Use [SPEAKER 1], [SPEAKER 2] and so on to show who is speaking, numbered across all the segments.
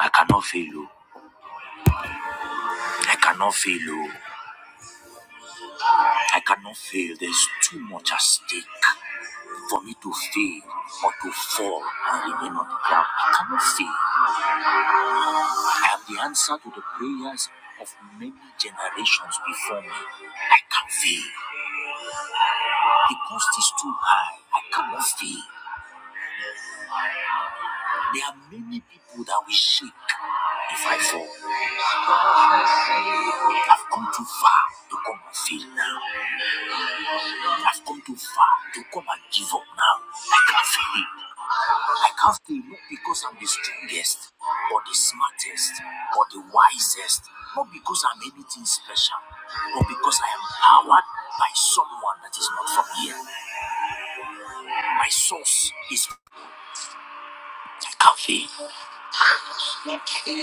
[SPEAKER 1] I cannot fail you. I cannot fail you. I cannot fail. There's too much at stake for me to fail or to fall and remain on the ground. I cannot fail. I am the answer to the prayers of many generations before me. I can't fail. The cost is too high. I cannot fail. There are many people that will shake if I fall. I've come too far to come and fail now. I've come too far to come and give up now. I can't fail. I can't stay not because I'm the strongest or the smartest or the wisest, not because I'm anything special, but because I am powered by someone that is not from here. My source is I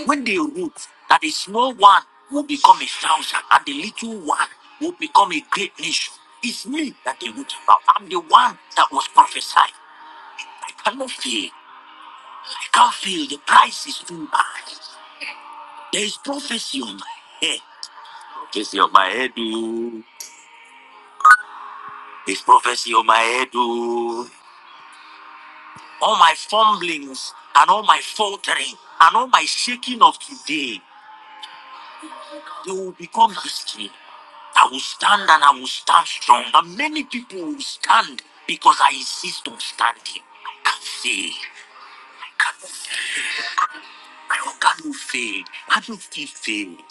[SPEAKER 1] When they root that a small one will become a thousand and the little one will become a great nation, it's me that they root about. I'm the one that was prophesied. I cannot fail. I can't fail. The price is too high. There is prophecy on my head. It's on my head, oh. It's prophecy on my head, oh. All my fumblings and all my faltering and all my shaking of today, they will become history. I will stand and I will stand strong. And many people will stand because I insist on standing. I can't fail. I can't fail. I cannot fail. I don't feel failed.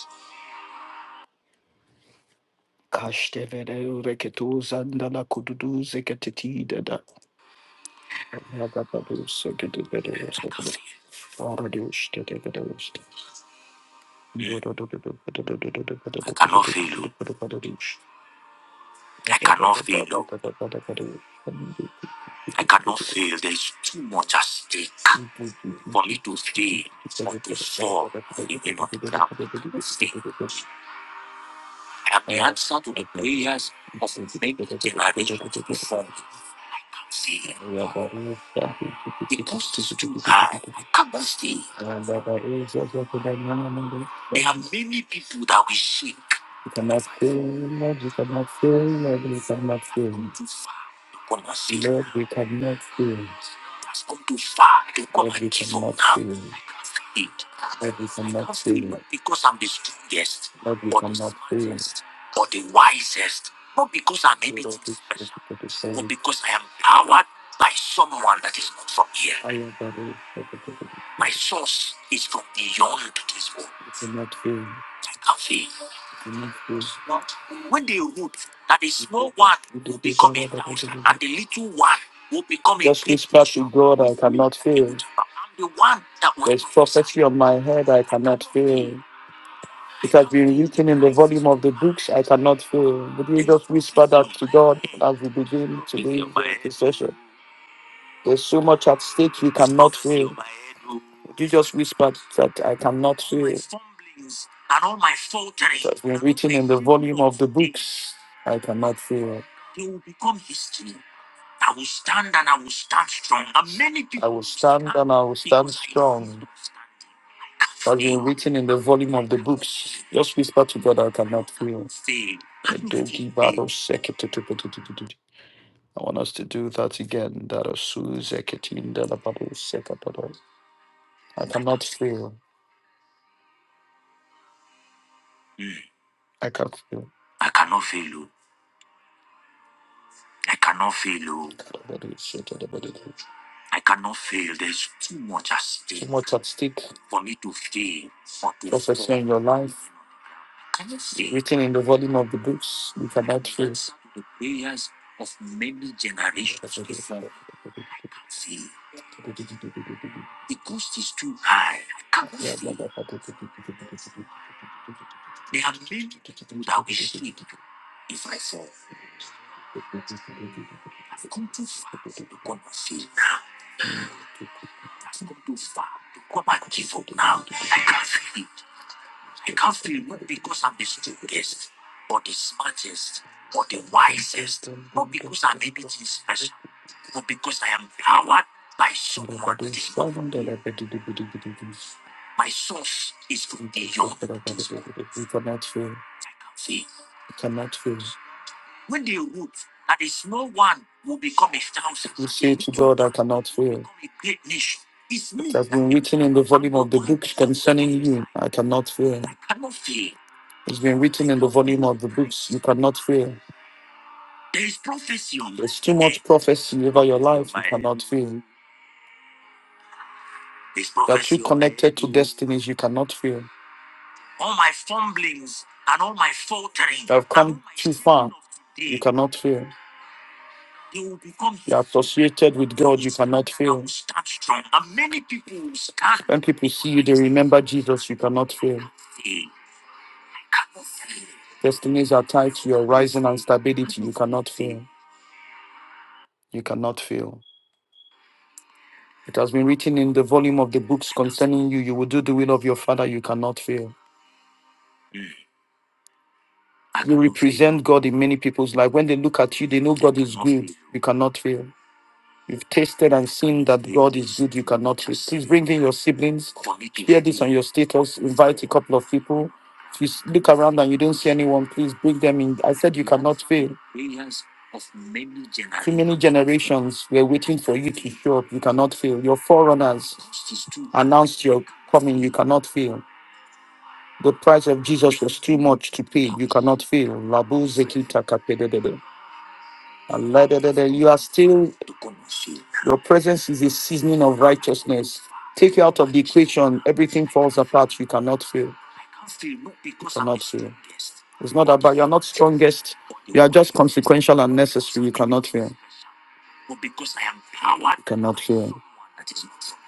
[SPEAKER 1] Kaştevere reketu zandala kududu zeketeti dada. I cannot fail you. I cannot fail you. I cannot fail. There is too much at stake for me to fail or to fall in the not ground. Fail. I am the answer to the prayers of many generations before me. Fail. the pastors to high capacity. There are many people that we seek. You cannot fail, Lord, you cannot fail, Lord, you cannot fail. too far, you cannot fail. Lord, we cannot fail unto far to come Lord, and give up cannot now. fail. I can't feel it. Lord, we I cannot can't feel fail. it because I'm the strongest Lord, we or the cannot fail. smartest or the wisest. Not because I'm Lord, anything we special, for but service. because I am powered by someone that is not from here. I am the Lord, for the good My source is from beyond this world. We cannot fail. I can't feel. When they root, that the small one will become a thousand, and the little one will become a Just whisper to God, I cannot fail. I'm the one that will There's prophecy on my head, I cannot fail. It has been written in the volume of the books, I cannot fail. Would you just whisper that to God as we begin today's session? There's so much at stake you cannot fail. You just whispered that I cannot fail. That's been written in the volume of the books. I cannot fail. I will stand and I will stand strong. That's been written in the volume of the books. Just whisper to God, I cannot fail. I want us to do that again. That are Suze Ketin de la Babu I cannot fail. I can feel. I cannot fail you. I cannot fail you. I cannot fail. There's too much at stake. Too much at stake. for me to fail or to Prophecy fall. in your life. written in the volume of the books we cannot fail. I can't feel not because I'm the strongest or the smartest or the wisest, not because I'm anything special, but because I am powered by someone that is My source is from beyond this world. cannot fail. I can feel. We cannot fail. When they root, that a small one will become a thousand. You say to God, I cannot fail. A great nation. It's me. It has been written in the volume of the books concerning you. I cannot fail. I cannot fail. It's been written in the volume of the books. You cannot fail. There is prophecy on There's too much prophecy over your life. You cannot fail. There's You are too prophecy on connected to destinies. You cannot fail. All my fumblings and all my faltering. You have come too far. You cannot fail. You will become. You're associated with God, you cannot fail. I will stand strong. And many people will stand. When people see you, they remember Jesus, You cannot fail. you cannot fail. Destinies are tied to your rising and stability, you cannot fail. You cannot fail. It has been written in the volume of the books concerning you. You will do the will of your Father, you cannot fail. You represent God in many people's life. When they look at you, they know God is good. You cannot fail. You've tasted and seen that God is good. You cannot resist. Bring in your siblings. Share this on your status. Invite a couple of people. If you s- look around and you don't see anyone, please bring them in. I said you cannot fail. Too many generations were waiting for you to show up. You cannot fail. Your forerunners announced your coming. You cannot fail. The price of Jesus was too much to pay. You cannot fail. Labu Zeki Takapedede. Aladadada, You are still, your presence is a seasoning of righteousness. Take you out of the equation, everything falls apart. You cannot fail. You cannot fail. It's not about you're not strongest. You are just consequential and necessary. You cannot fail but because I am powered You cannot feel. You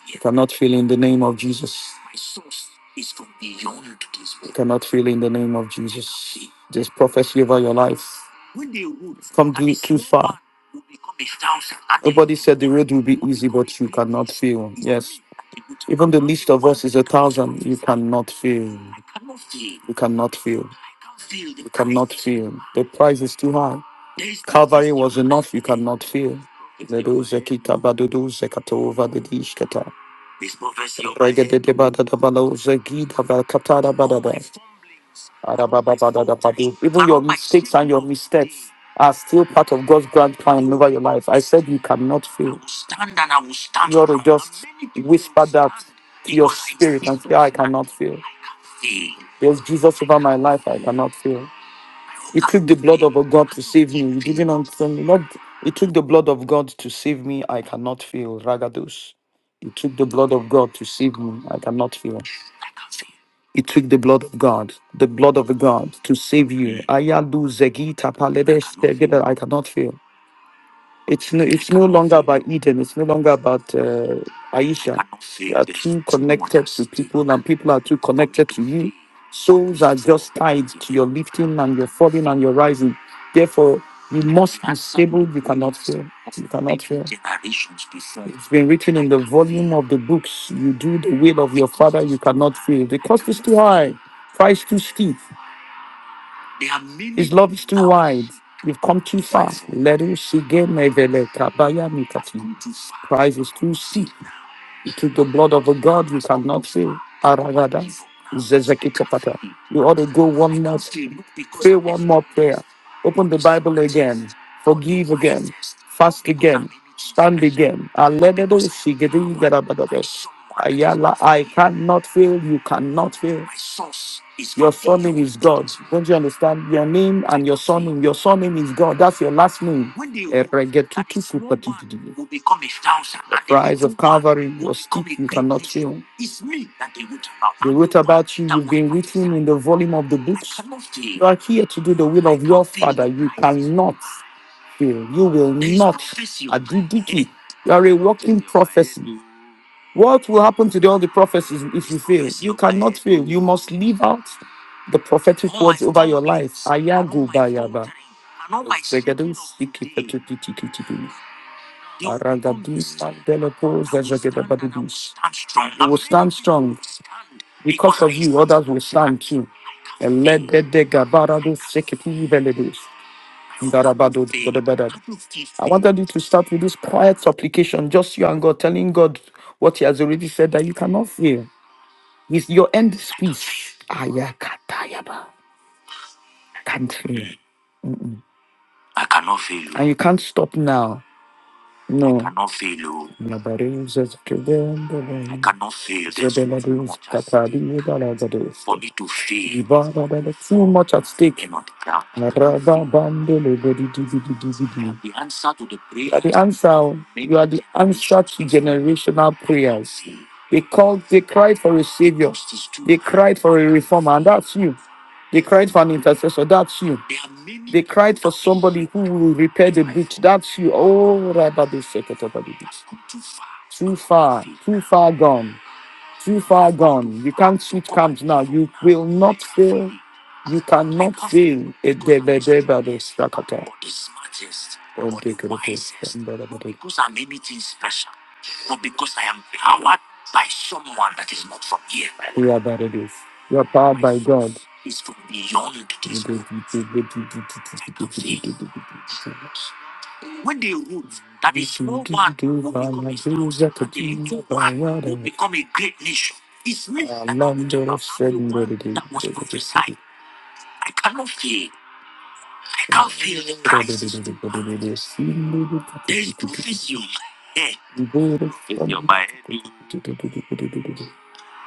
[SPEAKER 1] here. cannot feel in the name of Jesus. My source is from beyond this You world. cannot feel in the name of Jesus. See, This prophecy over your life. when they rule Come and a too, too single far. man will become a thousand at their Nobody said the road will be easy, but you cannot feel. Yes. me that they will take Even the down. least of One us is a cannot thousand. You fail. cannot feel. You cannot feel. You price cannot feel. The price is too high. Calvary was enough you cannot fear. Medusa kita badudusa katova didishkata. Regedede badada balauza gida valkatada badada. Arababa badada badu. Even your mistakes and your missteps are still part of God's grand plan over your life. I said you cannot fail. You ought to just whisper that to your spirit and say, I cannot fail. There's Jesus over my life, I cannot fail. It took the blood of a God to save me. You didn't understand me. Not, it took the blood of God to save me. I cannot feel. Ragados. It took the blood of God to save me. I cannot feel. It took the blood of God, the blood of God, to save you. Ayadu zegita paledes tegeda. I cannot feel. It's no, it's no longer about Eden. It's no longer about uh, Aisha. You are too connected to people, and people are too connected to you. Souls are just tied to your lifting and your falling and your rising. Therefore, you must be stable. You cannot fail. You cannot fail. It's been written in the volume of the books. You do the will of your father. You cannot fail. The cost is too high. Price too steep. His love is too wide. You've come too far. Let him see game mevele kabaya mikati. Price is too steep. To the blood of a God you cannot fail. Aragada. Zezeki kapata. You ought to go one more. Pray one more prayer. Open the Bible again. Forgive again. Fast again. Stand again. Alegedo sigedi garabadada. Ayala, I cannot fail. You cannot fail. Your surname is God. Don't you understand? Your name and your surname. Your surname is God. That's your last name. Eregetutu kupatididi. The price of Calvary, your stick, you cannot fail. They wrote about you. You've been written in the volume of the books. You are here to do the will of your Father. You cannot fail. You will not. Adidiki. You are a walking prophecy. What will happen to the, all the prophecies if you fail? You cannot fail. You must live out the prophetic words over your life. Ayago bayaba. Zegedu siki petu piti kiti bi. Aragadu sandele po zezegede badudu. You will stand strong. Because of you, others will stand too. Eledede gabarado sekiti veledu. Darabado, Godabada. I wanted you to start with this quiet supplication, just you and God, telling God what He has already said that you cannot fail. Is your end speech. peace. Ayakatayaba. Can't fail. I cannot fail. you. And you can't stop now. No, I No, cannot fail you. Nabarus is I cannot fail. this. Zebela too dus much at stake for me to fail. Ibara bela too much at stake. I cannot Araba fail. bandele bedi di di di di di the answer to the prayer. You are the prayers answer. You are the answer to generational prayers. They called, they cried for a savior. They cried for a reformer, and that's you. They cried for an intercessor. That's you. They cried for somebody who will repair the breach. That's you. Oh, Rabbi, they said, too far, too far gone too far gone. You can't switch camps now. You will not fail. You cannot fail. Edebedebado sakata. Odekedeke. Edebedebado. You are better this. You are powered by God when they ruled that the small man will become a star and the little one will become a great nation. It's me that now I'm, i the one that was prophesied. I cannot fail. I can't fail the Christ. There is prophecy on my head. Prophecy on my head. oh.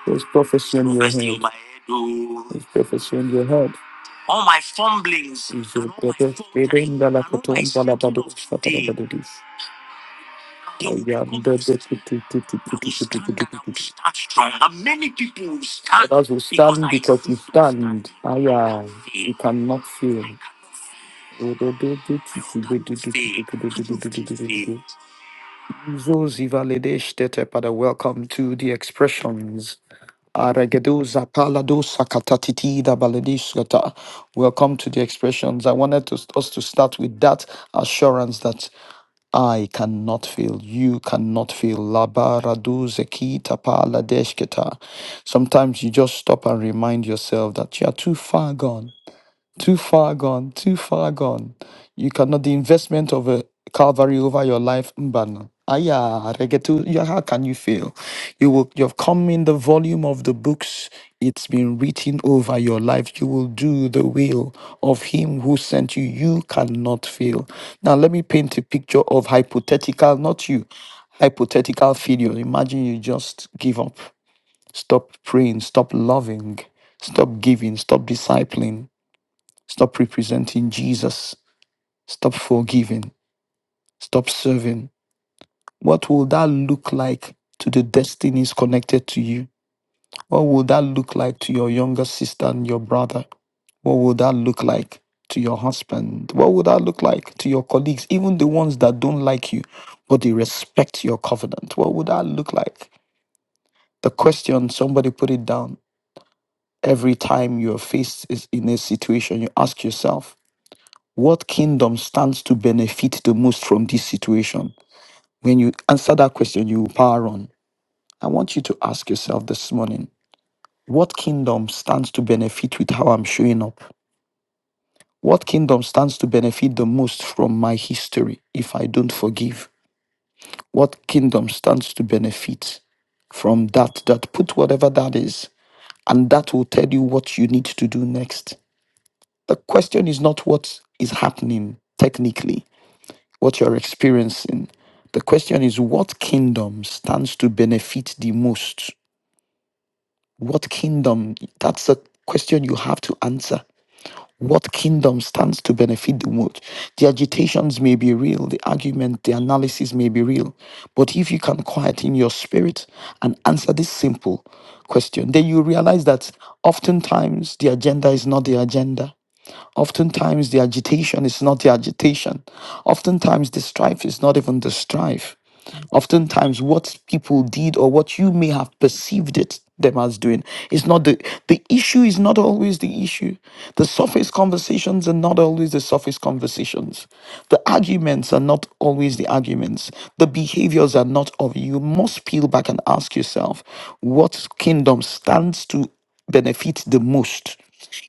[SPEAKER 1] There's prophecy in your Prophecy on head. my head. oh. There's prophecy in your head. All my fumblings and all my faltering and all my slipping of today. And many people will stand. Others will stand because I you stand. Ah, yeah. You cannot fail. Jesus, Ivalidesh, Tete Pada, welcome to the expressions. Aragedo zapalado sakatatiti da baladishkata. Welcome to the expressions. I wanted to, us to start with that assurance that I cannot feel, you cannot feel. Labaradu zekita paladeshketa. Sometimes you just stop and remind yourself that you are too far gone. Too far gone, too far gone. You cannot, the investment of a Calvary over your life, Mbana. Aya, regetu, ya, how can you fail? You will, you have come in the volume of the books. It's been written over your life. You will do the will of him who sent you. You cannot fail. Now, let me paint a picture of hypothetical, not you, hypothetical failure. Imagine you just give up, stop praying, stop loving, stop giving, stop discipling Stop representing Jesus. Stop forgiving. Stop serving. What will that look like to the destinies connected to you? What will that look like to your younger sister and your brother? What will that look like to your husband? What will that look like to your colleagues, even the ones that don't like you, but they respect your covenant? What would that look like? The question, somebody put it down. Every time you're faced is in a situation, you ask yourself, What kingdom stands to benefit the most from this situation? When you answer that question, you will power on. I want you to ask yourself this morning what kingdom stands to benefit with how I'm showing up? What kingdom stands to benefit the most from my history if I don't forgive? What kingdom stands to benefit from that? That put whatever that is, and that will tell you what you need to do next. The question is not what is happening technically, what you're experiencing. The question is, what kingdom stands to benefit the most? What kingdom? That's the question you have to answer. What kingdom stands to benefit the most? The agitations may be real, the argument, the analysis may be real. But if you can quiet in your spirit and answer this simple question, then you realize that oftentimes the agenda is not the agenda. Oftentimes, the agitation is not the agitation. Oftentimes, the strife is not even the strife. Oftentimes, what people did or what you may have perceived it them as doing is not the the issue is not always the issue the surface conversations are not always the surface conversations the arguments are not always the arguments the behaviors are not of you You must peel back and ask yourself what kingdom stands to benefit the most?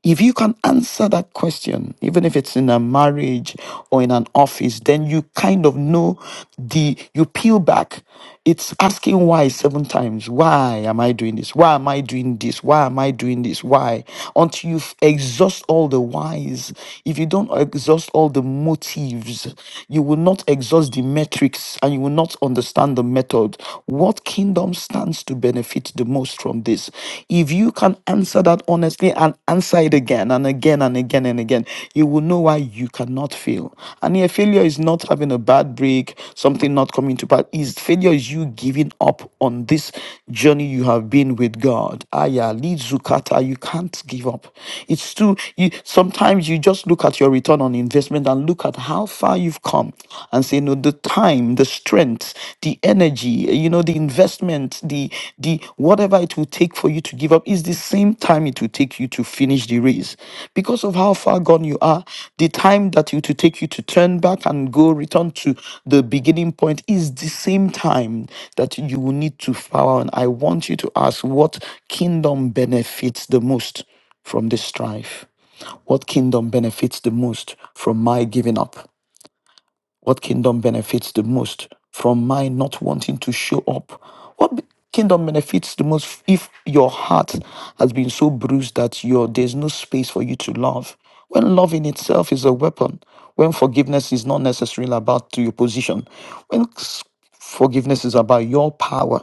[SPEAKER 1] If you can answer that question, even if it's in a marriage or in an office, then you kind of know the, you peel back. It's asking why seven times. Why am I doing this? Why am I doing this? Why am I doing this? Why? Until you exhaust all the whys. If you don't exhaust all the motives, you will not exhaust the metrics and you will not understand the method. What kingdom stands? stands to benefit the most from this? If you can answer that honestly and answer it again and again and again and again, you will know why you cannot fail. And here, failure is not having a bad break, something not coming to pass. Is failure is you giving up on this journey you have been with God. Aya, lead Zukata, you can't give up. It's too you sometimes you just look at your return on investment and look at how far you've come and say, No, the time, the strength strength, the energy, uh, you know, the investment, the the whatever it will take for you to give up is the same time it will take you to finish the race. Because of how far gone you are, the time that it will take you to turn back and go return to the beginning point is the same time that you will need to follow. And I want you to ask what kingdom benefits the most from this strife? What kingdom benefits the most from my giving up? What kingdom benefits the most from my not wanting to show up? What be- kingdom benefits the most if your heart has been so bruised that your there's no space for you to love? When love in itself is a weapon, when forgiveness is not necessarily about to your position, when Forgiveness is about your power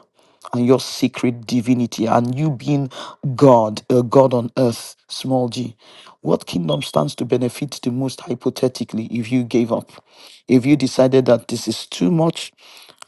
[SPEAKER 1] and your secret divinity and you being God, a God on earth, small g. What kingdom stands to benefit the most hypothetically if you gave up? If you decided that this is too much,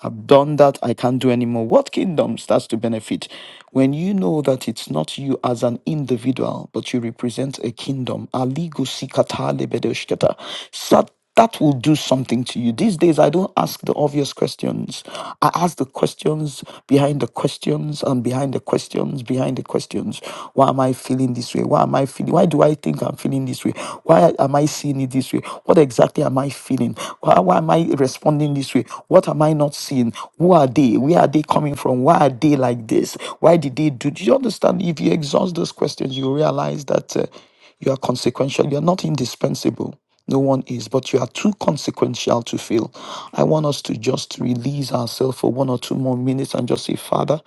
[SPEAKER 1] I've done that, I can't do anymore. What kingdom starts to benefit when you know that it's not you as an individual, but you represent a kingdom? Aligu sikata lebedoshketa that will do something to you. These days, I don't ask the obvious questions. I ask the questions behind the questions and behind the questions behind the questions. Why am I feeling this way? Why am I feeling? Why do I think I'm feeling this way? Why am I seeing it this way? What exactly am I feeling? Why, why am I responding this way? What am I not seeing? Who are they? Where are they coming from? Why are they like this? Why did they do? Do you understand? If you exhaust those questions, you realize that uh, you are consequential. You are not indispensable. No one is, but you are too consequential to fail. I want us to just release ourselves for one or two more minutes and just say, Father,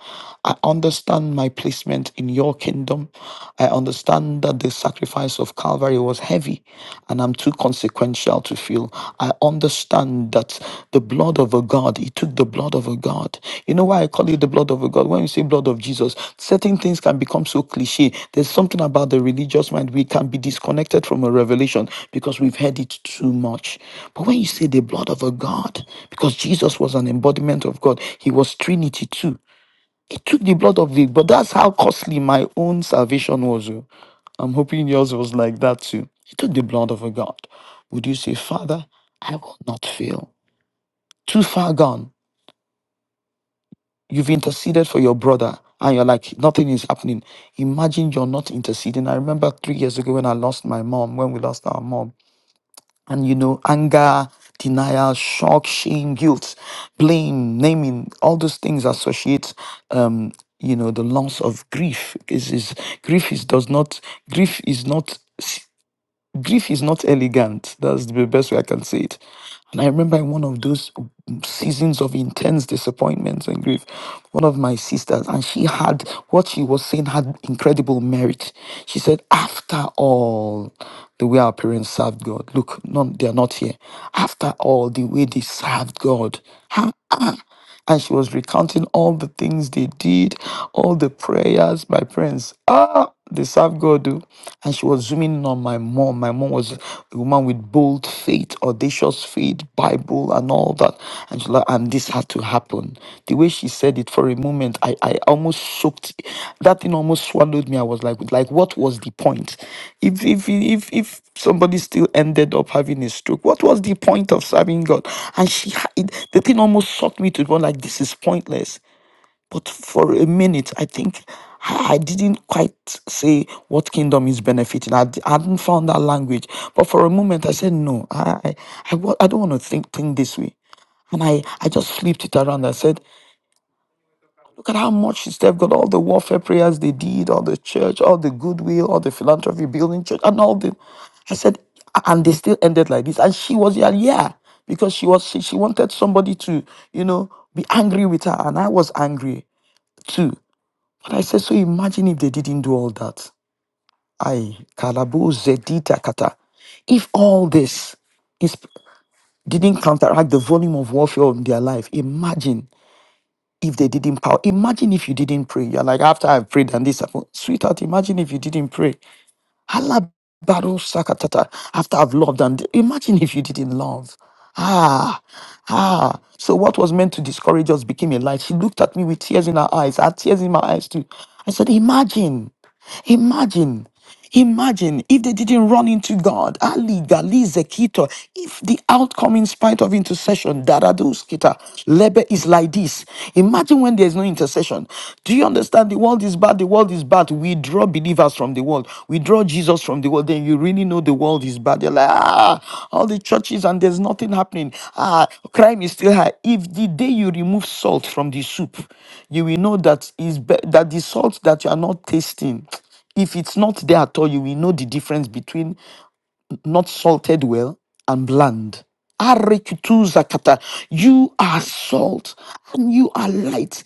[SPEAKER 1] I understand my placement in your kingdom. I understand that the sacrifice of Calvary was heavy and I'm too consequential to fail. I understand that the." blood of a god he took the blood of a god you know why i call it the blood of a god when you say blood of jesus certain things can become so cliche there's something about the religious mind we can be disconnected from a revelation because we've heard it too much but when you say the blood of a god because jesus was an embodiment of god he was trinity too he took the blood of the but that's how costly my own salvation was oh. i'm hoping yours was like that too he took the blood of a god would you say father i will not fail too far gone. You've interceded for your brother and you're like, nothing is happening. Imagine you're not interceding. I remember three years ago when I lost my mom, when we lost our mom. And you know, anger, denial, shock, shame, guilt, blame, naming, all those things associate um, you know, the loss of grief. Is is grief is does not grief is not Grief is not elegant. That's the best way I can say it. And I remember in one of those seasons of intense disappointments and grief, one of my sisters, and she had what she was saying had incredible merit. She said, After all, the way our parents served God, look, none, they are not here. After all, the way they served God, huh? and she was recounting all the things they did, all the prayers, my friends. Ah, they serve God. oh. And she was zooming in on my mom. My mom was a woman with bold faith, audacious faith, Bible, and all that. And she like, and this had to happen. The way she said it for a moment, I, I almost soaked. That thing almost swallowed me. I was like, like, what was the point? If if if if somebody still ended up having a stroke, what was the point of serving God? And she, ha- it, the thing almost sucked me to the point like this is pointless. But for a minute, I think I I didn't quite say what kingdom is benefiting. I, d- I hadn't found that language. But for a moment, I said, no, I, I, I, wa- I don't want to think, think this way. And I, I just flipped it around. I said, Look at how much they've got, all the warfare prayers they did, all the church, all the goodwill, all the philanthropy building church, and all the. I said, and they still ended like this. And she was yeah, yeah, because she was she, she wanted somebody to, you know, be angry with her, and I was angry too. But I said, so imagine if they didn't do all that. I kalabo zedita kata. If all this is didn't counteract the volume of warfare in their life, imagine if they didn't power. Imagine if you didn't pray. You're like, after I've prayed and this happened. Sweetheart, imagine if you didn't pray. Allah Baru Sakatata. After I've loved and imagine if you didn't love. Ah, ah. So what was meant to discourage us became a light. She looked at me with tears in her eyes. I had tears in my eyes too. I said, Imagine, imagine. Imagine if they didn't run into God, Ali, Gali, Zekito, if the outcome in spite of intercession, Daradus, Kita, Lebe is like this. Imagine when there's no intercession. Do you understand? The world is bad, the world is bad. We draw believers from the world. We draw withdraw Jesus from the world, then you really know the world is bad. You're like, ah, all the churches and there's nothing happening. Ah, crime is still high. If the day you remove salt from the soup, you will know that is be- that the salt that you are not tasting if it's not there at all, you will know the difference between not salted well, and bland. Arikituzakata. You are salt and you are light.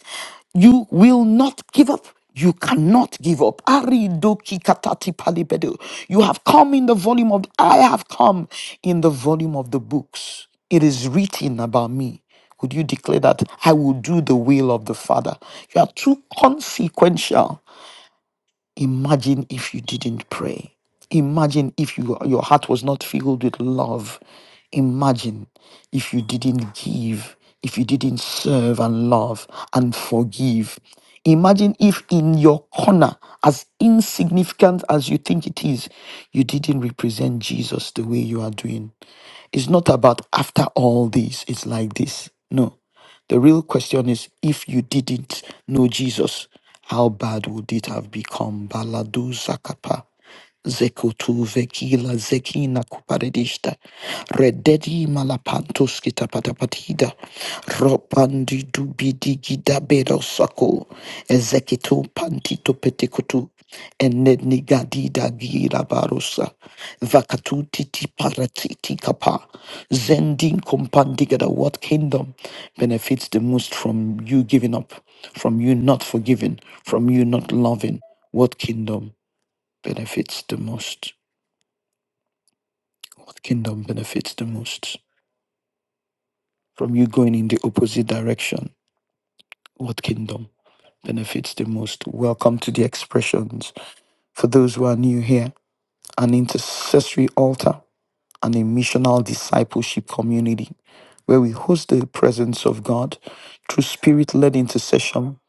[SPEAKER 1] You will not give up. You cannot give up. Aridokikatati palibedo. You have come in the volume of, I have come in the volume of the books. It is written about me. Would you declare that I will do the will of the Father? You are too consequential Imagine if you didn't pray. Imagine if you, your heart was not filled with love. Imagine if you didn't give, if you didn't serve and love and forgive. Imagine if in your corner, as insignificant as you think it is, you didn't represent Jesus the way you are doing. It's not about after all this, it's like this. No. The real question is if you didn't know Jesus, how bad would it have become? Baladu Zakapa. Zekutu vekila zekina kuparedista. Rededi malapantos kitapatapatida. Ropandi dubidi gida bedosako. Ezekitu pantito petikutu. Eneni gadida gira barosa. Vakatuti ti paratiti kapa. Zendin compandigada. What kingdom benefits the most from you giving up? From you not forgiving? From you not loving? What kingdom benefits the most? What kingdom benefits the most? From you going in the opposite direction? What kingdom benefits the most? Welcome to the expressions. For those who are new here, an intercessory altar and a missional discipleship community where we host the presence of God through spirit led intercession,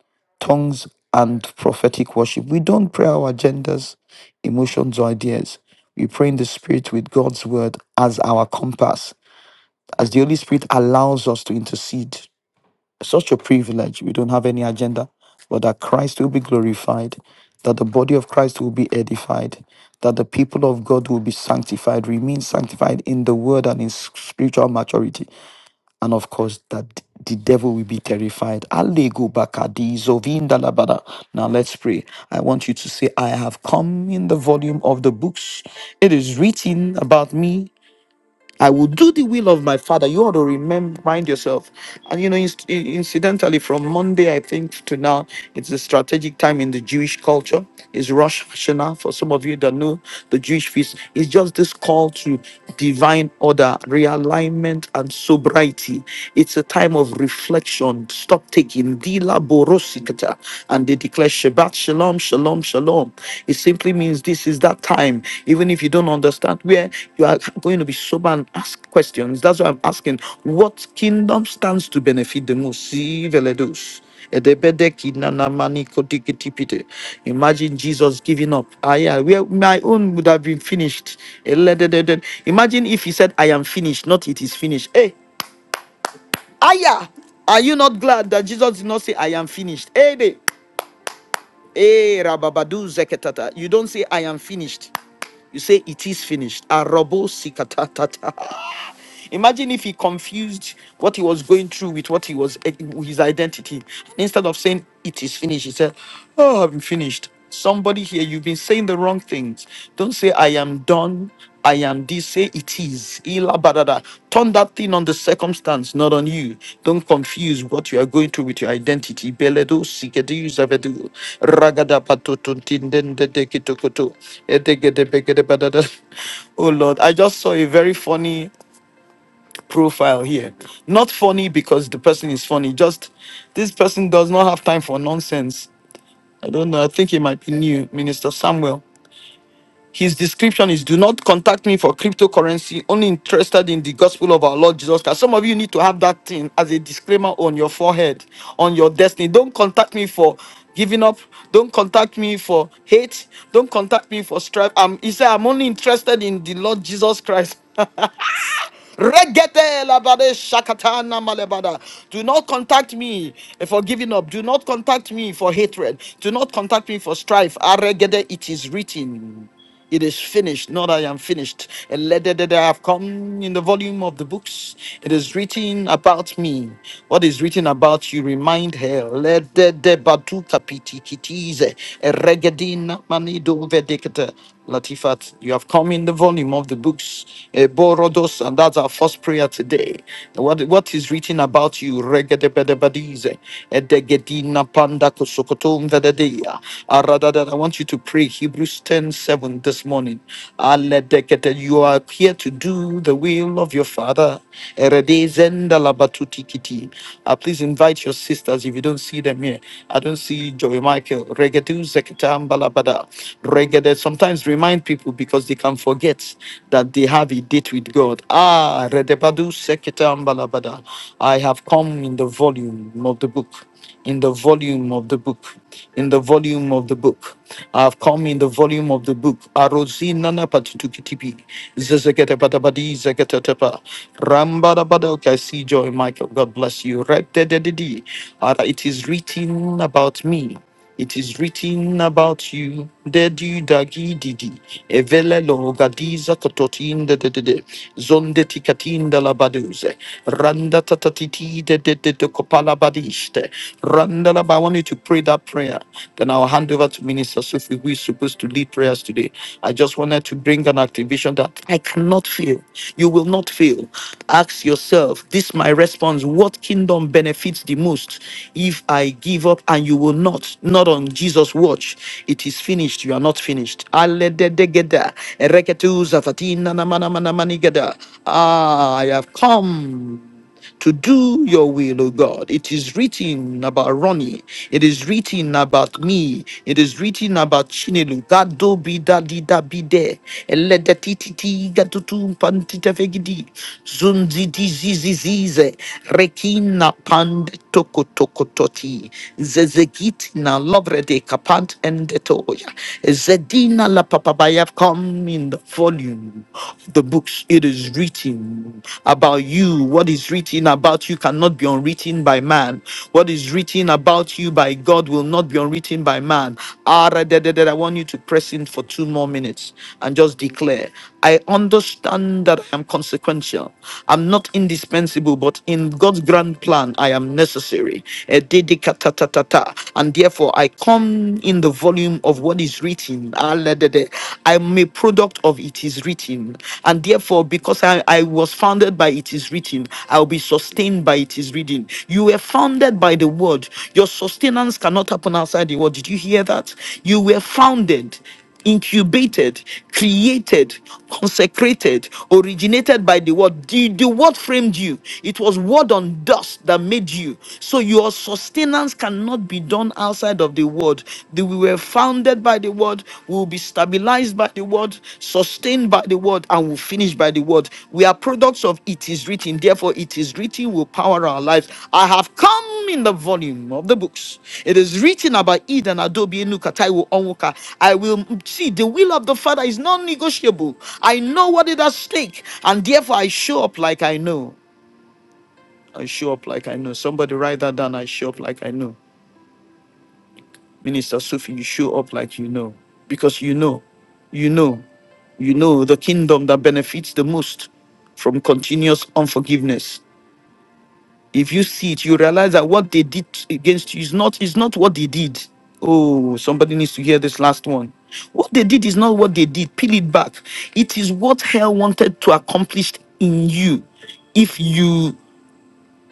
[SPEAKER 1] tongues, and prophetic worship. We don't pray our agendas, emotions, or ideas. We pray in the spirit with God's word as our compass, as the Holy Spirit allows us to intercede. Such a privilege. We don't have any agenda, but that Christ will be glorified, that the body of Christ will be edified, that the people of God will be sanctified, remain sanctified in the word and in spiritual maturity, and of course, that the devil will be terrified. Alego bakadi zovinda labada. Now let's pray. I want you to say, I have come in the volume of the books. It is written about me I will do the will of my father. You ought to remember, remind yourself. And you know, inc- incidentally, from Monday, I think, to now, it's a strategic time in the Jewish culture. It's Rosh Hashanah. For some of you that know the Jewish feast, it's just this call to divine order, realignment, and sobriety. It's a time of reflection. Stop taking. Dila borosikata. And they declare Shabbat Shalom, shalom, shalom. It simply means this is that time. Even if you don't understand where you are going to be sober and ask questions. That's why I'm asking what kingdom stands to benefit the most. See, Veledos. Edebede kinanamani kotikitipite. Imagine Jesus giving up. Ah, yeah, where my own would have been finished. Elededede. Imagine if he said, I am finished, not it is finished. Hey, Aya, are you not glad that Jesus did not say, I am finished? Hey, they. Eh, rababadu zeketata. You don't say, I am finished. You say, it is finished. Arabo sikatatata. Imagine if he confused what he was going through with what he was, his identity. Instead of saying, it is finished, he said, oh, I'm finished. Somebody here, you've been saying the wrong things. Don't say, I am done. I am. They say it is. Ila badada. Turn that thing on the circumstance, not on you. Don't confuse what you are going through with your identity. Beledo sigedu zavedu. Ragada patotun tindende dekitokoto. Edegede begede badada. Oh Lord, I just saw a very funny profile here. Not funny because the person is funny, just this person does not have time for nonsense. I don't know. I think he might be new, Minister Samuel. His description is do not contact me for cryptocurrency, only interested in the gospel of our Lord Jesus Christ. Some of you need to have that thing as a disclaimer on your forehead, on your destiny. Don't contact me for giving up. Don't contact me for hate. Don't contact me for strife. Um, he said, I'm only interested in the Lord Jesus Christ. Regede labade shakatana malebada. Do not contact me for giving up. Do not contact me for hatred. Do not contact me for strife. Aregede, it is written. It is finished, not I am finished. And let that I have come in the volume of the books. It is written about me. What is written about you, remind her. Let that that batu kapiti kitize. Eregedina manido vedicata. Latifat, you have come in the volume of the books, eh, Borodos, and that's our first prayer today. What, what is written about you? Regedebedebadize, edegedina panda kosokotom vededeya. Ah, rather than I want you to pray Hebrews ten seven this morning. Aledekete, You are here to do the will of your Father. Eredezenda labatutikiti. Ah, Please invite your sisters if you don't see them here. I don't see Joey Michael. Regedu zeketamba labada. Regede sometimes remind people because they can forget that they have a date with God. Ah, Redebadu Sekete Ambalabada. I have come in the volume of the book in the volume of the book, in the volume of the book. I have come in the volume of the book. Arosi nana patutukitipi, zezekete patabadi zeketetepa. Rambadabada. Okay, I see Joy Michael. God bless you. Redededede. Uh, It is written about me. It is written about you, Dedi Dagi Didi, Evele Logadiza Kototin de de de de, Zonde Tikatin de la Baduze, Randa Tatatiti de de de de Kopala Badiste, Randa la I want you to pray that prayer. Then I'll hand over to Minister Sophie, who is supposed to lead prayers today. I just wanted to bring an activation that I cannot fail. You will not fail. Ask yourself, this my response. What kingdom benefits the most? If I give up? give up and you will not. Not on Jesus' watch. It is finished. You are not finished. Alededegeda, ereketuzafatina namanamanamanigeda. Ah, I have come to do your will, O God. It is written about Ronnie. It is written about me. It is written about Chinelu. That do be that did that be there. Elede ti ti ti gatutu pantita fegidi. Zunzi di Zun zi di zi zi zi ze. Rekina pan tokototi, zezegitina lovrede kapant endetoya, zedina la papabaya. Come in the volume of the books it is written about you. What is written about you cannot be unwritten by man. What is written about you by God will not be unwritten by man. Ah, da, da, da, da. I want you to press in for two more minutes and just declare. I understand that I am consequential. I'm not indispensable, but in God's grand plan, I am necessary. Eh, didi katatatata. And therefore, I come in the volume of what is written. Aledede. I'm a product of it is written. And therefore, because I, I was founded by it is written, I'll be sustained by it is written. You were founded by the word. Your sustenance cannot happen outside the word. Did you hear that? You were founded incubated, created, consecrated, originated by the word. The, the word framed you. It was word on dust that made you. So your sustenance cannot be done outside of the word. The, we were founded by the word, we will be stabilized by the word, sustained by the word, and we'll finish by the word. We are products of it is written, therefore, it is written will power our lives. I have come in the volume of the books. It is written about Eden, Adobe, enuka taiwo Onwuka. I will see the will of the Father is non negotiable. I know what is at stake, and therefore I show up like I know. I show up like I know. Somebody write that down. I show up like I know. Minister Sophie, you show up like you know, because you know, you know, you know the kingdom that benefits the most from continuous unforgiveness. If you see it, you realize that what they did against you is not is not what they did. Oh, somebody needs to hear this last one. What they did is not what they did. Peel it back. It is what hell wanted to accomplish in you if you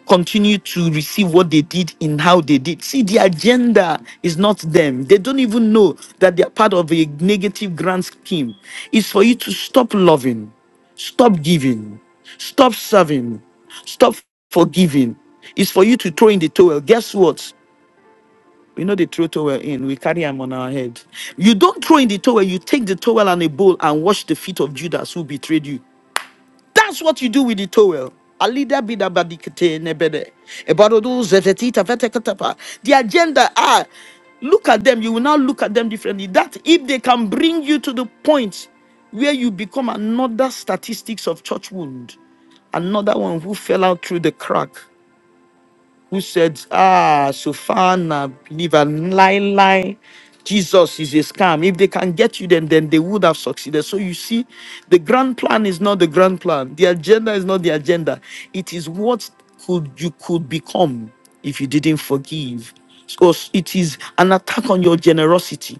[SPEAKER 1] continue to receive what they did in how they did. See, the agenda is not them. They don't even know that they are part of a negative grand scheme. It's for you to stop loving, stop giving, stop serving, stop forgiving. It's for you to throw in the towel. Guess what? We know they throw towel in. We carry them on our head. You don't throw in the towel. You take the towel and a bowl and wash the feet of Judas who betrayed you. That's what you do with the towel. Alida bida badikete nebede. Ebadodo zezetita vetekatapa. The agenda are look at them. You will now look at them differently. That if they can bring you to the point where you become another statistics of church wound, another one who fell out through the crack who said, Ah, Sofana, believer, lie, lie. Jesus is a scam. If they can get you, then, then they would have succeeded. So you see, the grand plan is not the grand plan. The agenda is not the agenda. It is what could you could become if you didn't forgive. So it is an attack on your generosity,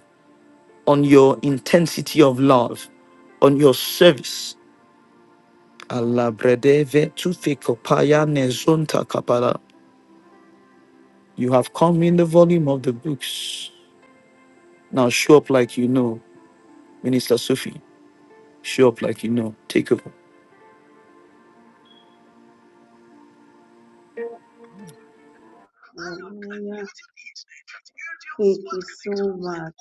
[SPEAKER 1] on your intensity of love, on your service. Allah bredeve tu kopaya ne kapala. You have come in the volume of the books. Now show up like you know. Minister Sufi, show up like you know. Take over.
[SPEAKER 2] Hallelujah. Thank you so much.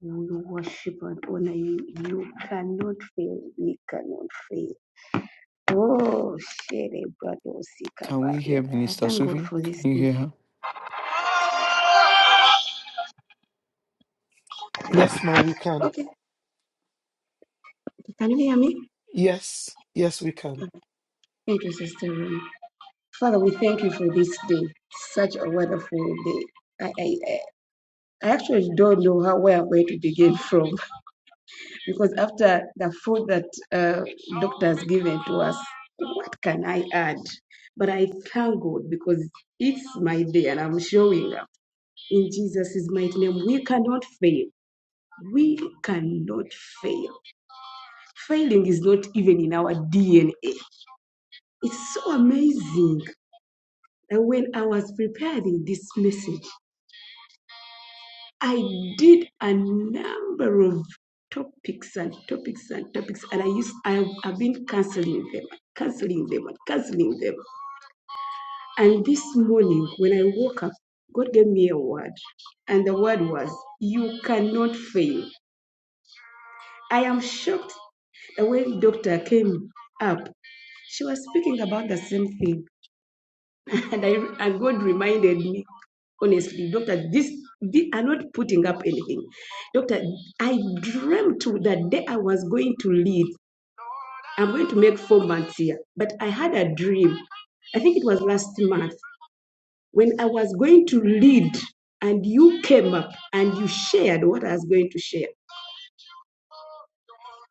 [SPEAKER 2] We worship and honor you. You cannot fail. We cannot fail. Oh, Shere Brado Sika
[SPEAKER 1] Can we
[SPEAKER 2] Barrier.
[SPEAKER 1] hear
[SPEAKER 2] I
[SPEAKER 1] Minister
[SPEAKER 2] thank God
[SPEAKER 1] Sufi?
[SPEAKER 2] for this
[SPEAKER 1] Can you
[SPEAKER 2] day.
[SPEAKER 1] hear her?
[SPEAKER 3] Yes, ma, we can.
[SPEAKER 2] Okay. Can you hear me?
[SPEAKER 3] Yes, yes, we can.
[SPEAKER 2] Thank you, Sister Rumi. Father, we thank you for this day. Such a wonderful day. I, I, I I actually don't know how where I'm going to begin from. because after the food that uh, doctor has given to us, what can I add? But I thank God because it's my day and I'm showing up. In Jesus' mighty name, we cannot fail. We cannot fail. Failing is not even in our DNA. It's so amazing And when I was preparing this message, I did a number of topics and topics and topics, and I used I have been canceling them, canceling them, and canceling them. And this morning, when I woke up, God gave me a word, and the word was, "You cannot fail." I am shocked that when doctor came up, she was speaking about the same thing. And I and God reminded me, honestly, doctor, this, this I'm not putting up anything. Doctor, I dreamt that day I was going to leave. I'm going to make four months here. But I had a dream. I think it was last month when I was going to lead and you came up and you shared what I was going to share.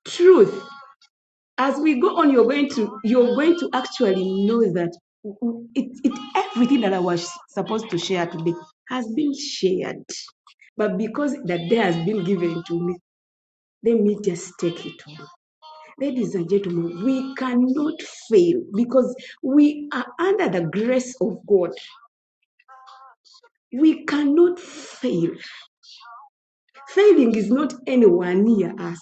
[SPEAKER 2] Truth. as we go on you're going to you're going to actually know that it, it everything that i was supposed to share today has been shared but because that day has been given to me let me just take it on ladies and gentlemen we cannot fail because we are under the grace of god we cannot fail failing is not anywhere near us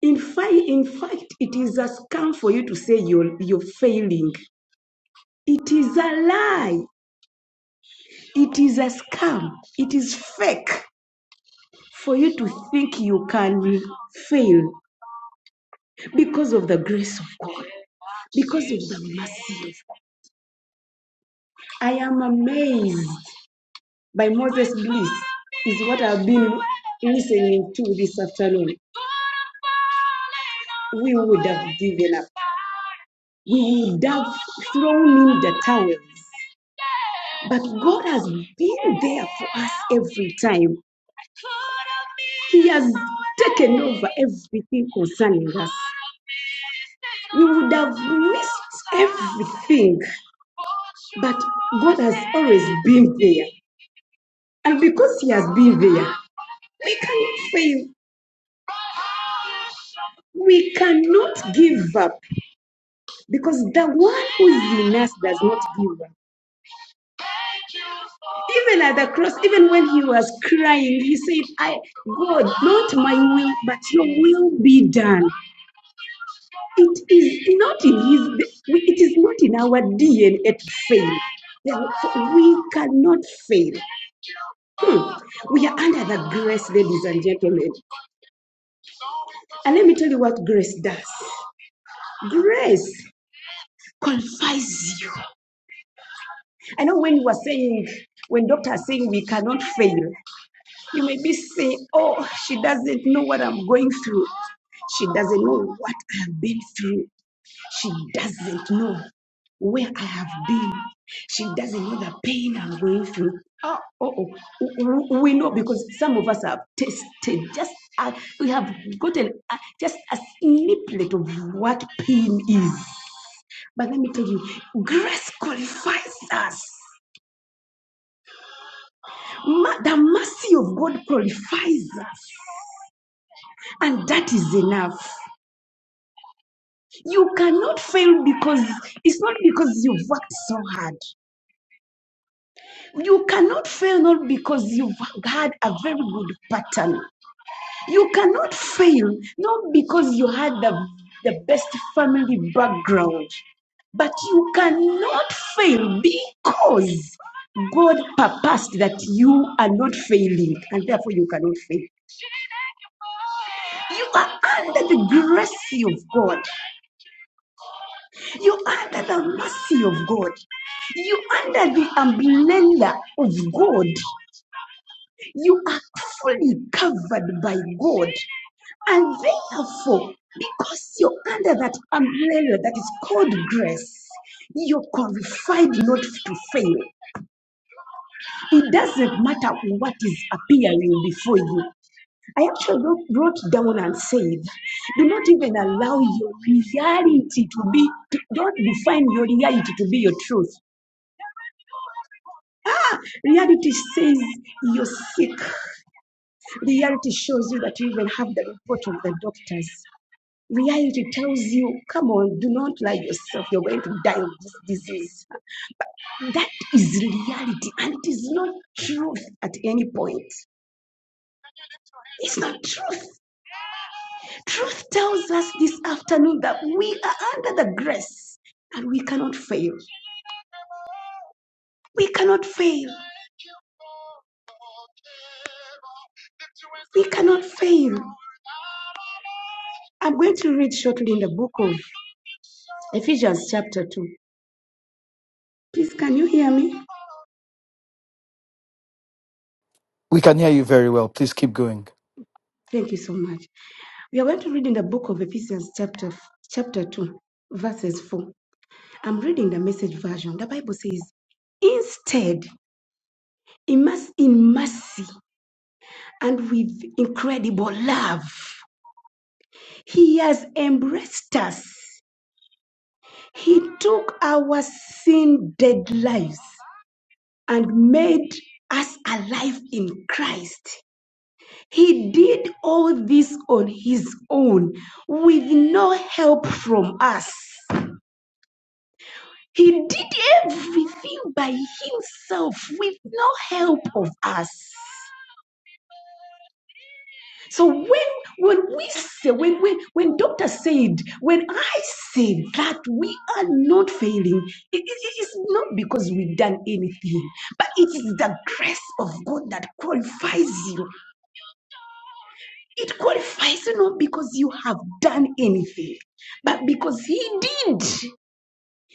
[SPEAKER 2] in fact, in fact, it is a scam for you to say you're, you're failing It is a lie. It is a scam. It is fake for you to think you can fail because of the grace of God, because of the mercy of God. I am amazed by Moses Bliss, is what I've been listening to this afternoon. We would have given up, we would have thrown in the towels. But God has been there for us every time. He has taken over everything concerning us. you would have missed everything. But God has always been there. And because He has been there, we cannot fail. We cannot give up because the one who is in us does not give up. Even at the cross, even when he was crying, he said, I God, not my will, but your will be done. It is not in his it is not in our DNA to fail. Therefore, we cannot fail. Hmm. We are under the grace, ladies and gentlemen. And let me tell you what grace does. Grace qualifies you. I know when you were saying, when doctor is saying we cannot fail, you may be saying, oh, she doesn't know what I'm going through. She doesn't know what I have been through. She doesn't know where I have been. She doesn't know the pain I'm going through. Oh, oh, oh. We know because some of us have tasted just, uh, we have gotten uh, just a snippet of what pain is. But let me tell you, grace qualifies us. Ma- the mercy of God qualifies us, and that is enough. You cannot fail because it's not because you've worked so hard. You cannot fail not because you've had a very good pattern. You cannot fail not because you had the, the best family background. But you cannot fail because God purposed that you are not failing and therefore you cannot fail. You are under the grace of God. You are under the mercy of God. You are under the umbrella of God. You are fully covered by God. And therefore, because you're under that umbrella that is called grace, you're qualified not to fail. It doesn't matter what is appearing before you. I actually wrote, wrote down and said, do not even allow your reality to be, to- don't define your reality to be your truth. Reality says you're sick. Reality shows you that you even have the report of the doctors. Reality tells you, come on, do not lie yourself. You're going to die of this disease. That is reality, and it is not truth at any point. It's not truth. Truth tells us this afternoon that we are under the grace and we cannot fail. We cannot fail. We cannot fail. I'm going to read shortly in the book of Ephesians, chapter 2. Please, can you hear me?
[SPEAKER 1] We can hear you very well. Please keep going.
[SPEAKER 2] Thank you so much. We are going to read in the book of Ephesians, chapter, chapter 2, verses 4. I'm reading the message version. The Bible says, instead, in mercy, in mercy and with incredible love, He has embraced us. He took our sin dead lives and made us alive in Christ. He did all this on His own with no help from us. He did everything by Himself with no help of us. So when when we say when when when doctor said when I said that we are not failing, it it- it is not because we've done anything, but it is the grace of God that qualifies you. It qualifies you not because you have done anything, but because He did.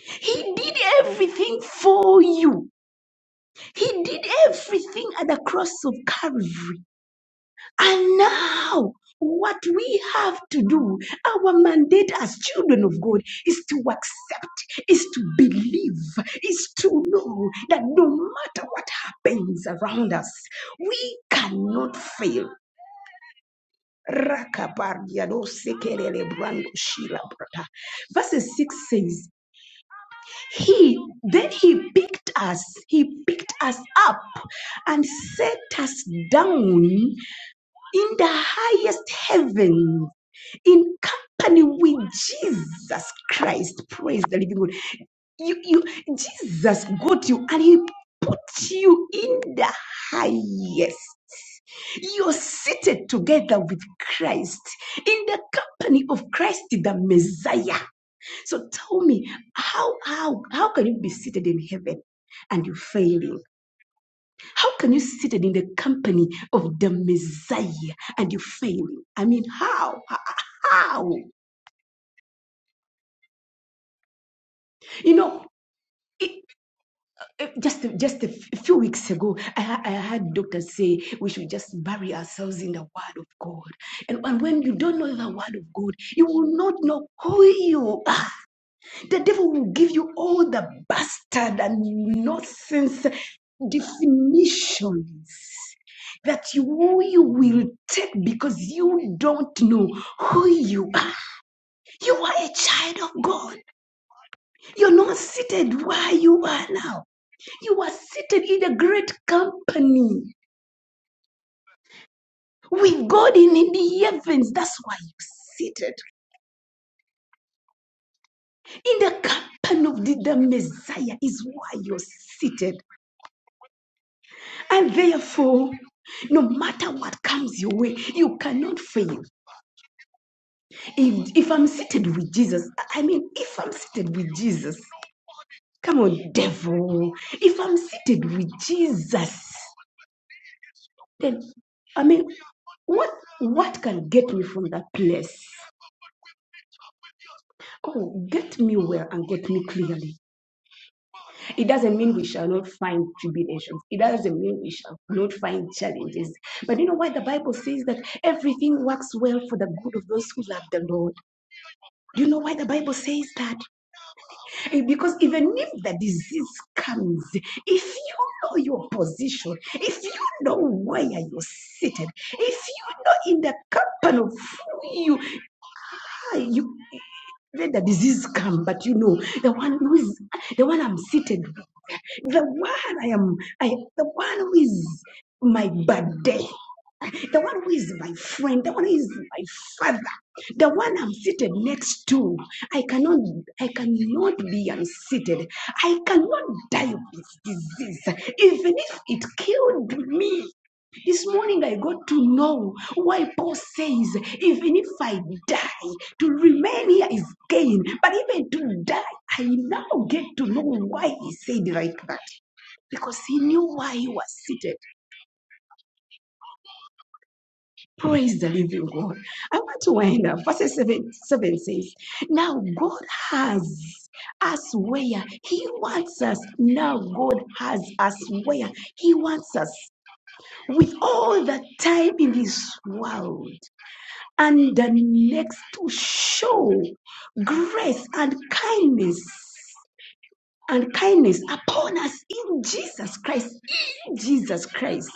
[SPEAKER 2] He did everything for you. He did everything at the cross of Calvary. And now, what we have to do, our mandate as children of God, is to accept, is to believe, is to know that no matter what happens around us, we cannot fail. Rakabardiadosekelelebrandoshilabrata. Verses 6 says, He then he picked us, he picked us up and set us down in the highest heaven in company with Jesus Christ. Praise the living God. You, you, Jesus got you and he put you in the highest. You're seated together with Christ in the company of Christ, the Messiah. So tell me, how, how, how can you be seated in heaven? And you failing. How can you seated in the company of the Messiah and you failing? I mean, how? How? You know, it, Uh, Just, just a f- few weeks ago, I, I heard doctors say we should just bury ourselves in the Word of God. And, and when you don't know the Word of God, you will not know who you are. The devil will give you all the bastard and nonsense definitions that you, you will take because you don't know who you are. You are a child of God. You're not seated where you are now. You are seated in a great company with God in the heavens. That's why you're seated. In the company of the, the Messiah is why you're seated. And therefore, no matter what comes your way, you cannot fail. If, if I'm seated with Jesus, I I mean, if I'm seated with Jesus, come on, devil. If I'm seated with Jesus, then, I mean, what what can get me from that place? Oh, get me well and get me clearly. It doesn't mean we shall not find tribulations. It doesn't mean we shall not find challenges. But you know why the Bible says that everything works well for the good of those who love the Lord? Do you know why the Bible says that? Eh, Because even if the disease comes, if you know your position, if you know where you're seated, if you know in the company of who you are, you let the disease come, but you know the one who is the one I'm seated the one I am, I the one who is my buddy, the one who is my friend, the one who is my father, the one I'm seated next to. I cannot, I cannot be unseated. I cannot die of this disease, even if it killed me. This morning I got to know why Paul says, even if I die, to remain here is gain. But even to die, I now get to know why he said like that because he knew why he was seated. Praise the living God. I want to wind up. Verse 7, 7 says, Now God has us where he wants us. Now God has us where he wants us. With all the time in this world and the next to show grace and kindness and kindness upon us in Jesus Christ. In Jesus Christ.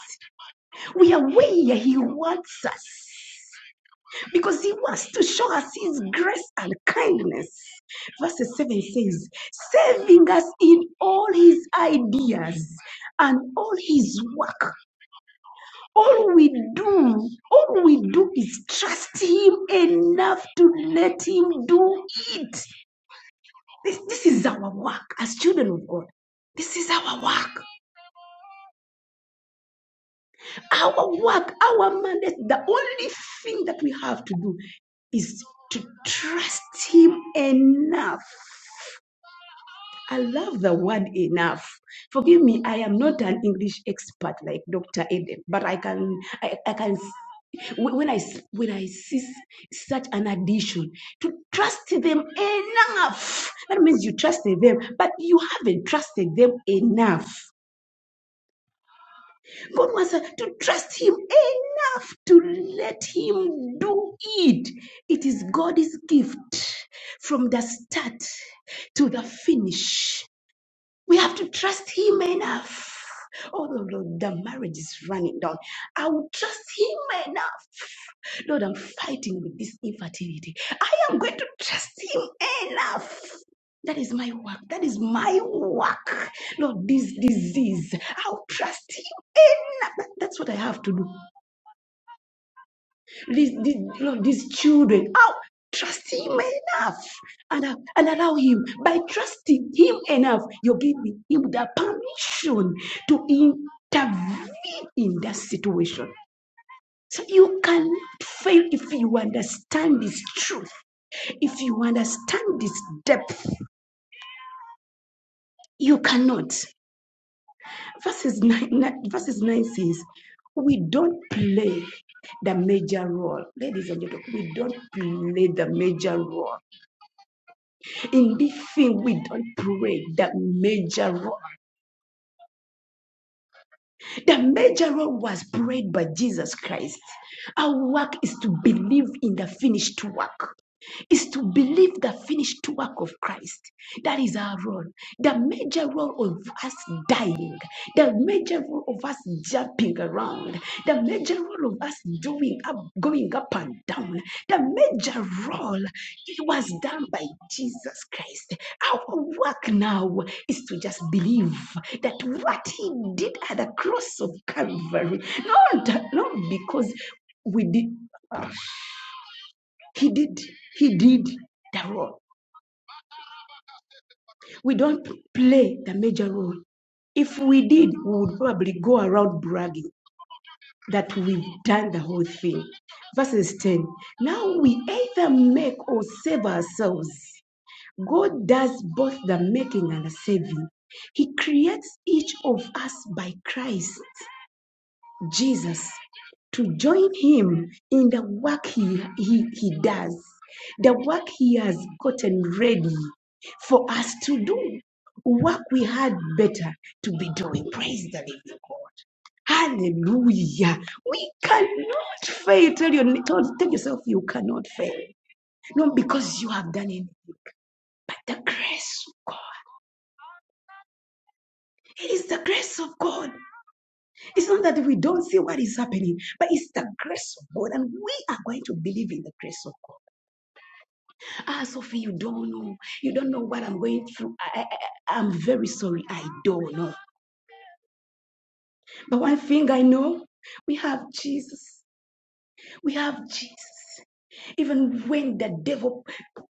[SPEAKER 2] We are where He wants us because He wants to show us His grace and kindness. Verse 7 says, saving us in all His ideas and all His work. All we do, all we do is trust Him enough to let Him do it. This, this is our work as children of God. This is our work. Our work, our mandate, the only thing that we have to do is to trust Him enough. I love the word enough. Forgive me, I am not an English expert like Dr. Eden, but I can, I, I can When I when I see such an addition, to trust them enough. That means you trusted them, but you haven't trusted them enough. God wants us to trust Him enough to let Him do it. It is God's gift from the start to the finish. We have to trust him enough. Oh, Lord, Lord, the marriage is running down. I will trust him enough. Lord, I'm fighting with this infertility. I am going to trust him enough. That is my work. That is my work. Lord, this disease, I'll trust him enough. That- That's what I have to do. Please, these, no, these children, how trust Him enough and, uh, and allow Him by trusting Him enough, you're giving Him the permission to intervene in that situation. So you can fail if you understand this truth, if you understand this depth, you cannot. Verses 9, nine- verses 9 says, We don't play the major role. Ladies and gentlemen, we don't play the major role. In this thing, we don't pray the major role. The major role was prayed by Jesus Christ. Our work is to believe in the finished work. is to believe the finished work of Christ. That is our role. The major role of us dying, the major role of us jumping around, the major role of us doing up, going up and down, the major role it was done by Jesus Christ. Our work now is to just believe that what He did at the cross of Calvary, not, not because we did, He did, He did the role. We don't play the major role. If we did, we would probably go around bragging that we've done the whole thing. Verses 10 Now we either make or save ourselves. God does both the making and the saving. He creates each of us by Christ. Jesus to join him in the work he, he, he does, the work he has gotten ready for us to do, work we had better to be doing. Praise the living God. Hallelujah. We cannot fail. Tell, your, tell, tell yourself you cannot fail. Not because you have done it, but the grace of God. It is the grace of God. It's not that we don't see what is happening, but it's the grace of God, and we are going to believe in the grace of God. Ah, Sophie, you don't know. You don't know what I'm going through. I, I, I- am very sorry. I don't know. But one thing I know, we have Jesus. We have Jesus. Even when the devil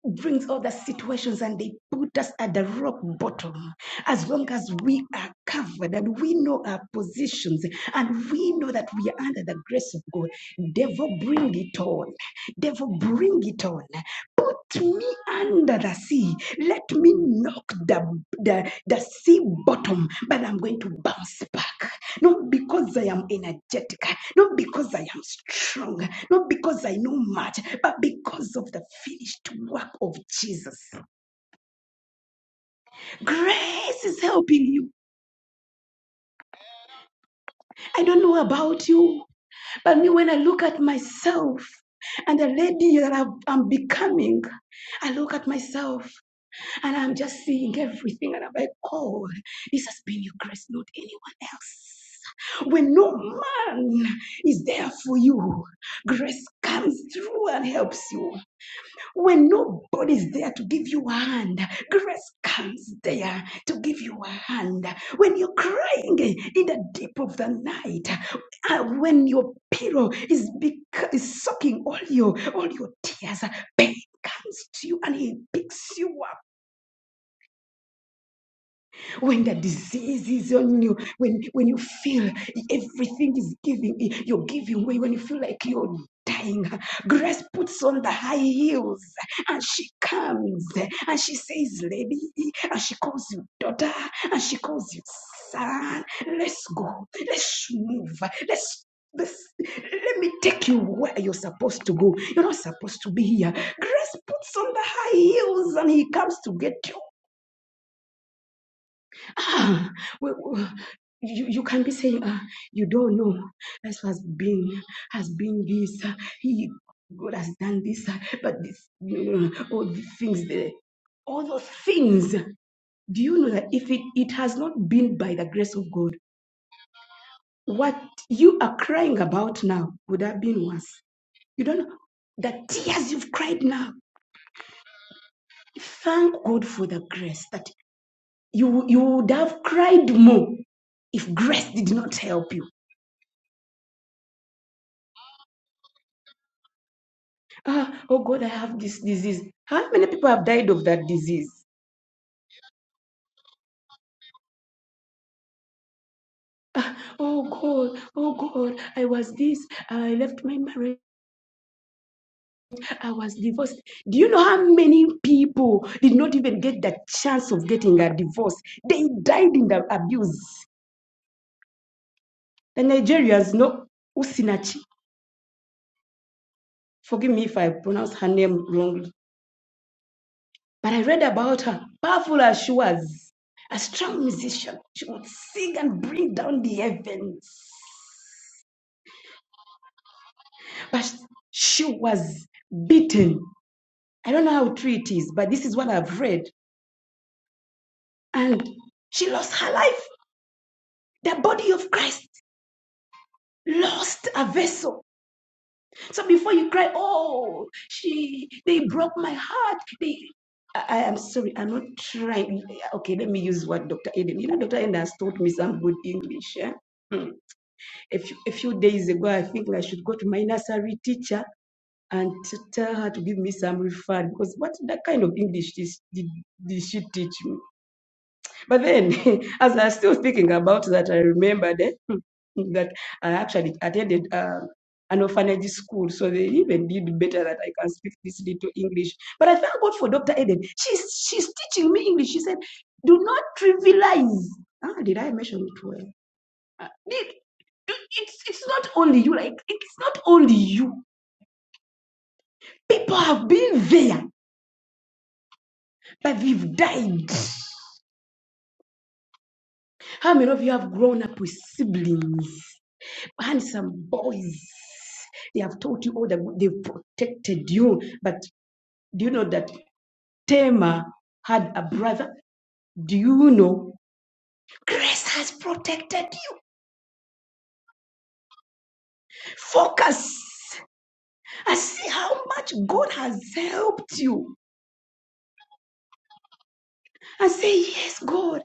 [SPEAKER 2] brings all the situations and they put us at the rock bottom, as long as we are covered and we know our positions and we know that we are under the grace of God, devil, bring it on. Devil, bring it on put me under the sea. Let me knock the, the, the sea bottom, but I'm going to bounce back. Not because I am energetic, not because I am strong, not because I know much, but because of the finished work of Jesus. Grace is helping you. I don't know about you, but me, when I look at myself and the lady that I've- I'm becoming, I look at myself And I'm just seeing everything, and I'm like, oh, this has been your grace, not anyone else. When no man is there for you, grace comes through and helps you. When nobody's there to give you a hand, grace comes there to give you a hand. When you're crying in the deep of the night, uh, when your pillow is, bec- is soaking all your all your tears, pain comes to you and he picks you up when the disease is on you, when, when you feel everything is giving, you're giving way, when you feel like you're dying, grace puts on the high heels and she comes and she says, Lady, and she calls you daughter, and she calls you son. Let's go, let's move, let's. Let's, let me take you where you're supposed to go. You're not supposed to be here. Grace puts on the high heels and he comes to get you ah, well, you, you can be saying ah, you don't know that's what has been has been this ah, he god has done this ah, but this mm, all the things there all those things do you know that if it, it has not been by the grace of god what you are crying about now would have been worse you don't know the tears you've cried now thank god for the grace that you you would have cried more if grace did not help you Ah, oh God, I have this disease. How many people have died of that disease? Ah, oh God, oh God, I was this, I left my marriage, I was divorced. Do you know how many people did not even get the chance of getting a divorce? They died in the abuse. The Nigerians, know Usinachi, forgive me if I pronounce her name wrongly, but I read about her, powerful as she was, a strong musician. She would sing and bring down the heavens. but she was beaten. I don't know how true it is, but this is what I've read. And she lost her life. The body of Christ lost a vessel. So before you cry, oh, she they broke my heart. They I, I am sorry, I'm not trying. Okay, let me use what Dr. Eden. You know, Dr. Eden has taught me some good English. Eh? Hmm. A, few, a few days ago, I think I should go to my nursery teacher and to tell her to give me some referral because what that kind of English did, did, did she teach me? But then, as I was still thinking about that, I remembered eh, that I actually attended uh, an orphanage school, so they even did better that I can speak this little English. But I thank God for Dr. Eden. She's she's teaching me English. She said, "Do not trivialize." Ah, did I mention it well? Ah, Did, do- it's it's not only you. Like it's not only you. People have been there But we've died. How many of you have grown up with siblings, handsome boys? They have taught you all that they've protected you. But do you know that Tema had a brother? Do you know? Grace has protected you. Focus and see how much God has helped you. And say, Yes, God,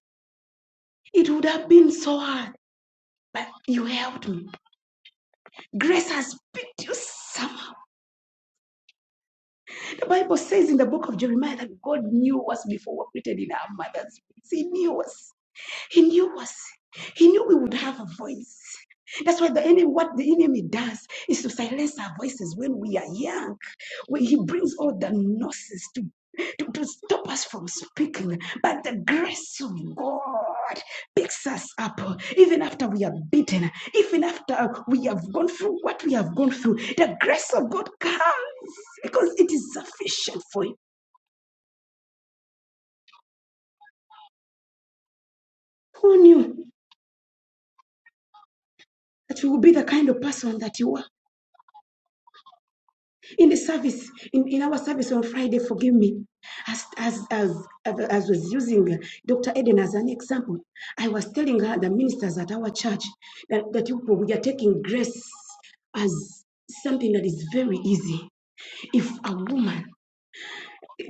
[SPEAKER 2] it would have been so hard, but you helped me. Grace has picked you somehow The Bible says in the book of Jeremiah that God knew us before we were created in our mother's. womb. He knew us. He knew us. He knew we would have a voice. That's why the enemy, what the enemy does is to silence our voices when we are young. When he brings all the nonsense to, to, to stop us from speaking. But the grace of God picks us up even after we are beaten, even after we have gone through what we have gone through. The grace of God comes because it is sufficient for you. Who knew that you would be the kind of person that you are? in the service, in, in our service on Friday, forgive me, as, as, as, as was using Dr. Eden as an example, I was telling her, the ministers at our church, that, that we are taking grace as something that is very easy. If a woman,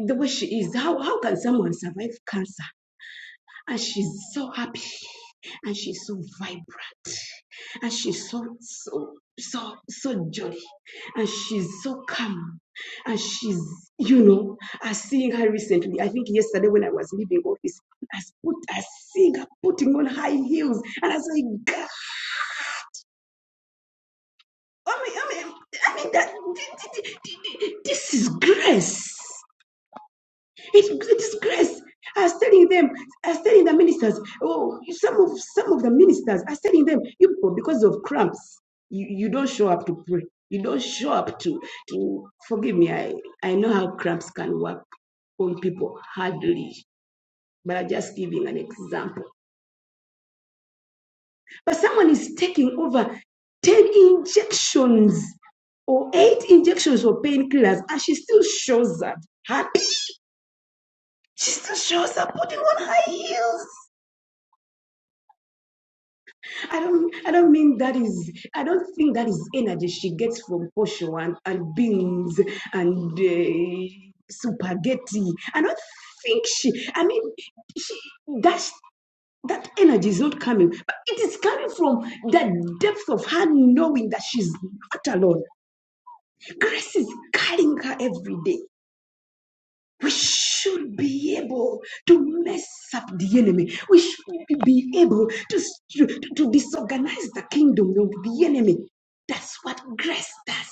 [SPEAKER 2] the way she is, how, how can someone survive cancer? and she's so happy and she's so vibrant and she's so so so so jolly and she's so calm and she's you know i seeing her recently i think yesterday when i was leaving office i s- put i seeing her putting on high heels and i was like "Gah, i mean i mean i mean that this is grace It's it is grace. I was telling them, I was telling the ministers, oh, some of some of the ministers, I was telling them, you people, because of cramps, you, you don't show up to pray. You don't show up to to forgive me. I, I know how cramps can work on people hardly, but I'm just giving an example. But someone is taking over 10 injections or eight injections of painkillers, and she still shows up happy. She still shows up putting on high heels. I don't I don't mean that is I don't think that is energy she gets from Osho and, and beans and uh, spaghetti. I don't think she I mean she that's that energy is not coming, but it is coming from the depth of her knowing that she's not alone. Grace is carrying her every day. We should be able to mess up the enemy. We should be able to, to, to disorganize the kingdom of the enemy. That's what grace does.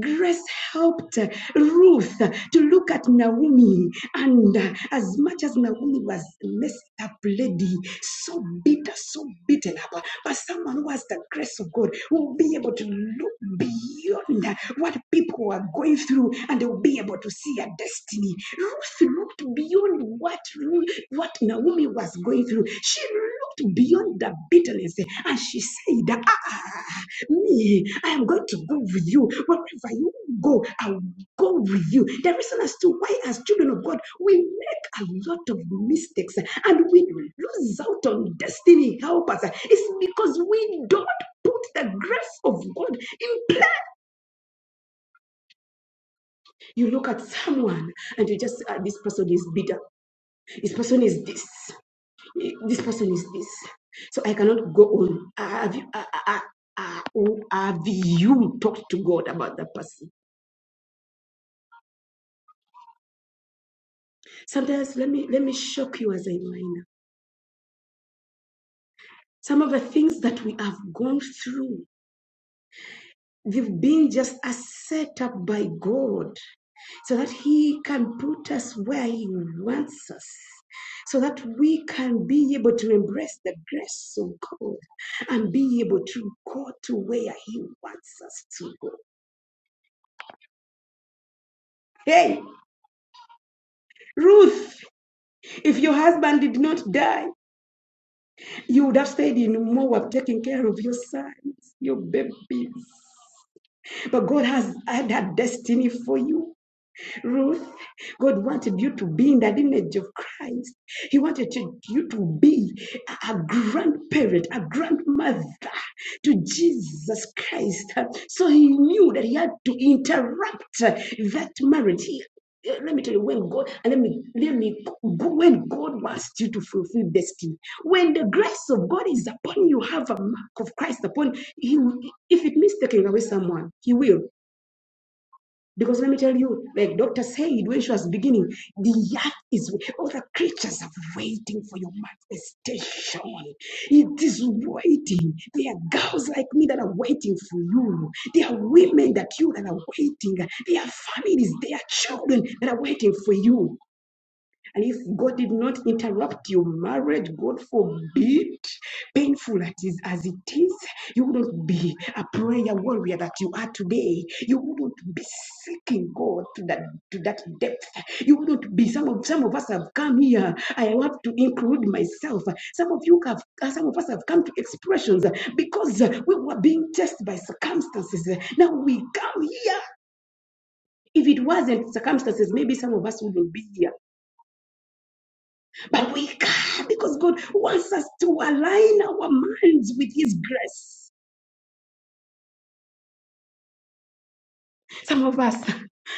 [SPEAKER 2] Grace helped uh, Ruth uh, to look at Naomi, and uh, as much as Naomi was a messed up lady, so bitter, so beaten up, but someone who has the grace of God will be able to look beyond uh, what people are going through, and they will be able to see a destiny. Ruth looked beyond what what Naomi was going through. She looked beyond the bitterness, and she said, "Ah." Me, I am going to go with you. Wherever you go, I will go with you. The reason as to why, as children of God, we make a lot of mistakes and we lose out on destiny. Help us. It's because we don't put the grace of God in place. You look at someone and you just, ah, this person is bitter. This person is this. Eh, This person is this. So I cannot go on. Ah, Have you, ah, ah, ah, ah, oh, have you talked to God about that person? Sometimes let me let me shock you as a minor. Some of the things that we have gone through, they've been just a set up by God so that He can put us where He wants us. So that we can be able to embrace the grace of God and be able to go to where He wants us to go. Hey, Ruth, if your husband did not die, you would have stayed in Moab taking care of your sons, your babies. But God has had that destiny for you, Ruth. God wanted you to be in the lineage of Christ. He wanted you to be a a grandparent, a grandmother to Jesus Christ. So he knew that he had to interrupt that marriage. He- let me tell you when God and let me let me when God wants you to fulfill destiny. When the grace of God is upon you, have a mark of Christ upon you. He, if it means taking away someone, He will. Because let me tell you, like Dr. said when she was beginning, the earth is all the creatures are waiting for your manifestation. It is waiting. There are girls like me that are waiting for you. There are women that you that are waiting. There are families, there are children that are waiting for you. And if God did not interrupt your marriage, God forbid, painful as it, as it is, you wouldn't be a prayer warrior that you are today. You wouldn't be seeking God to that to that depth. You wouldn't be some of some of us have come here. I have to include myself. Some of you have uh, some of us have come to expressions uh, because uh, we were being tested by circumstances. Now we come here. If it wasn't circumstances, maybe some of us wouldn't be here. But we can't because God wants us to align our minds with His grace. Some of us,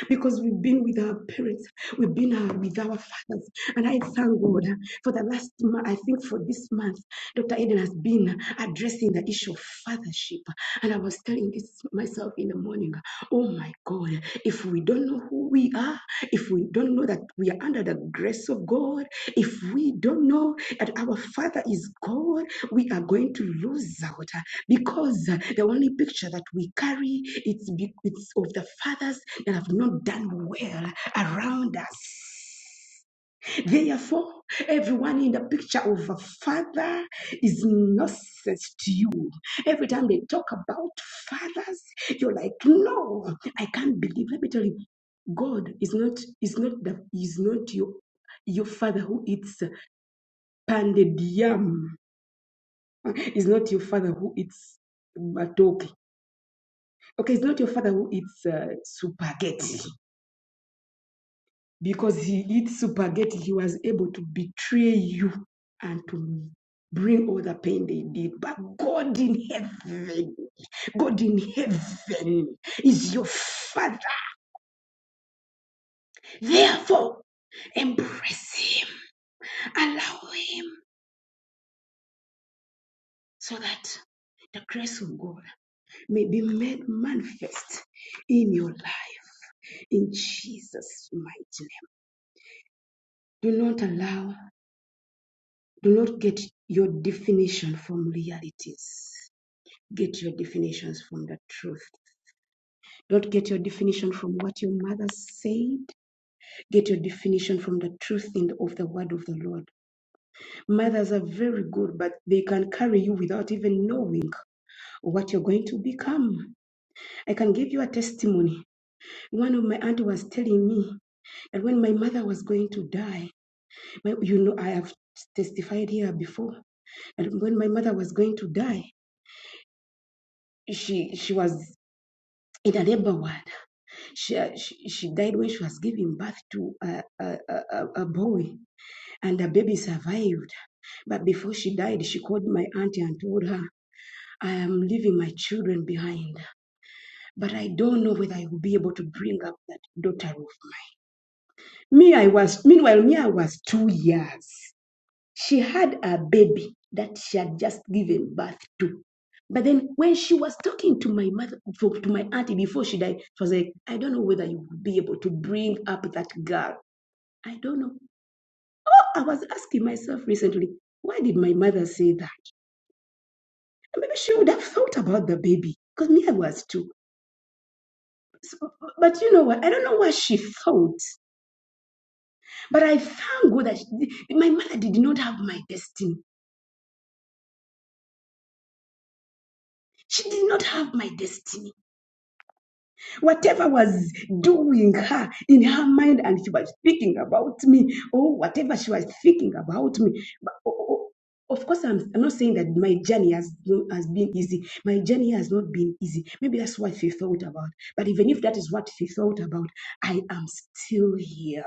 [SPEAKER 2] because we've been with our parents, we've been uh, with our fathers. And I thank God for the last month, I think for this month, Dr. Eden has been addressing the issue of fathership. And I was telling this myself in the morning, oh my God, if we don't know who we are, if we don't know that we are under the grace of God, if we don't know that our Father is God, we are going to lose out because uh, the only picture that we carry it's, it's of the fathers that have not done well around us therefore everyone in the picture of a father is nonsense to you every time they talk about fathers you're like no i can't believe let me tell you god is not is not the is not your your father who eats pounded yam is not your father who eats matoke Okay, it's not your father who eats uh, spaghetti. Because he eats spaghetti, he was able to betray you and to bring all the pain they did. But God in heaven, God in heaven is your father. Therefore, embrace him, allow him, so that the grace of God may be made manifest in your life. In Jesus' mighty name. Do not allow do not get your definition from realities. Get your definitions from the truth. Don't get your definition from what your mother said. Get your definition from the truth in the, of the word of the Lord. Mothers are very good, but they can carry you without even knowing what you're going to become. I can give you a testimony. One of my auntie was telling me that when my mother was going to die, my, you know, I have testified here before, and when my mother was going to die, she she was in a neighborhood, She, uh, she, she died when she was giving birth to a, a, a a boy, and the baby survived. But before she died, she called my auntie and told her, I am leaving my children behind, but I don't know whether I will be able to bring up that daughter of mine. Me, I was, meanwhile, me, I was two years. She had a baby that she had just given birth to But then when she was talking to my mother, to my auntie before she died, she was like, I don't know whether you will be able to bring up that girl. I don't know. I was asking myself recently, why did my mother say that? Maybe she would have thought about the baby because me, I was too. So, but you know what? I don't know what she thought. But I thank God that she- my mother did not have my destiny. She did not have my destiny whatever was doing her in her mind and she was speaking about me or whatever she was thinking about me but, o- o- of course I'm, I'm not saying that my journey has no- has been easy my journey has not been easy maybe that's what she thought about but even if that is what she thought about i am still here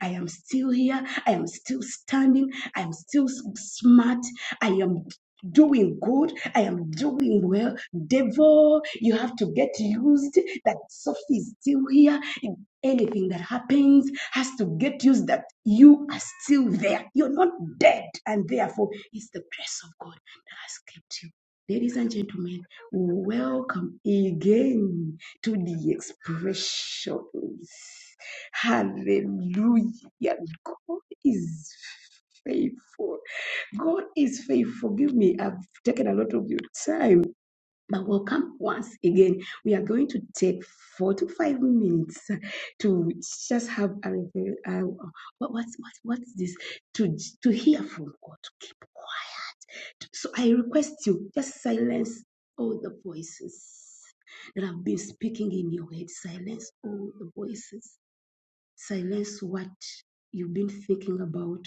[SPEAKER 2] i am still here i am still standing i am still s- smart i am doing good. I am doing well. Devil, you have to get used that Sophie is still here. Anything that happens has to get used that you are still there. You're not dead. And therefore, it's the grace of God that has kept you. Ladies and gentlemen, welcome again to the expressions. Hallelujah. God is faithful. God is faithful. Forgive me. I've taken a lot of your time, but we'll come once again. We are going to take four to five minutes to just have a revel- uh, what, what, what, what is this? To to hear from God, to keep quiet. So I request you just silence all the voices that have been speaking in your head. Silence all the voices. Silence what you've been thinking about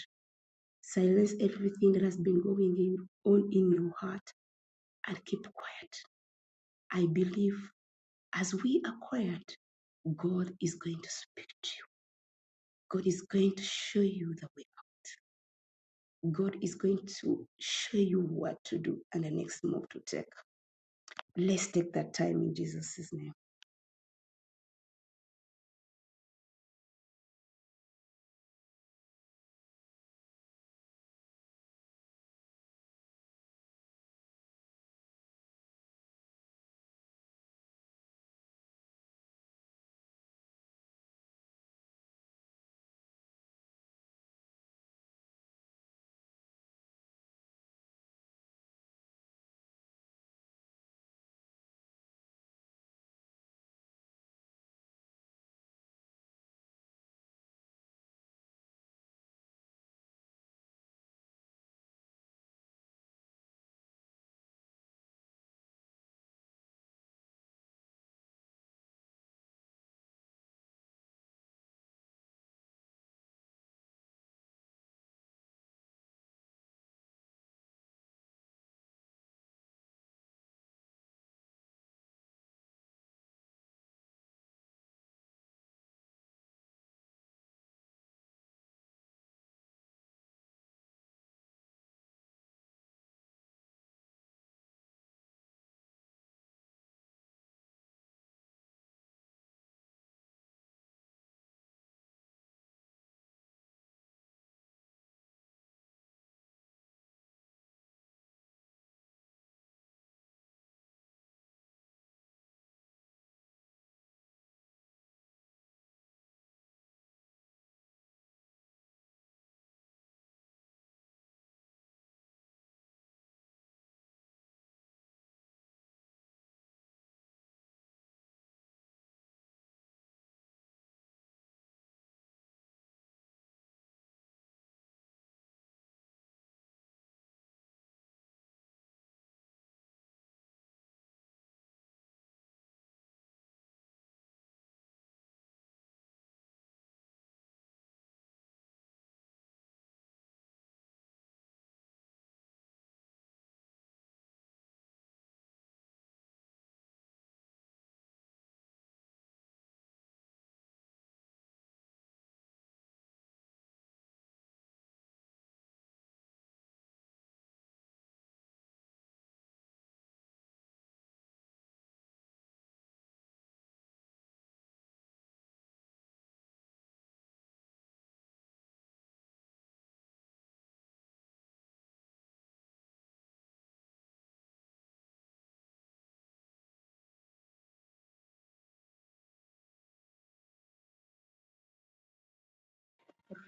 [SPEAKER 2] Silence everything that has been going on in your heart and keep quiet. I believe as we are quiet, God is going to speak to you. God is going to show you the way. God is going to show you what to do and the next move to take. Let's take that time in Jesus' name.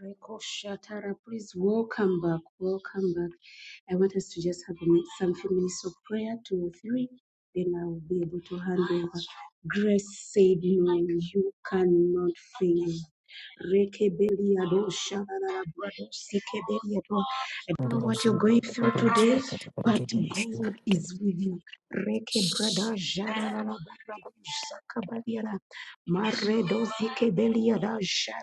[SPEAKER 2] Reko Shatara, please welcome back, welcome back. I want us to just have a min- some few minutes of prayer, two or three, then I will be able to hand over. Grace said, No, you cannot fail. Reke Beliado Shatara, brother. Sike Beliado. I don't know what you're going through today, but God is with you. Reke Brada Jara, Brado Saka Beliada, Mare Dozike Beliada Jara.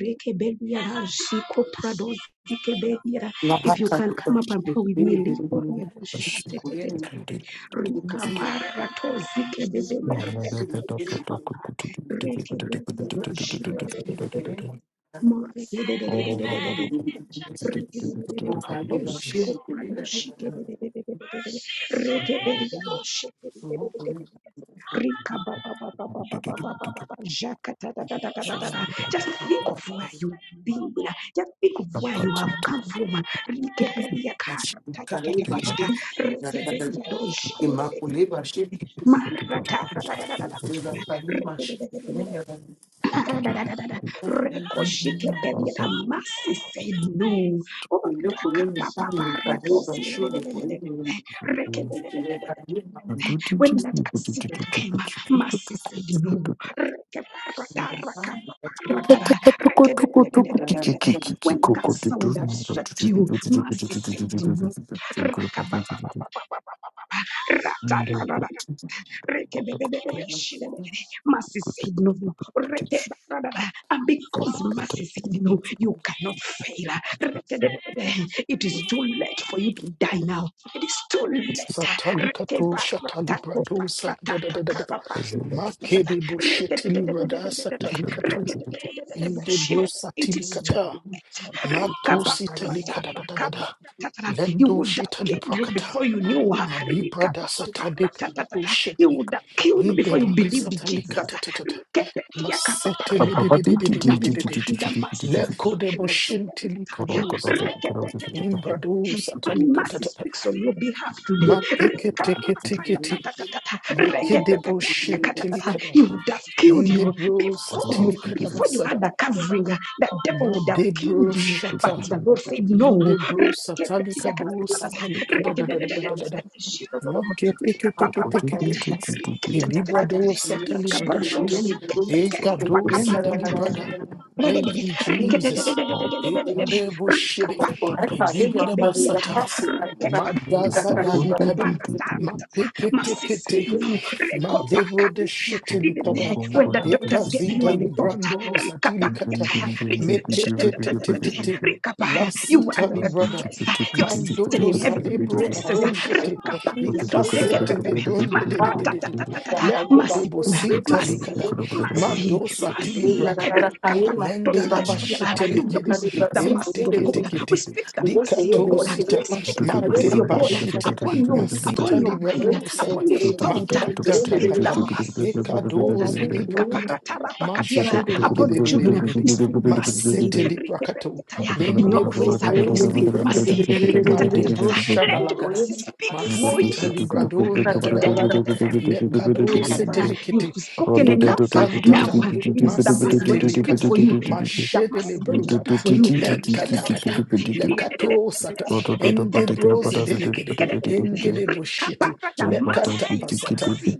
[SPEAKER 2] Rekebeliara, Ziko Prado, Zikebeliara.
[SPEAKER 4] La
[SPEAKER 2] If you
[SPEAKER 4] vaca
[SPEAKER 2] can
[SPEAKER 4] que va
[SPEAKER 2] come
[SPEAKER 4] a
[SPEAKER 2] up and
[SPEAKER 4] ser
[SPEAKER 2] pray with me,
[SPEAKER 4] libre de
[SPEAKER 2] Liko
[SPEAKER 4] un
[SPEAKER 2] Rebo
[SPEAKER 4] seguro,
[SPEAKER 2] Shatetetete.
[SPEAKER 4] tuvo que
[SPEAKER 2] Rika
[SPEAKER 4] ser libre
[SPEAKER 2] Parato, Zikebebebe, Rekebeliara, just think of
[SPEAKER 4] de un seguro.
[SPEAKER 2] where you've been. Just think of where you have come from. Marata no. Oh,
[SPEAKER 4] Thank
[SPEAKER 2] When that accident came, Mercy said no. When cancer would have swept you, Mercy said no.
[SPEAKER 1] Thank
[SPEAKER 2] Rekebebebebe, shebebebe. Mercy said no. And because mercy said no, you cannot fail. It is too late for you to die now. It is too late.
[SPEAKER 3] Satali kato shatali brado sa da da da da da. Ma kede bo shetili brada satali kato. Inde bro
[SPEAKER 2] It
[SPEAKER 3] satili
[SPEAKER 2] is too
[SPEAKER 3] kata.
[SPEAKER 2] late.
[SPEAKER 3] Ma to sitali kada da da da da.
[SPEAKER 2] he
[SPEAKER 3] Lendo
[SPEAKER 2] would have
[SPEAKER 3] shitali
[SPEAKER 2] killed you
[SPEAKER 3] brakata.
[SPEAKER 2] before you knew. her.
[SPEAKER 3] Ma li brada satali kato
[SPEAKER 2] He
[SPEAKER 3] shete.
[SPEAKER 2] would have killed you
[SPEAKER 3] Inde
[SPEAKER 2] before you
[SPEAKER 3] braka
[SPEAKER 2] believed in
[SPEAKER 3] satali
[SPEAKER 2] Jesus.
[SPEAKER 3] kata ta ta ta. Ma setili de de de de de
[SPEAKER 2] Now
[SPEAKER 3] de de
[SPEAKER 2] you are
[SPEAKER 3] de.
[SPEAKER 2] under mercy.
[SPEAKER 3] Leko de bo shintili kado zida. Imbrado satani
[SPEAKER 2] And mercy
[SPEAKER 3] katatata.
[SPEAKER 2] speaks on your behalf
[SPEAKER 3] Ma
[SPEAKER 2] today.
[SPEAKER 3] teke teke teke te. Leke debo shentili kada.
[SPEAKER 2] He would have killed
[SPEAKER 3] Inde
[SPEAKER 2] you
[SPEAKER 3] bro
[SPEAKER 2] before,
[SPEAKER 3] satili kada
[SPEAKER 2] before you had
[SPEAKER 3] basada.
[SPEAKER 2] the covering. The devil
[SPEAKER 3] Ma
[SPEAKER 2] would have
[SPEAKER 3] debro
[SPEAKER 2] killed you, but
[SPEAKER 3] shata.
[SPEAKER 2] the Lord said no.
[SPEAKER 3] Inde bro satali kado satali kada da da da da da da da. Ma ke teke teke teke te. Ilibrado satali brada shata. E kado sidali brada.
[SPEAKER 2] When the
[SPEAKER 3] Thank you, Jesus. E
[SPEAKER 4] you.
[SPEAKER 3] shede. Indi
[SPEAKER 4] Thank
[SPEAKER 1] you.
[SPEAKER 3] basata.
[SPEAKER 1] Thank
[SPEAKER 3] Madazadalikada. Mapeketekete. Malebro de shetelikada.
[SPEAKER 2] doctors gave you
[SPEAKER 3] Ekazida
[SPEAKER 2] a report,
[SPEAKER 3] librando zadilikata. Meketetetetete.
[SPEAKER 2] you were
[SPEAKER 3] Lasita
[SPEAKER 2] under the
[SPEAKER 3] librada.
[SPEAKER 2] dress, you're seated
[SPEAKER 3] Mandodo
[SPEAKER 2] in heavenly
[SPEAKER 3] salebro
[SPEAKER 2] places.
[SPEAKER 3] kato shete. Ikasete lebronde de de de de de. Leko
[SPEAKER 2] Mercy,
[SPEAKER 3] debo sinta likada.
[SPEAKER 2] Mercy,
[SPEAKER 3] Mado
[SPEAKER 2] mercy,
[SPEAKER 3] satili
[SPEAKER 2] mercy.
[SPEAKER 3] brataka.
[SPEAKER 2] Rikapa,
[SPEAKER 3] Lengada
[SPEAKER 2] tosikepesiaba.
[SPEAKER 3] bashete
[SPEAKER 2] Today we
[SPEAKER 3] lekede.
[SPEAKER 2] speak the mercy of
[SPEAKER 3] Entekete
[SPEAKER 2] God. We
[SPEAKER 3] kete.
[SPEAKER 2] speak the mercy of
[SPEAKER 3] Likato
[SPEAKER 2] God.
[SPEAKER 3] sita
[SPEAKER 2] We speak the
[SPEAKER 3] ma
[SPEAKER 2] mercy
[SPEAKER 3] de
[SPEAKER 2] of God
[SPEAKER 3] bashita,
[SPEAKER 2] upon you, upon
[SPEAKER 3] masita
[SPEAKER 2] your
[SPEAKER 3] libra
[SPEAKER 2] mind,
[SPEAKER 3] dosada,
[SPEAKER 2] upon your thought. We
[SPEAKER 3] makata
[SPEAKER 2] speak the
[SPEAKER 3] takata,
[SPEAKER 2] mercy of God.
[SPEAKER 3] ekadoze
[SPEAKER 1] you.
[SPEAKER 3] libra
[SPEAKER 4] you.
[SPEAKER 3] kata,
[SPEAKER 1] Zakatala,
[SPEAKER 2] Rikaparatarapakatiaba.
[SPEAKER 3] mashede
[SPEAKER 2] Upon your children,
[SPEAKER 3] legededededede,
[SPEAKER 2] we speak mercy.
[SPEAKER 3] masete libra kato,
[SPEAKER 2] Rikepediataya. In your
[SPEAKER 3] lendebro
[SPEAKER 2] office, we
[SPEAKER 3] kado
[SPEAKER 2] speak
[SPEAKER 3] libra kata,
[SPEAKER 2] mercy.
[SPEAKER 3] ma
[SPEAKER 2] Rikatatatata.
[SPEAKER 3] madebro
[SPEAKER 2] Let
[SPEAKER 3] shadalagada,
[SPEAKER 2] mercy speak for
[SPEAKER 3] masita libra
[SPEAKER 2] you.
[SPEAKER 3] don da da da da da da, lekado sete
[SPEAKER 2] You've
[SPEAKER 3] lekete,
[SPEAKER 2] spoken enough. Now
[SPEAKER 3] ikatantata,
[SPEAKER 2] uh, it is the mercy
[SPEAKER 3] masete
[SPEAKER 2] going to speak
[SPEAKER 3] likada,
[SPEAKER 2] for you. It is the
[SPEAKER 3] mashede
[SPEAKER 2] mercy going
[SPEAKER 3] libro
[SPEAKER 2] to speak
[SPEAKER 3] dada,
[SPEAKER 2] for you.
[SPEAKER 3] lekata kata, lekato Ende brose delegede. Engede bushiti. Lekata
[SPEAKER 2] Mercy,
[SPEAKER 3] pasata.
[SPEAKER 2] mercy,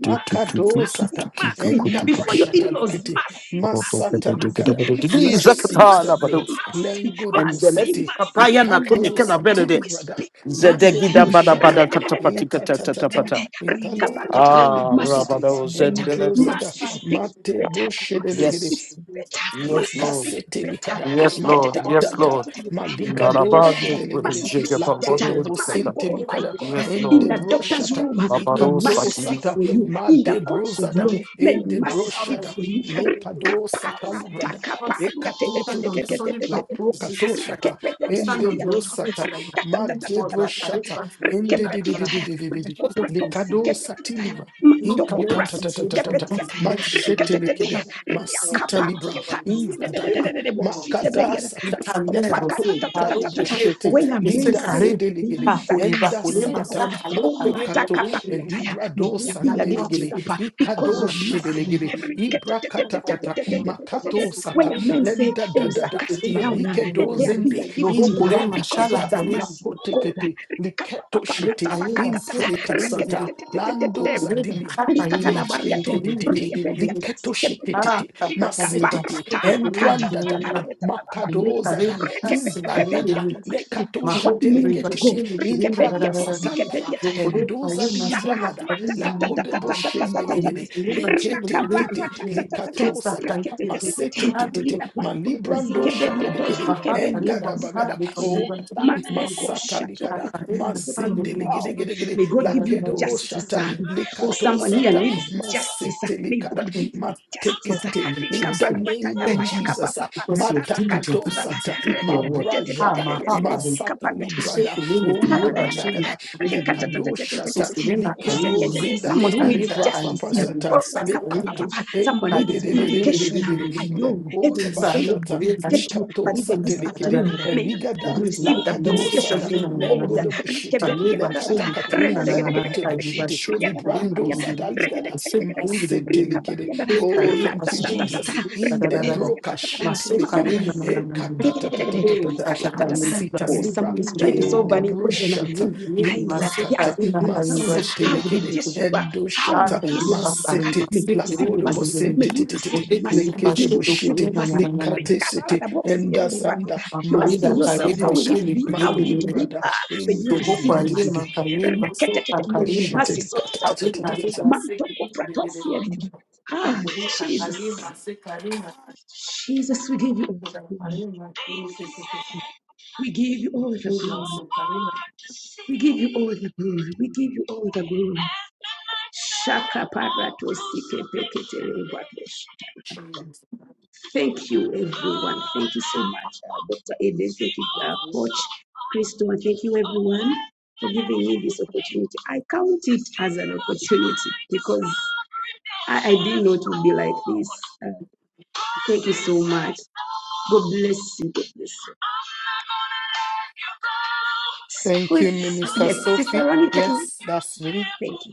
[SPEAKER 2] mercy,
[SPEAKER 3] Akado sata.
[SPEAKER 2] mercy, mercy.
[SPEAKER 3] Enda
[SPEAKER 2] Before your
[SPEAKER 3] brashata
[SPEAKER 2] in-laws,
[SPEAKER 3] likete
[SPEAKER 2] mercy, mercy,
[SPEAKER 3] Masata likada.
[SPEAKER 2] mercy. Before your children,
[SPEAKER 3] Mercy said
[SPEAKER 2] mercy,
[SPEAKER 3] no.
[SPEAKER 2] mercy,
[SPEAKER 3] Lengo de
[SPEAKER 1] and the lesi
[SPEAKER 2] mercy,
[SPEAKER 3] busiti.
[SPEAKER 1] kapaya
[SPEAKER 2] mercy.
[SPEAKER 1] na kumi
[SPEAKER 3] Ikando
[SPEAKER 1] kena benede
[SPEAKER 3] satili
[SPEAKER 2] We
[SPEAKER 3] brada.
[SPEAKER 2] speak
[SPEAKER 3] Lende
[SPEAKER 1] zedegida bada
[SPEAKER 3] broshata.
[SPEAKER 1] bada
[SPEAKER 2] mercy.
[SPEAKER 1] katapati
[SPEAKER 3] Intatatata.
[SPEAKER 1] katatapata
[SPEAKER 3] Intalo
[SPEAKER 2] Rikabariyatara.
[SPEAKER 3] katoli
[SPEAKER 1] ah
[SPEAKER 2] Mercy
[SPEAKER 3] brusiti.
[SPEAKER 1] rabada
[SPEAKER 2] speaks
[SPEAKER 1] o
[SPEAKER 2] better.
[SPEAKER 1] zendeledi
[SPEAKER 3] Endrozada.
[SPEAKER 2] Mercy speaks
[SPEAKER 3] Mate
[SPEAKER 2] better.
[SPEAKER 3] boshe
[SPEAKER 2] Mercy
[SPEAKER 3] delegede.
[SPEAKER 1] yes
[SPEAKER 2] speaks better.
[SPEAKER 1] yes
[SPEAKER 2] Mercy
[SPEAKER 1] lord
[SPEAKER 2] speaks
[SPEAKER 3] Lekasete
[SPEAKER 2] better.
[SPEAKER 3] likada
[SPEAKER 1] yes
[SPEAKER 3] ma
[SPEAKER 1] lord
[SPEAKER 3] da da
[SPEAKER 1] yes lord
[SPEAKER 3] da ma liga do
[SPEAKER 1] narabando
[SPEAKER 2] Riketetetetetetetetetete. Mercy
[SPEAKER 3] shedelegede
[SPEAKER 2] speaks
[SPEAKER 1] jega
[SPEAKER 3] la
[SPEAKER 2] better.
[SPEAKER 3] kedo
[SPEAKER 1] babado
[SPEAKER 2] My
[SPEAKER 1] dikata
[SPEAKER 3] bosente
[SPEAKER 2] God, my
[SPEAKER 3] likada
[SPEAKER 2] God.
[SPEAKER 1] yes
[SPEAKER 3] en
[SPEAKER 2] In
[SPEAKER 1] lord
[SPEAKER 3] de
[SPEAKER 2] the doctor's
[SPEAKER 3] broshata
[SPEAKER 2] room, may
[SPEAKER 1] babado
[SPEAKER 2] mercy
[SPEAKER 3] ikato
[SPEAKER 2] speak
[SPEAKER 1] saki
[SPEAKER 3] sata
[SPEAKER 2] for you.
[SPEAKER 3] ma
[SPEAKER 2] In the
[SPEAKER 3] de
[SPEAKER 2] courts of
[SPEAKER 3] brozada
[SPEAKER 2] law, may
[SPEAKER 3] en de
[SPEAKER 2] mercy speak
[SPEAKER 3] broshada
[SPEAKER 2] for you.
[SPEAKER 3] ne pado sata librada Ekato to
[SPEAKER 4] Stand on
[SPEAKER 3] to
[SPEAKER 4] the
[SPEAKER 3] to
[SPEAKER 4] solid
[SPEAKER 3] la
[SPEAKER 4] rock which is
[SPEAKER 3] prokato
[SPEAKER 4] Jesus Christ.
[SPEAKER 3] shata
[SPEAKER 4] We
[SPEAKER 3] in
[SPEAKER 4] stand
[SPEAKER 3] de
[SPEAKER 4] on the authority
[SPEAKER 3] brosata
[SPEAKER 4] that you have
[SPEAKER 3] ma
[SPEAKER 4] given to
[SPEAKER 3] de
[SPEAKER 4] us, that I did
[SPEAKER 3] broshata
[SPEAKER 4] back to
[SPEAKER 3] in de de de de de
[SPEAKER 2] Rekepetiataya,
[SPEAKER 3] de de de
[SPEAKER 4] the
[SPEAKER 3] de
[SPEAKER 2] rekopratosi
[SPEAKER 4] Jesus.
[SPEAKER 3] likado
[SPEAKER 2] kepetiataya,
[SPEAKER 3] satiliva in
[SPEAKER 4] Look beyond
[SPEAKER 3] kata
[SPEAKER 4] the
[SPEAKER 3] ta ta ta
[SPEAKER 2] mandokopratasi
[SPEAKER 3] ta ta
[SPEAKER 4] situation
[SPEAKER 3] ta
[SPEAKER 4] of his
[SPEAKER 2] kepetiataya,
[SPEAKER 3] ma
[SPEAKER 4] identity. We
[SPEAKER 3] shete
[SPEAKER 4] know
[SPEAKER 3] lekede
[SPEAKER 2] reketeteteya,
[SPEAKER 4] that
[SPEAKER 3] ma
[SPEAKER 4] from
[SPEAKER 3] sita
[SPEAKER 4] moment of
[SPEAKER 3] libra
[SPEAKER 4] our
[SPEAKER 2] riakapatiata,
[SPEAKER 3] in da
[SPEAKER 4] identity,
[SPEAKER 3] da
[SPEAKER 4] very
[SPEAKER 2] ziedededededede,
[SPEAKER 4] important
[SPEAKER 3] ma
[SPEAKER 4] of this.
[SPEAKER 3] kada
[SPEAKER 2] bosikebediada,
[SPEAKER 4] We
[SPEAKER 3] sata
[SPEAKER 4] can
[SPEAKER 3] le
[SPEAKER 4] never
[SPEAKER 3] kato
[SPEAKER 4] fail.
[SPEAKER 3] kata le
[SPEAKER 4] Paro
[SPEAKER 2] rekopakatatatatatatata.
[SPEAKER 4] kere,
[SPEAKER 3] broshete
[SPEAKER 2] When a
[SPEAKER 3] li
[SPEAKER 4] ese
[SPEAKER 2] man
[SPEAKER 3] da
[SPEAKER 2] say
[SPEAKER 4] kare,
[SPEAKER 3] zede
[SPEAKER 2] he
[SPEAKER 3] legede
[SPEAKER 2] is a
[SPEAKER 4] pakore
[SPEAKER 3] en da
[SPEAKER 2] casting
[SPEAKER 4] bakore
[SPEAKER 3] santa
[SPEAKER 2] down,
[SPEAKER 4] masakale
[SPEAKER 3] ma
[SPEAKER 2] oh
[SPEAKER 4] kaye
[SPEAKER 3] kato
[SPEAKER 4] bebe bebe.
[SPEAKER 2] matakapatiataya,
[SPEAKER 3] elibra
[SPEAKER 2] may
[SPEAKER 3] do
[SPEAKER 2] there
[SPEAKER 4] We
[SPEAKER 2] be a
[SPEAKER 4] cannot
[SPEAKER 2] lifting
[SPEAKER 3] sandelegede
[SPEAKER 4] fail.
[SPEAKER 2] up because
[SPEAKER 3] ikado
[SPEAKER 4] Because
[SPEAKER 2] of
[SPEAKER 4] of our
[SPEAKER 2] mercy.
[SPEAKER 3] shedelegede
[SPEAKER 4] identity, we
[SPEAKER 3] ibra
[SPEAKER 4] can
[SPEAKER 3] kata
[SPEAKER 4] not
[SPEAKER 3] kata
[SPEAKER 4] fail. We cannot
[SPEAKER 2] Reketetetetetetetetetetetete.
[SPEAKER 3] makato
[SPEAKER 2] When
[SPEAKER 3] sata
[SPEAKER 2] a man
[SPEAKER 4] fail.
[SPEAKER 2] say
[SPEAKER 3] lenda
[SPEAKER 2] there
[SPEAKER 3] da
[SPEAKER 2] is
[SPEAKER 3] da
[SPEAKER 2] a
[SPEAKER 4] Bebe
[SPEAKER 3] da
[SPEAKER 4] kere
[SPEAKER 2] casting
[SPEAKER 3] la
[SPEAKER 4] bebe
[SPEAKER 2] down,
[SPEAKER 3] rike
[SPEAKER 4] bebe
[SPEAKER 2] let
[SPEAKER 3] do
[SPEAKER 2] there
[SPEAKER 4] bebe.
[SPEAKER 2] be a
[SPEAKER 3] zende
[SPEAKER 4] Loho
[SPEAKER 2] lifting
[SPEAKER 4] kore
[SPEAKER 3] imbra da
[SPEAKER 2] because of
[SPEAKER 4] mashala
[SPEAKER 3] kata
[SPEAKER 2] the
[SPEAKER 4] kare.
[SPEAKER 3] la
[SPEAKER 2] mercy of
[SPEAKER 3] kote
[SPEAKER 2] God.
[SPEAKER 3] kete liketo
[SPEAKER 4] Bebe
[SPEAKER 3] shete
[SPEAKER 4] kare
[SPEAKER 2] Rikapapakatabakatatata.
[SPEAKER 4] basile
[SPEAKER 3] imprata
[SPEAKER 4] kere bebe
[SPEAKER 3] sata
[SPEAKER 2] Riketetetetetete.
[SPEAKER 3] lando
[SPEAKER 4] Ukurida
[SPEAKER 3] zadilibra
[SPEAKER 4] kapa ye
[SPEAKER 2] Rikatana
[SPEAKER 4] mashudu
[SPEAKER 2] Mariato,
[SPEAKER 4] kurida giri
[SPEAKER 3] Legedidididi,
[SPEAKER 2] Rika
[SPEAKER 4] giri
[SPEAKER 2] Beriato,
[SPEAKER 4] giri.
[SPEAKER 2] Sikaberiata,
[SPEAKER 4] Ah,
[SPEAKER 3] liketoshititi,
[SPEAKER 4] kapa
[SPEAKER 2] Rika
[SPEAKER 4] kari
[SPEAKER 3] masititi,
[SPEAKER 2] Parata,
[SPEAKER 4] bashudu kurida
[SPEAKER 2] Kata,
[SPEAKER 3] embrandadada,
[SPEAKER 4] garara.
[SPEAKER 2] Takareta,
[SPEAKER 4] Inde
[SPEAKER 2] Nabariato,
[SPEAKER 3] makadozada,
[SPEAKER 4] karidi
[SPEAKER 2] Rike
[SPEAKER 4] kase karidi
[SPEAKER 3] imbradada,
[SPEAKER 4] ni.
[SPEAKER 2] Pepediato, Sikri,
[SPEAKER 3] lekatosha
[SPEAKER 2] One
[SPEAKER 4] Mahu kuri
[SPEAKER 2] minute to go.
[SPEAKER 3] teleketiti,
[SPEAKER 4] bashudu
[SPEAKER 2] Rike
[SPEAKER 4] kurida
[SPEAKER 3] imprata
[SPEAKER 2] Bediato,
[SPEAKER 4] garara.
[SPEAKER 3] satanifa,
[SPEAKER 2] Sikaberiata,
[SPEAKER 4] Ukuri kari
[SPEAKER 3] endoza
[SPEAKER 2] Shaka,
[SPEAKER 4] mashudu
[SPEAKER 3] dilibragada,
[SPEAKER 4] karidi ni.
[SPEAKER 2] Ratatatatatatatatatatat,
[SPEAKER 3] lakodeboshendelegede,
[SPEAKER 4] Inde bashudu kurida
[SPEAKER 2] Rakabara,
[SPEAKER 3] leketentiti,
[SPEAKER 4] giri.
[SPEAKER 2] Tatatata,
[SPEAKER 3] likatosata,
[SPEAKER 4] Sakaya giri
[SPEAKER 2] Riketetetet,
[SPEAKER 4] kari
[SPEAKER 3] masetititi,
[SPEAKER 2] Rita Barbo,
[SPEAKER 4] bashudu giri.
[SPEAKER 3] malibrando
[SPEAKER 2] Zikaberiato,
[SPEAKER 3] shatelegede,
[SPEAKER 4] Maha kari da
[SPEAKER 2] Zikaberiato,
[SPEAKER 3] engadabagada,
[SPEAKER 4] kari
[SPEAKER 2] Sakapaya,
[SPEAKER 4] kari
[SPEAKER 3] okata,
[SPEAKER 4] bashudu
[SPEAKER 2] Maneko,
[SPEAKER 4] giri.
[SPEAKER 3] masata
[SPEAKER 2] Shato.
[SPEAKER 3] likada. Libra,
[SPEAKER 4] Sakari na kari
[SPEAKER 2] Oh,
[SPEAKER 4] mashudu
[SPEAKER 3] Mazendeligedigidigidi,
[SPEAKER 2] May God give you
[SPEAKER 4] garara.
[SPEAKER 3] Lakedo
[SPEAKER 2] justice,
[SPEAKER 3] Shata,
[SPEAKER 2] Amen. O
[SPEAKER 3] Likato
[SPEAKER 2] some one
[SPEAKER 3] Sata,
[SPEAKER 2] needs justice,
[SPEAKER 3] Masete
[SPEAKER 2] may
[SPEAKER 3] Likada,
[SPEAKER 2] God give
[SPEAKER 4] Thank you
[SPEAKER 2] him
[SPEAKER 4] because
[SPEAKER 2] justice.
[SPEAKER 3] Matekete,
[SPEAKER 4] I'm a
[SPEAKER 3] in
[SPEAKER 4] pure
[SPEAKER 3] the
[SPEAKER 4] spirit.
[SPEAKER 3] name of
[SPEAKER 4] Thank you
[SPEAKER 3] Jesus, ah,
[SPEAKER 4] because you're diligent
[SPEAKER 3] Matakato
[SPEAKER 4] to
[SPEAKER 3] Sata,
[SPEAKER 4] keep your word. Ah,
[SPEAKER 3] Mabrajada,
[SPEAKER 4] my heart,
[SPEAKER 2] Z
[SPEAKER 4] Father,
[SPEAKER 3] Masata
[SPEAKER 2] kapabetha.
[SPEAKER 4] the shape
[SPEAKER 3] Librada,
[SPEAKER 4] of me, to
[SPEAKER 2] Someone
[SPEAKER 3] Umbra
[SPEAKER 4] and show me
[SPEAKER 3] Lakada,
[SPEAKER 4] to live and live. and
[SPEAKER 3] Lekado
[SPEAKER 4] live. So,
[SPEAKER 3] Shata,
[SPEAKER 4] Serena, I am
[SPEAKER 3] Likedo
[SPEAKER 4] in
[SPEAKER 3] Zinda,
[SPEAKER 4] the
[SPEAKER 2] who needs
[SPEAKER 4] Sarina,
[SPEAKER 3] Impra
[SPEAKER 2] justice
[SPEAKER 4] I
[SPEAKER 2] here.
[SPEAKER 4] will
[SPEAKER 3] Papasata,
[SPEAKER 2] Oh,
[SPEAKER 4] assess the ring.
[SPEAKER 3] Lekato,
[SPEAKER 2] Someone needs vindication.
[SPEAKER 3] Endedededededededede,
[SPEAKER 2] I know
[SPEAKER 3] Lekoda
[SPEAKER 2] heavens
[SPEAKER 4] So
[SPEAKER 2] is
[SPEAKER 4] I
[SPEAKER 2] going to
[SPEAKER 4] look
[SPEAKER 3] Bashata,
[SPEAKER 4] away that
[SPEAKER 2] vindicate you,
[SPEAKER 3] Likato
[SPEAKER 2] but even this
[SPEAKER 3] Satelikede,
[SPEAKER 4] she
[SPEAKER 2] afternoon, may you
[SPEAKER 3] Eligada,
[SPEAKER 4] Thank
[SPEAKER 2] receive the
[SPEAKER 3] Lakado
[SPEAKER 2] vindication
[SPEAKER 3] Sata,
[SPEAKER 2] from
[SPEAKER 3] lengodo boshete, lekatakata, lekote boshete, librando zadaligada, masete likede. Oh, thank you, Jesus. In the broka shete ligede,
[SPEAKER 2] God.
[SPEAKER 3] ekatatatatata, masita
[SPEAKER 2] Oh,
[SPEAKER 3] lipra,
[SPEAKER 2] someone is trying to
[SPEAKER 3] e
[SPEAKER 2] solve
[SPEAKER 3] de
[SPEAKER 2] an equation
[SPEAKER 3] broshata,
[SPEAKER 2] in their eyes.
[SPEAKER 3] libra
[SPEAKER 2] They're
[SPEAKER 3] kata
[SPEAKER 2] asking themselves,
[SPEAKER 3] masete
[SPEAKER 2] how will
[SPEAKER 3] likede,
[SPEAKER 2] this work?
[SPEAKER 3] endo
[SPEAKER 2] How will
[SPEAKER 3] shata
[SPEAKER 2] this work?
[SPEAKER 3] masete,
[SPEAKER 2] May you receive
[SPEAKER 3] lakodo
[SPEAKER 2] mercy. May
[SPEAKER 3] bosente
[SPEAKER 2] you receive
[SPEAKER 3] titititi,
[SPEAKER 2] mercy. May
[SPEAKER 3] lekede
[SPEAKER 2] you receive
[SPEAKER 3] boshete,
[SPEAKER 2] mercy.
[SPEAKER 4] you.
[SPEAKER 3] likate sete, endasanda,
[SPEAKER 2] You're asking
[SPEAKER 3] mando
[SPEAKER 4] Akulida
[SPEAKER 2] yourself,
[SPEAKER 4] Karida
[SPEAKER 2] how will
[SPEAKER 3] salivika,
[SPEAKER 2] it
[SPEAKER 4] Shili
[SPEAKER 2] be? How will it
[SPEAKER 4] Kulili
[SPEAKER 2] be?
[SPEAKER 3] Malibrada
[SPEAKER 2] Ah, May you
[SPEAKER 4] So
[SPEAKER 2] receive
[SPEAKER 4] Hokwai
[SPEAKER 3] indidididididi.
[SPEAKER 2] mercy.
[SPEAKER 4] Makari
[SPEAKER 2] May
[SPEAKER 4] Maso Kakarina
[SPEAKER 2] mercy
[SPEAKER 3] Kashitidi
[SPEAKER 2] sort it out
[SPEAKER 4] Ali
[SPEAKER 2] for you.
[SPEAKER 3] katatatatatata.
[SPEAKER 4] Karida Siki
[SPEAKER 2] Ah,
[SPEAKER 4] Ukuri
[SPEAKER 2] Jesus.
[SPEAKER 4] Kakali Masi Karina
[SPEAKER 2] Jesus, we give you. all the
[SPEAKER 4] Kuda
[SPEAKER 2] glory.
[SPEAKER 4] Karina
[SPEAKER 2] We give you all the glory.
[SPEAKER 4] Maso Karina
[SPEAKER 2] We give you all the glory. We give you all the glory. Shaka parato sike peketere wakesh. Thank you, everyone. Thank you so much, uh, Dr. Eden. Thank you, uh, Coach Christo. And thank you, everyone, for giving me this opportunity. I count it as an opportunity because I, I didn't know it would be like this. Uh, thank you so much. God bless you. God bless you. Who
[SPEAKER 3] Thank
[SPEAKER 2] is,
[SPEAKER 3] you, Minister
[SPEAKER 2] yes, Sister
[SPEAKER 3] Sophie.
[SPEAKER 2] Ronnie, thank
[SPEAKER 3] Yes, that's me.
[SPEAKER 2] you.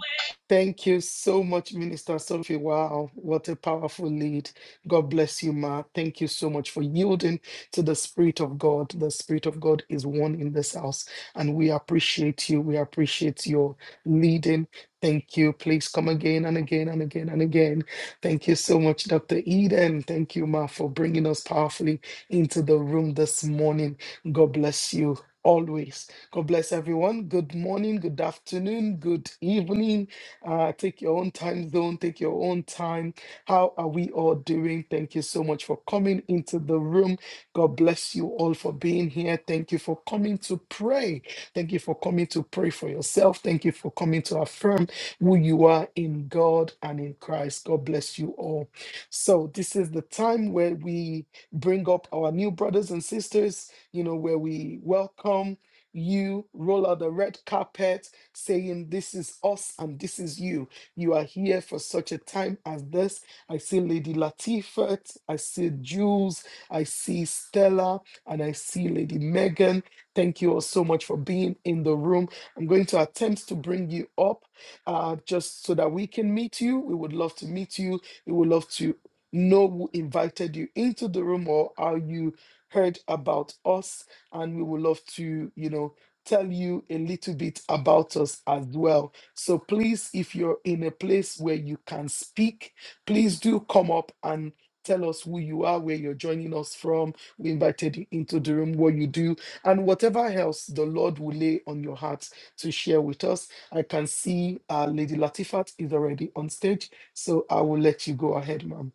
[SPEAKER 3] Thank you so much, Minister Sophie. Wow, what a powerful lead. God bless you, Ma. Thank you so much for yielding to the Spirit of God. The Spirit of God is one in this house, and we appreciate you. We appreciate your leading. Thank you. Please come again and again and again and again. Thank you so much, Dr. Eden. Thank you, Ma, for bringing us powerfully into the room this morning. God bless you always. God bless everyone. Good morning, good afternoon, good evening uh, take your own time zone, take your own time. How are we all doing? Thank you so much for coming into the room. God bless you all for being here. Thank you for coming to pray. Thank you for coming to pray for yourself. Thank you for coming to affirm who you are in God and in Christ. God bless you all. So, this is the time where we bring up our new brothers and sisters, you know, where we welcome you, roll out the red carpet saying, This is us and this is you. You are here for such a time as this. I see Lady Latifat, I see Jules, I see Stella, and I see Lady Megan. Thank you all so much for being in the room. I'm going to attempt to bring you up uh, just so that we can meet you. We would love to meet you. We would love to know who invited you into the room or how you heard about us and we would love to you know tell you a little bit about us as well. So please, if you're in a place where you can speak, please do come up and tell us who you are, where you're joining us from. We invited you into the room, what you do, and whatever else the Lord will lay on your heart to share with us. I can see uh, Lady Latifat is already on stage, so I will let you go ahead, ma'am.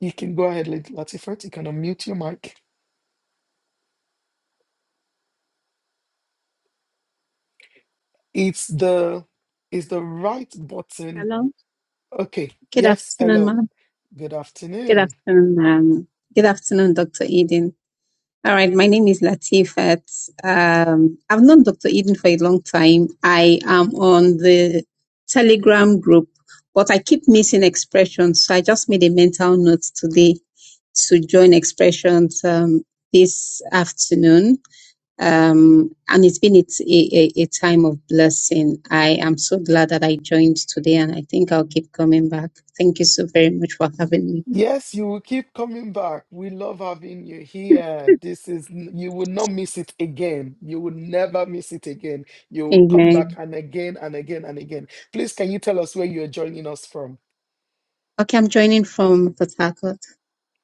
[SPEAKER 3] You can go ahead, Lady Latifat. You can unmute your mic. It's the it's the right button
[SPEAKER 5] Hello.
[SPEAKER 3] Okay.
[SPEAKER 5] Good
[SPEAKER 3] Yes.
[SPEAKER 5] afternoon,
[SPEAKER 3] Hello.
[SPEAKER 5] ma'am.
[SPEAKER 3] Good
[SPEAKER 5] Good
[SPEAKER 3] afternoon.
[SPEAKER 5] afternoon, um, good afternoon, Dr. Eden. All right, my name is Latifat. Um, I've known Dr. Eden for a long time. I am on the Telegram group, but I keep missing expressions. So I just made a mental note today to join expressions um, this afternoon um, and it's been it's a, a, a time of blessing. I am so glad that I joined today, and I think I'll keep coming back. Thank you so very much for having me.
[SPEAKER 3] Yes, you will keep coming back. We love having you here. This is, you will not miss it again. You will never miss it again. You will come back
[SPEAKER 5] Amen.
[SPEAKER 3] and again and again and again. Please, can you tell us where you're joining us from?
[SPEAKER 5] Okay, I'm joining from Port Harcourt.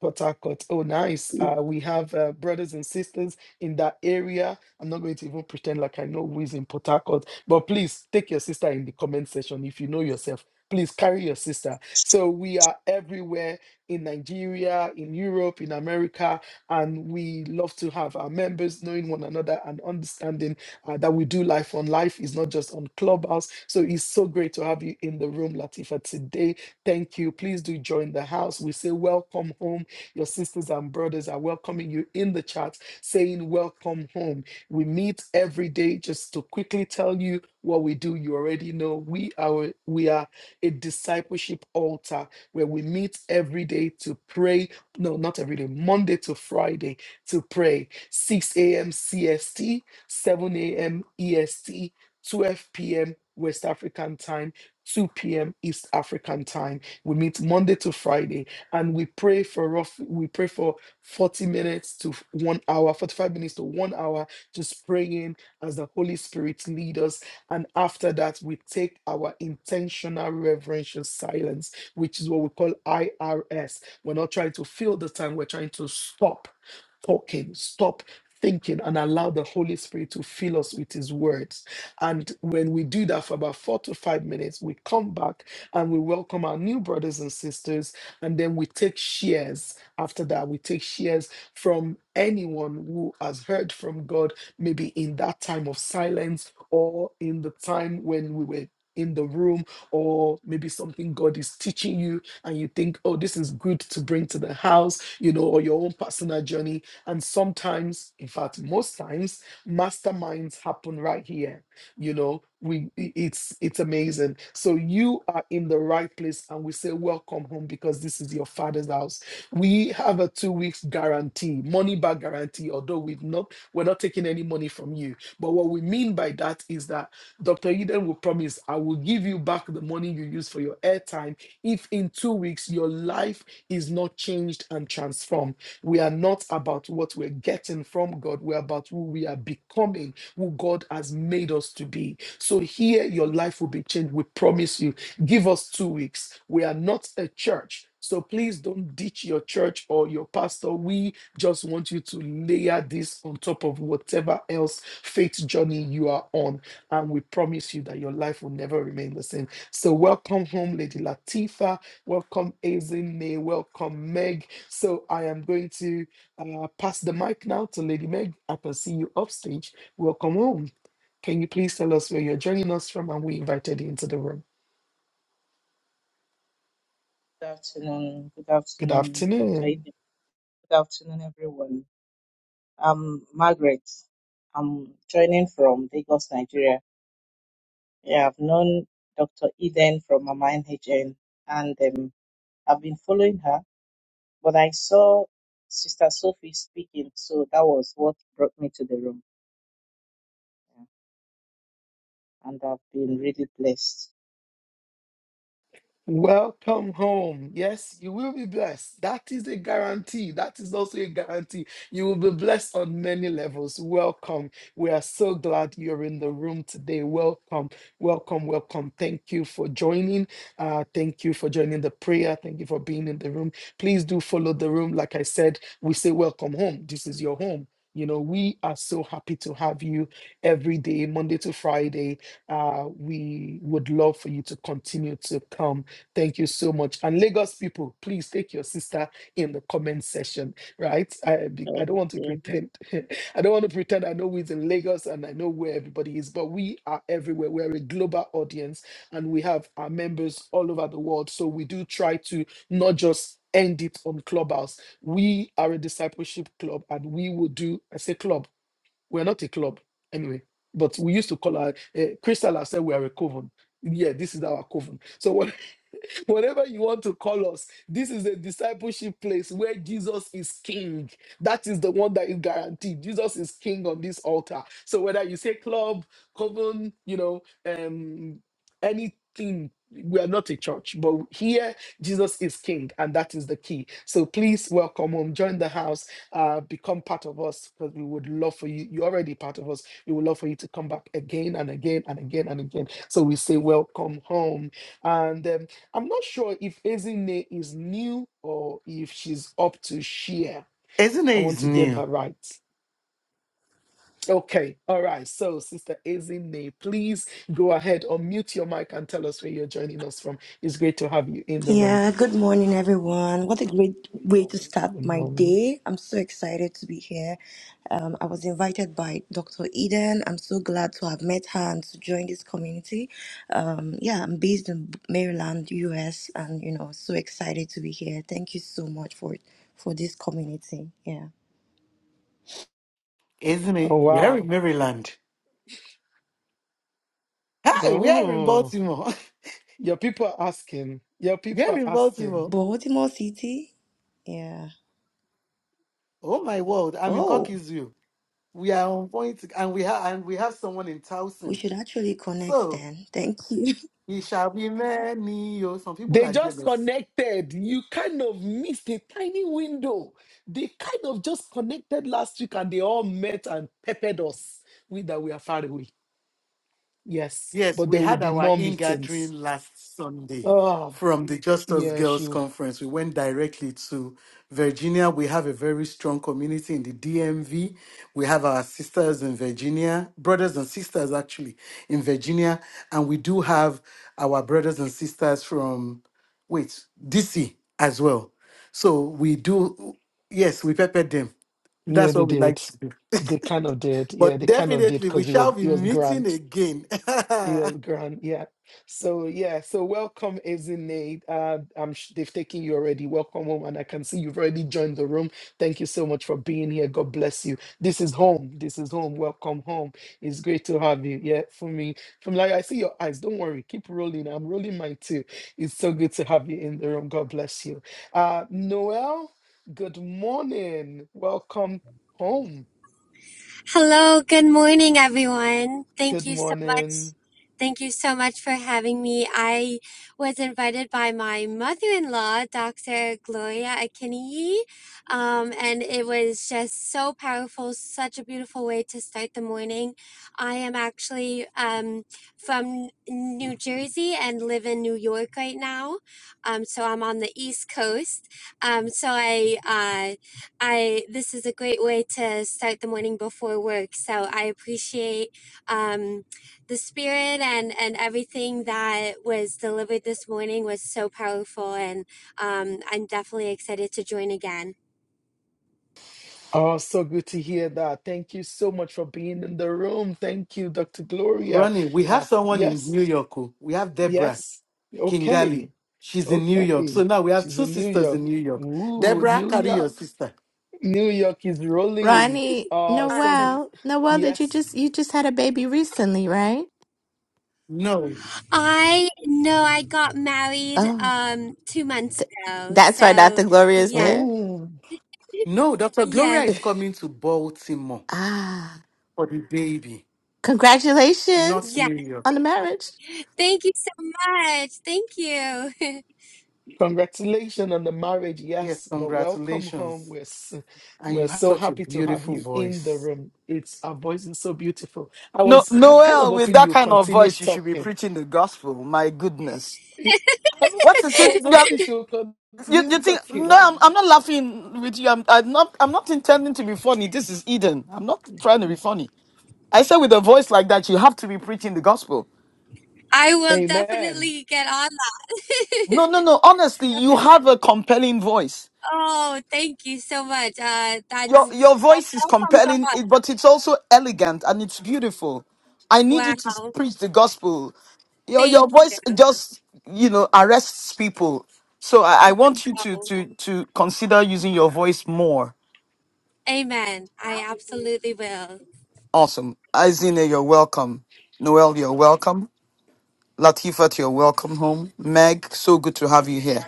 [SPEAKER 3] Port Harcourt. Oh, nice. Uh, we have uh, brothers and sisters in that area. I'm not going to even pretend like I know who is in Port Harcourt, but please take your sister in the comment section if you know yourself. Please carry your sister. So we are everywhere in Nigeria, in Europe, in America, and we love to have our members knowing one another and understanding uh, that we do life on life is not just on Clubhouse. So it's so great to have you in the room, Latifa, today. Thank you. Please do join the house. We say welcome home your sisters and brothers are welcoming you in the chat, saying, Welcome home. We meet every day just to quickly tell you what we do. You already know we are we are a discipleship altar where we meet every day to pray. No, not every day, Monday to Friday to pray. 6 a.m. CST, 7 a.m. EST, 12 p.m. West African time, 2 p.m. East African time. We meet Monday to Friday and we pray for rough we pray for 40 minutes to one hour 45 minutes to one hour just praying as the holy spirit leads us and after that we take our intentional reverential silence which is what we call irs we're not trying to fill the time we're trying to stop talking stop thinking and allow the holy spirit to fill us with his words and when we do that for about four to five minutes we come back and we welcome our new brothers and sisters and then we take shares. After that, we take shares from anyone who has heard from God, maybe in that time of silence or in the time when we were in the room, or maybe something God is teaching you, and you think, oh, this is good to bring to the house, you know, or your own personal journey. And sometimes, in fact, most times, masterminds happen right here you know we i- it's it's amazing so you are in the right place and we say welcome home because this is your father's house we have a two weeks guarantee money back guarantee although we've not we're not taking any money from you but what we mean by that is that dr eden will promise i will give you back the money you use for your airtime if in two weeks your life is not changed and transformed we are not about what we're getting from god we're about who we are becoming who God has made us to be. So here your life will be changed. We promise you. Give us two weeks. We are not a church. So please don't ditch your church or your pastor. We just want you to layer this on top of whatever else faith journey you are on. And we promise you that your life will never remain the same. So welcome home, Lady Latifa. Welcome, Azine. Welcome, Meg. So I am going to uh, pass the mic now to Lady Meg. I can see you upstage Welcome home. Can you please tell us where you're joining us from and we invited you into the room?
[SPEAKER 6] Good afternoon. Good
[SPEAKER 3] Good
[SPEAKER 6] afternoon, Dr.
[SPEAKER 3] afternoon.
[SPEAKER 6] Eden. Good afternoon, everyone. I'm Margaret. I'm joining from Lagos, Nigeria. Yeah, I've known Dr. Eden from Mama NHN and um, I've been following her, but I saw Sister Sophie speaking, so that was what brought me to the room. Yeah, And I've been really blessed.
[SPEAKER 3] Welcome home. Yes, you will be blessed. That is a guarantee. That is also a guarantee. You will be blessed on many levels. Welcome. We are so glad you're in the room today. Welcome, welcome, welcome. Thank you for joining. Uh, thank you for joining the prayer. Thank you for being in the room. Please do follow the room. Like I said, we say welcome home. This is your home. You know, we are so happy to have you every day, Monday to Friday. Uh, we would love for you to continue to come Thank you so much. And Lagos people, please take your sister in the comment section, right? I, be- I don't want to pretend. I don't want to pretend I know who's in Lagos and I know where everybody is, but we are everywhere. We're a global audience and we have our members all over the world. So we do try to not just end it on Clubhouse. We are a discipleship club and we will do, I say club. We're not a club anyway, but we used to call our uh, Crystal has said we are a coven. Yeah, this is our coven. So what, whatever you want to call us, this is a discipleship place where Jesus is king. That is the one that is guaranteed. Jesus is king on this altar. So whether you say club, coven, you know, um, anything. We are not a church, but here Jesus is King, and that is the key. So please welcome home. Join the house uh, become part of us because we would love for you. You're already part of us. We would love for you to come back again and again and again and again. So we say, Welcome home. And um, I'm not sure if Ezine is new or if she's up to share.
[SPEAKER 4] Isn't
[SPEAKER 3] I
[SPEAKER 4] it
[SPEAKER 3] want
[SPEAKER 4] is
[SPEAKER 3] to
[SPEAKER 4] new?
[SPEAKER 3] get that right. Okay, all right. So, Sister Ezine, please go ahead, unmute your mic and tell us where you're joining us from. It's great to have you in the room.
[SPEAKER 7] Yeah, good morning, everyone. What a great way to start
[SPEAKER 3] Good
[SPEAKER 7] my
[SPEAKER 3] morning.
[SPEAKER 7] day. I'm so excited to be here. Um, I was invited by Dr. Eden. I'm so glad to have met her and to join this community. Um, yeah, I'm based in Maryland, US, and you know, so excited to be here. Thank you so much for for this community. Yeah.
[SPEAKER 4] Isn't
[SPEAKER 3] Oh,
[SPEAKER 4] it? We are in
[SPEAKER 3] wow.
[SPEAKER 4] Maryland. Hi, we are in
[SPEAKER 3] Oh.
[SPEAKER 4] Baltimore.
[SPEAKER 3] Your people are asking. Your
[SPEAKER 4] we
[SPEAKER 3] people
[SPEAKER 4] are
[SPEAKER 3] are
[SPEAKER 4] in
[SPEAKER 3] asking.
[SPEAKER 4] Baltimore.
[SPEAKER 7] Baltimore City. Yeah.
[SPEAKER 4] Oh my word! I'm in
[SPEAKER 7] Oh,
[SPEAKER 4] Cockeysville. We are on point, and we have and we have someone in
[SPEAKER 7] we
[SPEAKER 4] Towson.
[SPEAKER 7] should actually connect
[SPEAKER 4] So
[SPEAKER 7] then. Thank you.
[SPEAKER 4] He shall be many. Oh, some people
[SPEAKER 3] They
[SPEAKER 4] are
[SPEAKER 3] just
[SPEAKER 4] jealous.
[SPEAKER 3] connected. You kind of missed a tiny window. They kind of just connected last week and they all met and peppered us with that we are far away. Yes,
[SPEAKER 4] Yes,
[SPEAKER 3] but
[SPEAKER 4] we
[SPEAKER 3] there will
[SPEAKER 4] had
[SPEAKER 3] be
[SPEAKER 4] our
[SPEAKER 3] more meetings.
[SPEAKER 4] in-gathering last Sunday
[SPEAKER 3] Oh,
[SPEAKER 4] from the Justice
[SPEAKER 3] yeah,
[SPEAKER 4] Girls
[SPEAKER 3] she,
[SPEAKER 4] Conference. We went directly to Virginia. We have a very strong community in the DMV. We have our sisters in Virginia, brothers and sisters actually in Virginia, and we do have our brothers and sisters from wait DC as well. So we do yes, we peppered them.
[SPEAKER 3] yeah,
[SPEAKER 4] That's
[SPEAKER 3] they
[SPEAKER 4] what we
[SPEAKER 3] did.
[SPEAKER 4] like to do.
[SPEAKER 3] They kind of did. Yeah,
[SPEAKER 4] But
[SPEAKER 3] they kind of did
[SPEAKER 4] definitely,
[SPEAKER 3] because
[SPEAKER 4] we
[SPEAKER 3] it
[SPEAKER 4] shall
[SPEAKER 3] was
[SPEAKER 4] be
[SPEAKER 3] it was
[SPEAKER 4] meeting
[SPEAKER 3] grand.
[SPEAKER 4] again.
[SPEAKER 3] Your grand, yeah. So yeah, so welcome, Ezinade. Uh, I'm sh- they've taken you already. Welcome home, and I can see you've already joined the room. Thank you so much for being here. God bless you. This is home. This is home. Welcome home. It's great to have you. Yeah, for me, from like I see your eyes. Don't worry, keep rolling. I'm rolling mine too. It's so good to have you in the room. God bless you. Uh, Noel, good morning. Welcome home.
[SPEAKER 8] Hello, good morning, everyone. Thank
[SPEAKER 3] Good
[SPEAKER 8] you so
[SPEAKER 3] morning.
[SPEAKER 8] much. Thank you so much for having me. I was invited by my mother in law, Dr. Gloria Akinyi, um, and it was just so powerful, such a beautiful way to start the morning. I am actually um, from New Jersey and live in New York right now, um, so I'm on the East Coast. Um, so I uh, I this is a great way to start the morning before work. So I appreciate um, the spirit and and everything that was delivered this morning was so powerful, and um, I'm definitely excited to join again.
[SPEAKER 3] Oh, so good to hear that. Thank you so much for being in the room. Thank you, Dr. Gloria.
[SPEAKER 4] Ronnie, we
[SPEAKER 3] Uh,
[SPEAKER 4] have someone in
[SPEAKER 3] yes,
[SPEAKER 4] New York. oh. We have Deborah
[SPEAKER 3] yes.
[SPEAKER 4] Kingali.
[SPEAKER 3] Okay,
[SPEAKER 4] She's in New York.
[SPEAKER 3] okay.
[SPEAKER 4] So now we have
[SPEAKER 3] She's
[SPEAKER 4] two
[SPEAKER 3] in New
[SPEAKER 4] sisters
[SPEAKER 3] York.
[SPEAKER 4] in New York.
[SPEAKER 3] Ooh,
[SPEAKER 4] Deborah,
[SPEAKER 3] New
[SPEAKER 4] carry your
[SPEAKER 3] York.
[SPEAKER 4] sister.
[SPEAKER 3] New York is rolling.
[SPEAKER 9] Ronnie,
[SPEAKER 3] Oh, so, g-
[SPEAKER 8] Awesome.
[SPEAKER 9] Noel, Noel, did you
[SPEAKER 3] yes.
[SPEAKER 9] just you just had a baby recently, right?
[SPEAKER 4] No,
[SPEAKER 8] I know I got married
[SPEAKER 9] Oh,
[SPEAKER 8] um, two months
[SPEAKER 9] th-
[SPEAKER 8] ago.
[SPEAKER 9] that's why
[SPEAKER 8] So
[SPEAKER 9] Dr. Gloria is
[SPEAKER 8] yes,
[SPEAKER 9] there.
[SPEAKER 3] Oh,
[SPEAKER 4] no, Dr. Gloria
[SPEAKER 8] yes,
[SPEAKER 4] is coming to Baltimore
[SPEAKER 9] Ah,
[SPEAKER 4] for the baby, not
[SPEAKER 9] congratulations
[SPEAKER 8] yes.
[SPEAKER 4] New York.
[SPEAKER 9] on the marriage.
[SPEAKER 8] Thank you so much. Thank you.
[SPEAKER 3] congratulations on the marriage.
[SPEAKER 4] Yes,
[SPEAKER 3] Yes, but welcome home.
[SPEAKER 4] congratulations.
[SPEAKER 3] We're, s-
[SPEAKER 4] And
[SPEAKER 3] we're
[SPEAKER 4] you have
[SPEAKER 3] so
[SPEAKER 4] such a
[SPEAKER 3] happy to have
[SPEAKER 4] beautiful
[SPEAKER 3] you in the
[SPEAKER 4] voice.
[SPEAKER 3] room. It's our voice is so beautiful. I
[SPEAKER 1] no
[SPEAKER 3] was kind of
[SPEAKER 8] Aw.
[SPEAKER 3] hoping you would continue talking Yeah, I, wa- I was
[SPEAKER 1] yeah,
[SPEAKER 3] hoping she would
[SPEAKER 1] you.
[SPEAKER 3] continue talking like,
[SPEAKER 1] i said to be preaching the gospel
[SPEAKER 8] I will
[SPEAKER 3] Amen.
[SPEAKER 8] definitely get on.
[SPEAKER 1] No, no, no. Honestly, you
[SPEAKER 8] Definitely.
[SPEAKER 1] have a compelling voice.
[SPEAKER 8] Oh, thank you so much. Uh, that's
[SPEAKER 1] Your your voice is
[SPEAKER 8] all from God.
[SPEAKER 1] compelling, it- but it's also elegant and it's beautiful. I need you to s-
[SPEAKER 8] Wow.
[SPEAKER 1] preach the gospel. Your your
[SPEAKER 8] Thank
[SPEAKER 1] voice just you know arrests people. So I, I want you to
[SPEAKER 8] you.
[SPEAKER 1] to to consider using your voice more.
[SPEAKER 8] Amen. I absolutely will.
[SPEAKER 1] Awesome, Izine, you're welcome. Noel, you're welcome. Latifat, you're welcome home. Meg, so good to have you here.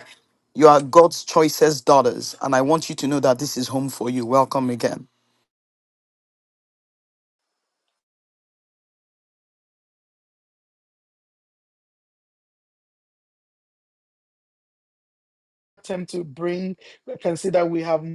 [SPEAKER 1] You are God's choicest daughters, and I want you to know that this is home for you. Welcome again.
[SPEAKER 3] Attempt to bring, I can see that we have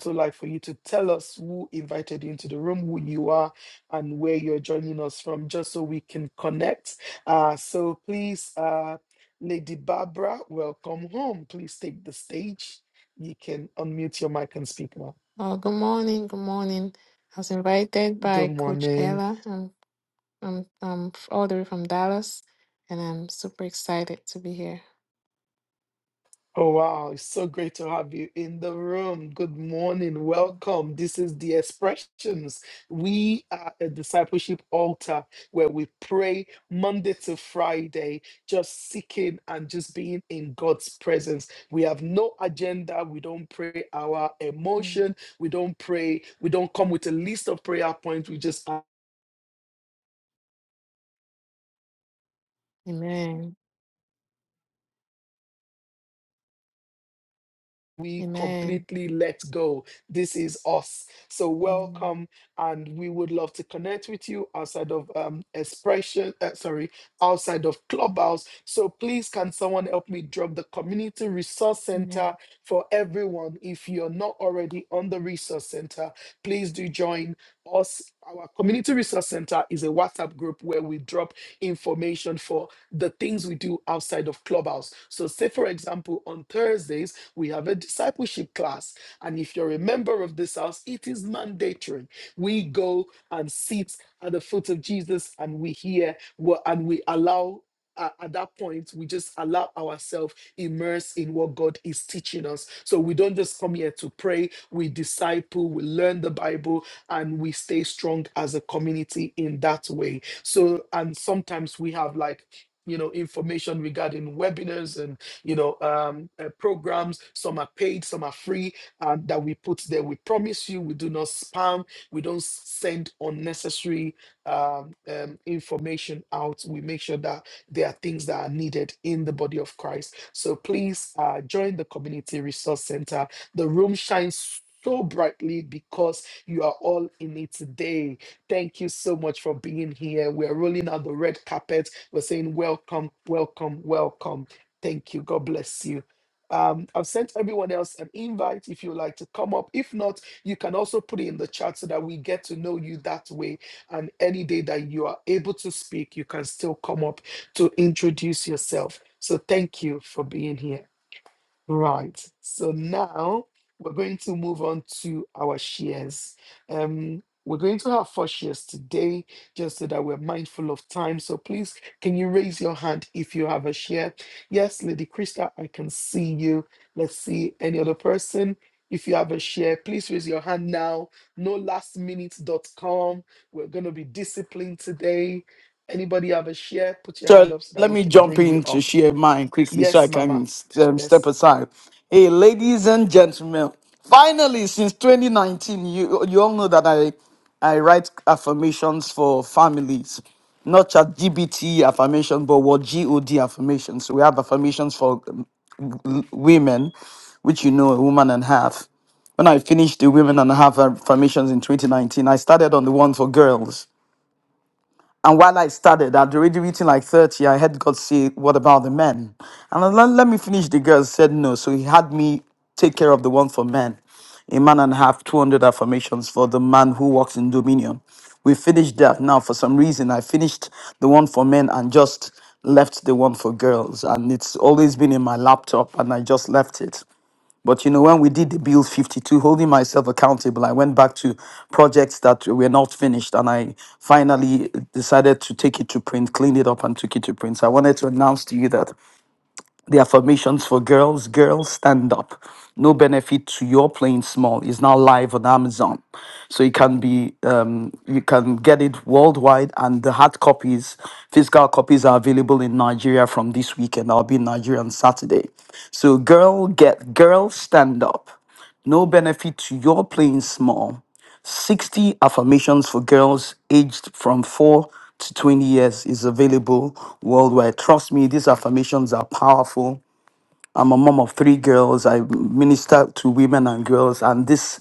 [SPEAKER 3] so like for you to tell us who invited you into the room, who you are, and where you're joining us from, just so we can connect. Uh, so please, uh, Lady Barbara, welcome home. Please take the stage. You can unmute your mic and speak now.
[SPEAKER 10] Oh, good morning, good morning. I was invited by
[SPEAKER 3] Good
[SPEAKER 10] Coach
[SPEAKER 3] morning.
[SPEAKER 10] Ella. I'm, I'm, I'm f- all the way from Dallas, and I'm super excited to be here.
[SPEAKER 3] Oh, wow. It's so great to have you in the room. Good morning.
[SPEAKER 10] Mm.
[SPEAKER 3] Welcome. This is the expressions. We are a discipleship altar where we pray Monday to Friday, just seeking and just being in God's presence. We have no agenda. We don't pray our
[SPEAKER 10] Mm.
[SPEAKER 3] emotion. We don't pray. We don't come with a list of prayer points. We just
[SPEAKER 10] Amen.
[SPEAKER 3] we
[SPEAKER 10] Amen.
[SPEAKER 3] completely let go. This is us. So
[SPEAKER 10] Mm.
[SPEAKER 3] welcome, and we would love to connect with you outside of um, expression. Uh, sorry, outside of Clubhouse. So please, can someone help me drop the community resource
[SPEAKER 10] Amen.
[SPEAKER 3] center for everyone? If you're not already on the resource center, please do join us. Our community resource center is a WhatsApp group where we drop information for the things we do outside of Clubhouse. So, say for example, on Thursdays we have a discipleship class. And if you're a member of this house, it is mandatory. We go and sit at the foot of Jesus and we hear what, and we allow. uh, at that point, we just allow ourselves immersed in what God is teaching us. So we don't just come here to pray, we disciple, we learn the Bible, and we stay strong as a community in that way. So, and sometimes we have like, you know, information regarding webinars and you know, um, uh, programs. Some are paid, some are free, um, that we put there. We promise you, we do not spam. We don't send unnecessary um, um, information out. We make sure that there are things that are needed in the body of Christ. So please uh, join the Community Resource Center. The room shines so brightly because you are all in it today. Thank you so much for being here. We're rolling out the red carpet. We're saying, Welcome, welcome, welcome. Thank you. God bless you. Um, I've sent everyone else an invite if you would like to come up. If not, you can also put it in the chat so that we get to know you that way. And any day that you are able to speak, you can still come up to introduce yourself. So thank you for being here. Right. So now we're going to move on to our shares. Um, we're going to have four shares today, just so that we're mindful of time. So please, can you raise your hand if you have a share? Yes, Lady Krista, I can see you. Let's see any other person. If you have a share, please raise your hand now. No last minute dot com. We're going to be disciplined today. Anybody have a share? Put your hand
[SPEAKER 1] So
[SPEAKER 3] up so that
[SPEAKER 1] let
[SPEAKER 3] we
[SPEAKER 1] me
[SPEAKER 3] can
[SPEAKER 1] jump
[SPEAKER 3] bring you
[SPEAKER 1] in to
[SPEAKER 3] up.
[SPEAKER 1] share mine quickly so I
[SPEAKER 3] Yes, Mama.
[SPEAKER 1] can um,
[SPEAKER 3] Yes.
[SPEAKER 1] step aside. Hey, ladies and gentlemen, finally, since 2019, you, you all know that I, I write affirmations for families, not just GBT affirmation, but what GOD affirmations. We have affirmations for um, w- women, which you know, a woman and a half. When I finished the women and a half affirmations in 2019, I started on the one for girls and while I started, I'd already written like 30. I had God say, What about the men? And I let, let me finish the girls, said no. So he had me take care of the one for men. A man and a half, 200 affirmations for the man who walks in dominion. We finished that. Now, for some reason, I finished the one for men and just left the one for girls. And it's always been in my laptop, and I just left it. But you know, when we did the Build 52, holding myself accountable, I went back to projects that were not finished and I finally decided to take it to print, clean it up, and took it to print. So I wanted to announce to you that the affirmations for girls, girls stand up. No benefit to your playing small is now live on Amazon. So you can be um, you can get it worldwide and the hard copies, physical copies are available in Nigeria from this weekend. I'll be in Nigeria on Saturday. So girl get girl stand up. No benefit to your playing small. 60 affirmations for girls aged from 4 to 20 years is available worldwide. Trust me, these affirmations are powerful. I'm a mom of three girls. I minister to women and girls, and this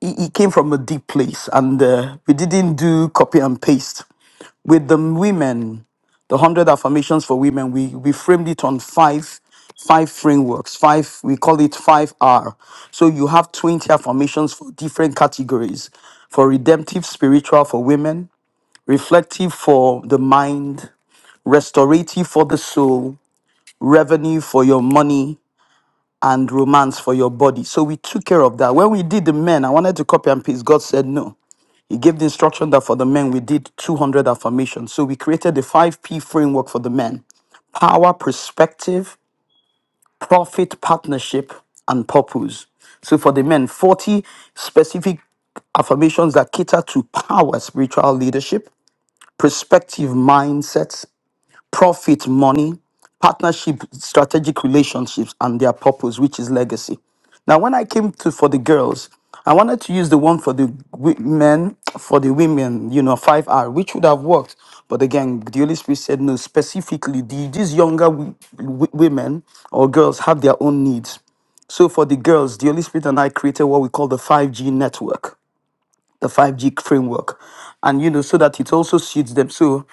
[SPEAKER 1] it it came from a deep place. And uh, we didn't do copy and paste with the women, the 100 affirmations for women, we, we framed it on five, five frameworks, five, we call it 5R. So you have 20 affirmations for different categories for redemptive, spiritual for women, reflective for the mind, restorative for the soul, revenue for your money, and romance for your body. So we took care of that. When we did the men, I wanted to copy and paste. God said no. He gave the instruction that for the men we did 200 affirmations. So we created the 5P framework for the men power, perspective, profit, partnership, and purpose. So for the men, 40 specific affirmations that cater to power, spiritual leadership, perspective, mindset, profit, money, partnership, strategic relationships, and their purpose, which is legacy. Now, when I came to for the girls, I wanted to use the one for the wi- men, for the women, you know, 5R, which would have worked. But again, the Holy Spirit said, no, specifically, the, these younger w- w- women or girls have their own needs. So for the girls, the Holy Spirit and I created what we call the 5G network the 5G framework. And you know, so that it also suits them. So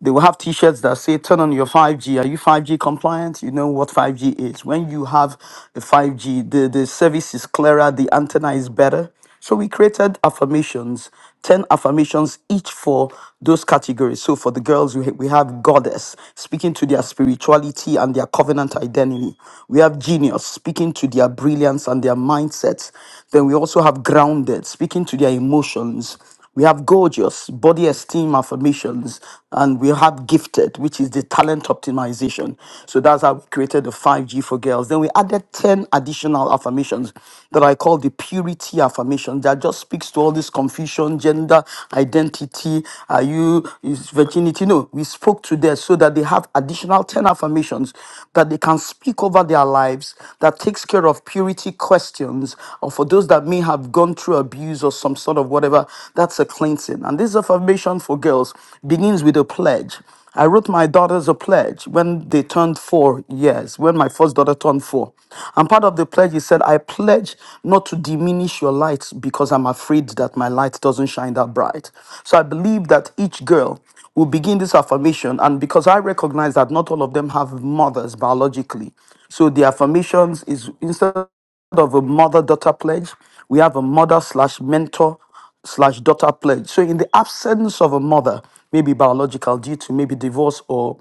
[SPEAKER 1] they will have t-shirts that say turn on your 5G. Are you 5G compliant? You know what 5G is. When you have a 5G, the, the service is clearer, the antenna is better. So we created affirmations 10 affirmations each for those categories. So for the girls, we, ha- we have goddess, speaking to their spirituality and their covenant identity. We have genius, speaking to their brilliance and their mindsets. Then we also have grounded, speaking to their emotions. We have gorgeous, body esteem affirmations, and we have gifted, which is the talent optimization. So that's how we created the 5G for girls. Then we added 10 additional affirmations that I call the purity affirmation that just speaks to all this confusion, gender, identity, are you, is virginity. No, we spoke to them so that they have additional 10 affirmations that they can speak over their lives that takes care of purity questions of for those that may have gone through abuse or some sort of whatever, that's a cleansing. And this affirmation for girls begins with a pledge. I wrote my daughters a pledge when they turned four years, when my first daughter turned four. And part of the pledge, he said, I pledge not to diminish your light because I'm afraid that my light doesn't shine that bright. So I believe that each girl will begin this affirmation. And because I recognize that not all of them have mothers biologically. So the affirmations is instead of a mother daughter pledge, we have a mother slash mentor slash daughter pledge. So, in the absence of a mother, maybe biological due to maybe divorce or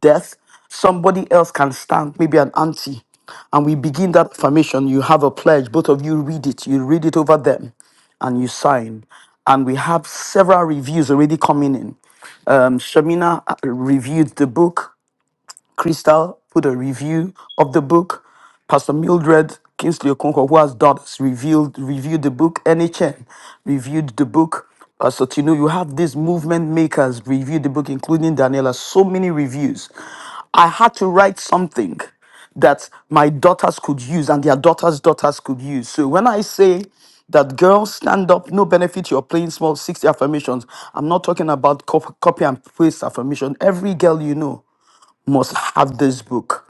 [SPEAKER 1] death, somebody else can stand, maybe an auntie. And we begin that affirmation. You have a pledge, both of you read it, you read it over them, and you sign. And we have several reviews already coming in. Um, Shamina uh, reviewed the book. Crystal put a review of the book. Pastor Mildred Kingsley Okonkwo, who has daughters, revealed, reviewed the book. NHN reviewed the book. Pastor Tino, you have these movement makers review the book, including Daniela. So many reviews. I had to write something that my daughters could use and their daughters' daughters could use. So when I say that girls stand up, no benefit, you're playing small 60 affirmations, I'm not talking about cop- copy and paste affirmation. Every girl you know must have this book.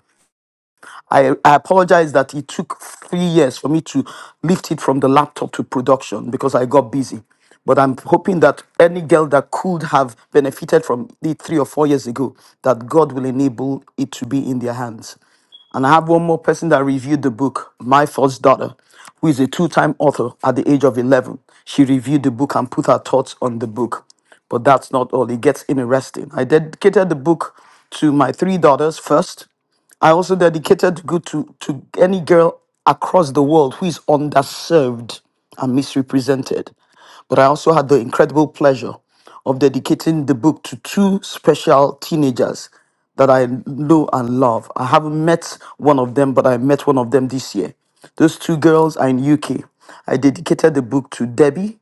[SPEAKER 1] I, I apologize that it took three years for me to lift it from the laptop to production because I got busy. But I'm hoping that any girl that could have benefited from it three or four years ago, that God will enable it to be in their hands. And I have one more person that reviewed the book, My First Daughter, who is a two time author at the age of 11. She reviewed the book and put her thoughts on the book. But that's not all, it gets interesting. I dedicated the book to my three daughters first, I also dedicated to go to, to any girl across the world who is underserved and misrepresented. But I also had the incredible pleasure of dedicating the book to two special teenagers that I know and love. I haven't met one of them, but I met one of them this year. Those two girls are in UK. I dedicated the book to Debbie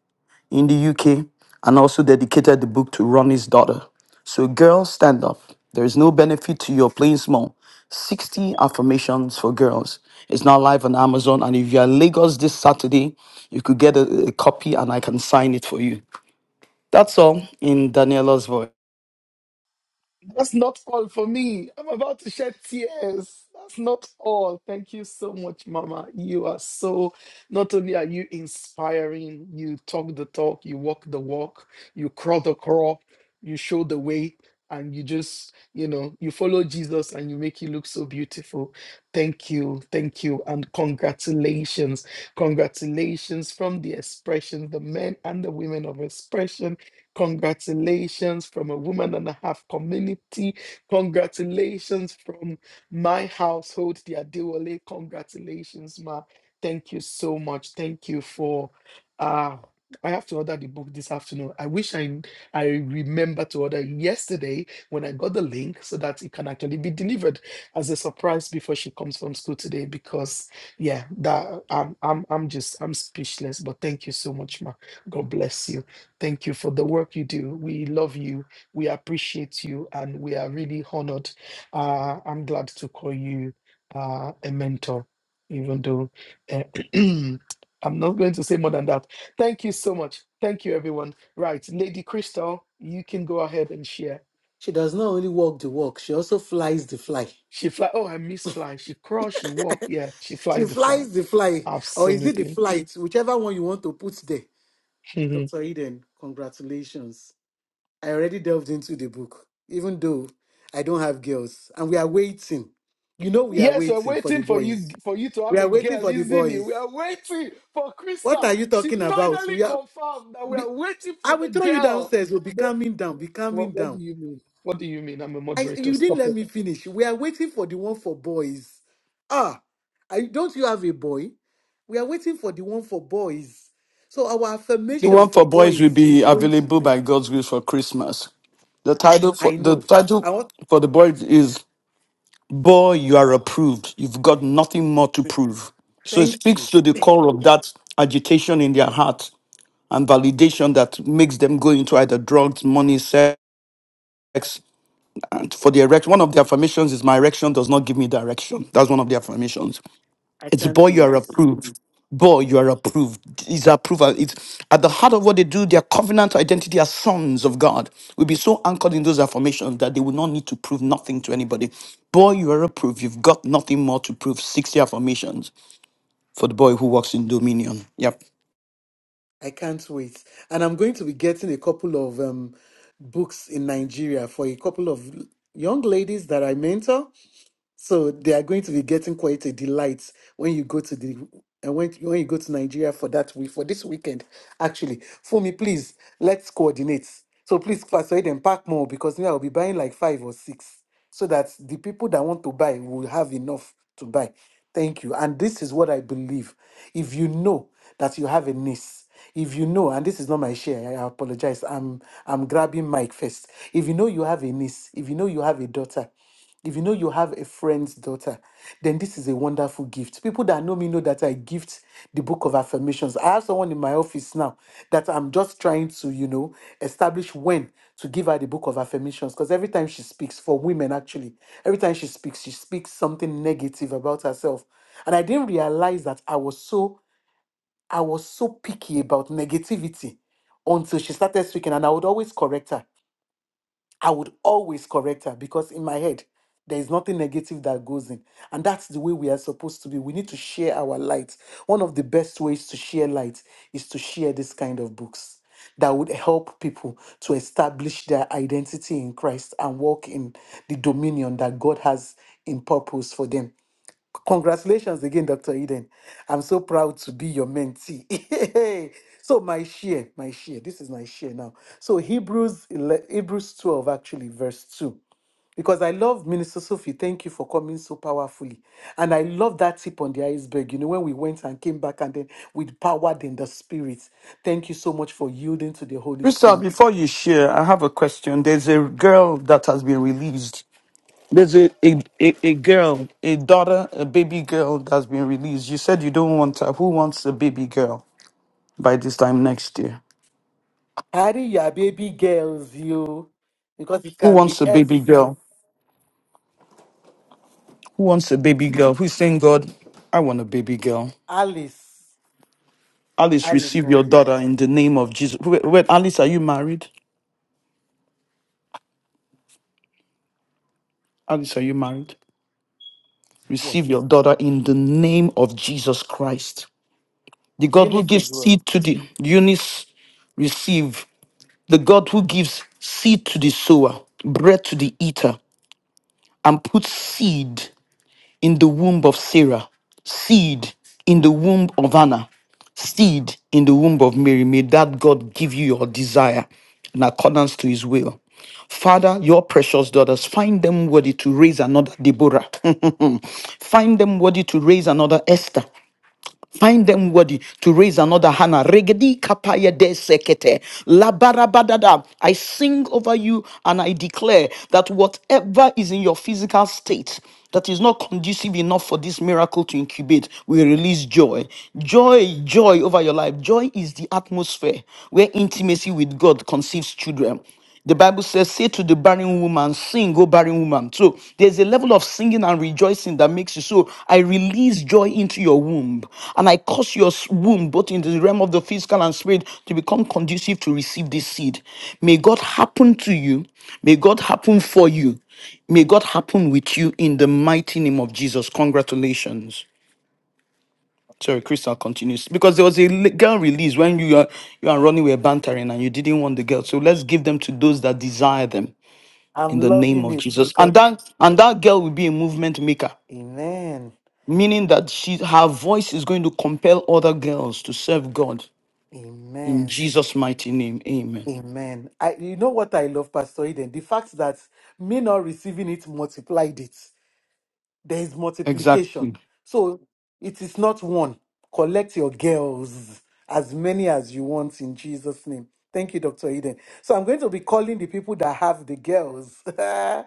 [SPEAKER 1] in the UK and also dedicated the book to Ronnie's daughter. So, girls, stand up. There is no benefit to your playing small. 60 affirmations for girls. It's now live on Amazon. And if you are in Lagos this Saturday, you could get a, a copy and I can sign it for you. That's all in Daniela's voice.
[SPEAKER 3] That's not all for me. I'm about to shed tears. That's not all. Thank you so much, Mama. You are so, not only are you inspiring, you talk the talk, you walk the walk, you crawl the crawl, you show the way, and you just, you know, you follow Jesus and you make it look so beautiful. Thank you. Thank you. And congratulations. Congratulations from the expression, the men and the women of expression Congratulations from a woman and a half community. Congratulations from my household, the Adewale. Congratulations, Ma. Thank you so much. Thank you for uh I have to order the book this afternoon. I wish I I remember to order yesterday when I got the link so that it can actually be delivered as a surprise before she comes from school today because yeah that I'm I'm I'm just I'm speechless but thank you so much ma God bless you Thank you for the work you do. We love you. We appreciate you, and we are really honored. Uh, I'm glad to call you uh, a mentor, even though uh, I'm not going to say more than that. Thank you so much. Thank you, everyone. Right, Lady Crystal, you can go ahead and share.
[SPEAKER 4] She does not only walk the walk, she also flies the fly.
[SPEAKER 3] She fly. Oh, I miss fly. She crawls. She walk. Yeah, she
[SPEAKER 4] She
[SPEAKER 3] flies the flag.
[SPEAKER 4] flies the fly, or is it the
[SPEAKER 3] Absolutely.
[SPEAKER 4] flight? Whichever one you want to put there. Dr. Eden, congratulations. I already delved into the book, even though I don't have girls. And we are waiting. You know, we are
[SPEAKER 3] Yes, we're
[SPEAKER 4] waiting for the
[SPEAKER 3] waiting for you
[SPEAKER 4] boys.
[SPEAKER 3] for you to
[SPEAKER 4] We
[SPEAKER 3] have
[SPEAKER 4] are
[SPEAKER 3] a
[SPEAKER 4] waiting
[SPEAKER 3] girl,
[SPEAKER 4] for the
[SPEAKER 3] isn't it? We
[SPEAKER 4] boys.
[SPEAKER 3] are waiting for
[SPEAKER 4] What
[SPEAKER 3] Krista.
[SPEAKER 4] are you
[SPEAKER 3] She
[SPEAKER 4] talking about?
[SPEAKER 3] finally
[SPEAKER 4] We are.
[SPEAKER 3] confirmed that we
[SPEAKER 4] Be,
[SPEAKER 3] are waiting for
[SPEAKER 4] I
[SPEAKER 3] the
[SPEAKER 4] will throw you
[SPEAKER 3] girl.
[SPEAKER 4] downstairs. We'll be
[SPEAKER 3] The-
[SPEAKER 4] calming down. Be
[SPEAKER 3] what,
[SPEAKER 4] calming
[SPEAKER 3] what do
[SPEAKER 4] down.
[SPEAKER 3] you mean? What do you mean? I'm a
[SPEAKER 4] I
[SPEAKER 3] moderator.
[SPEAKER 4] you didn't
[SPEAKER 3] Stop it.
[SPEAKER 4] let me finish. We are waiting for the one for boys. Ah, I, don't you have a boy? We are waiting for the one for boys. So our
[SPEAKER 1] The
[SPEAKER 4] affirmation
[SPEAKER 1] one
[SPEAKER 4] for
[SPEAKER 1] for boys will
[SPEAKER 4] boys
[SPEAKER 1] be
[SPEAKER 4] is going to
[SPEAKER 1] available
[SPEAKER 4] be.
[SPEAKER 1] by God's grace for Christmas. The title for
[SPEAKER 4] I
[SPEAKER 1] the
[SPEAKER 4] know.
[SPEAKER 1] title
[SPEAKER 4] I want.
[SPEAKER 1] for the boys is Boy, you are approved. You've got nothing more to prove. So it
[SPEAKER 4] Thank
[SPEAKER 1] speaks
[SPEAKER 4] you.
[SPEAKER 1] to the core of that agitation in their heart and validation that makes them go into either drugs, money, sex. And for the erection, one of the affirmations is my erection does not give me direction. That's one of the affirmations.
[SPEAKER 4] I
[SPEAKER 1] It's
[SPEAKER 4] can't
[SPEAKER 1] boy, you are
[SPEAKER 4] wait.
[SPEAKER 1] approved. Boy, you are approved. Is approval. It's at the heart of what they do, their covenant identity as sons of God will be so anchored in those affirmations that they will not need to prove nothing to anybody. Boy, you are approved. You've got nothing more to prove. 60 affirmations for the boy who walks in dominion. Yep.
[SPEAKER 4] I can't wait. And I'm going to be getting a couple of um, books in Nigeria for a couple of young ladies that I mentor. So they are going to be getting quite a delight when you go to the and when when you go to Nigeria for that week for this weekend. Actually, for me, please let's coordinate. So please persuade and pack more because me I'll be buying like five or six so that the people that want to buy will have enough to buy. Thank you. And this is what I believe. If you know that you have a niece, if you know, and this is not my share, I apologize. I'm I'm grabbing mic first. If you know you have a niece, if you know you have a daughter if you know you have a friend's daughter, then this is a wonderful gift. People that know me know that I gift the book of affirmations. I have someone in my office now that I'm just trying to, you know, establish when to give her the book of affirmations. Because every time she speaks, for women actually, every time she speaks, she speaks something negative about herself. And I didn't realize that I was so I was so picky about negativity until she started speaking, and I would always correct her. I would always correct her because in my head, there is nothing negative that goes in. And that's the way we are supposed to be. We need to share our light. One of the best ways to share light is to share this kind of books that would help people to establish their identity in Christ and walk in the dominion that God has in purpose for them. Congratulations again, Dr. Eden. I'm so proud to be your mentee. so my share, my share. This is my share now. So Hebrews 11, Hebrews 12 actually verse 2. Because I love Minister Sophie. Thank you for coming so powerfully. And I love that tip on the iceberg. You know, when we went and came back and then we powered in the spirit. Thank you so much for yielding to the Holy
[SPEAKER 1] Crystal,
[SPEAKER 4] Spirit.
[SPEAKER 1] before you share, I have a question. There's a girl that has been released. A daughter, a baby girl that's been released. You said you don't want her. Who wants a baby girl by this time next year?
[SPEAKER 4] Harry, your baby girls, you. Because it
[SPEAKER 1] Who
[SPEAKER 4] can be
[SPEAKER 1] wants a
[SPEAKER 4] S.
[SPEAKER 1] baby girl? Who wants a baby girl? Who's saying, God, I want a baby girl?
[SPEAKER 4] Alice.
[SPEAKER 1] Alice,
[SPEAKER 4] Alice.
[SPEAKER 1] receive your
[SPEAKER 4] no,
[SPEAKER 1] daughter in the name of Jesus. Wait, wait, Alice, are you married? Alice, are you married? Receive
[SPEAKER 4] Yes.
[SPEAKER 1] your daughter in the name of Jesus Christ. The God who
[SPEAKER 4] Eunice as
[SPEAKER 1] gives
[SPEAKER 4] well.
[SPEAKER 1] seed to the Eunice, receive. The God who gives seed to the sower, bread to the eater, and puts seed. in the womb of Sarah, seed in the womb of Anna, seed in the womb of Mary. May that God give you your desire in accordance to his will. Father, your precious daughters, find them worthy to raise another Deborah. find them worthy to raise another Esther. Find them worthy to raise another Hannah. Regedi kapaya de sekete. Labarabadada. I sing over you and I declare that whatever is in your physical state that is not conducive enough for this miracle to incubate, we release joy. Joy, joy over your life. Joy is the atmosphere where intimacy with God conceives children. The Bible says, Say to the barren woman, Sing, O barren woman. So there's a level of singing and rejoicing that makes you so. I release joy into your womb, and I cause your s- womb, both in the realm of the physical and spirit, to become conducive to receive this seed. May God happen to you. May God happen for you. May God happen with you in the mighty name of Jesus. Congratulations. Sorry, Crystal continues because there was a li- girl release when you are you and Ronnie were bantering and you didn't want the girl. So let's give them to those that desire them in
[SPEAKER 4] I'm
[SPEAKER 1] the name
[SPEAKER 4] loving
[SPEAKER 1] of
[SPEAKER 4] it
[SPEAKER 1] Jesus. And
[SPEAKER 4] because
[SPEAKER 1] that and that girl will be a movement maker,
[SPEAKER 4] Amen.
[SPEAKER 1] meaning that she her voice is going to compel other girls to serve God in
[SPEAKER 4] Amen.
[SPEAKER 1] Jesus' mighty name. Amen.
[SPEAKER 4] Amen. I you know what I love, Pastor Eden? The fact that me not receiving it multiplied it. There is multiplication.
[SPEAKER 1] Exactly.
[SPEAKER 4] So it is not one. Collect your girls, as many as you want in Jesus' name. Thank you, Dr. Eden. So I'm going to be calling the people that have the girls.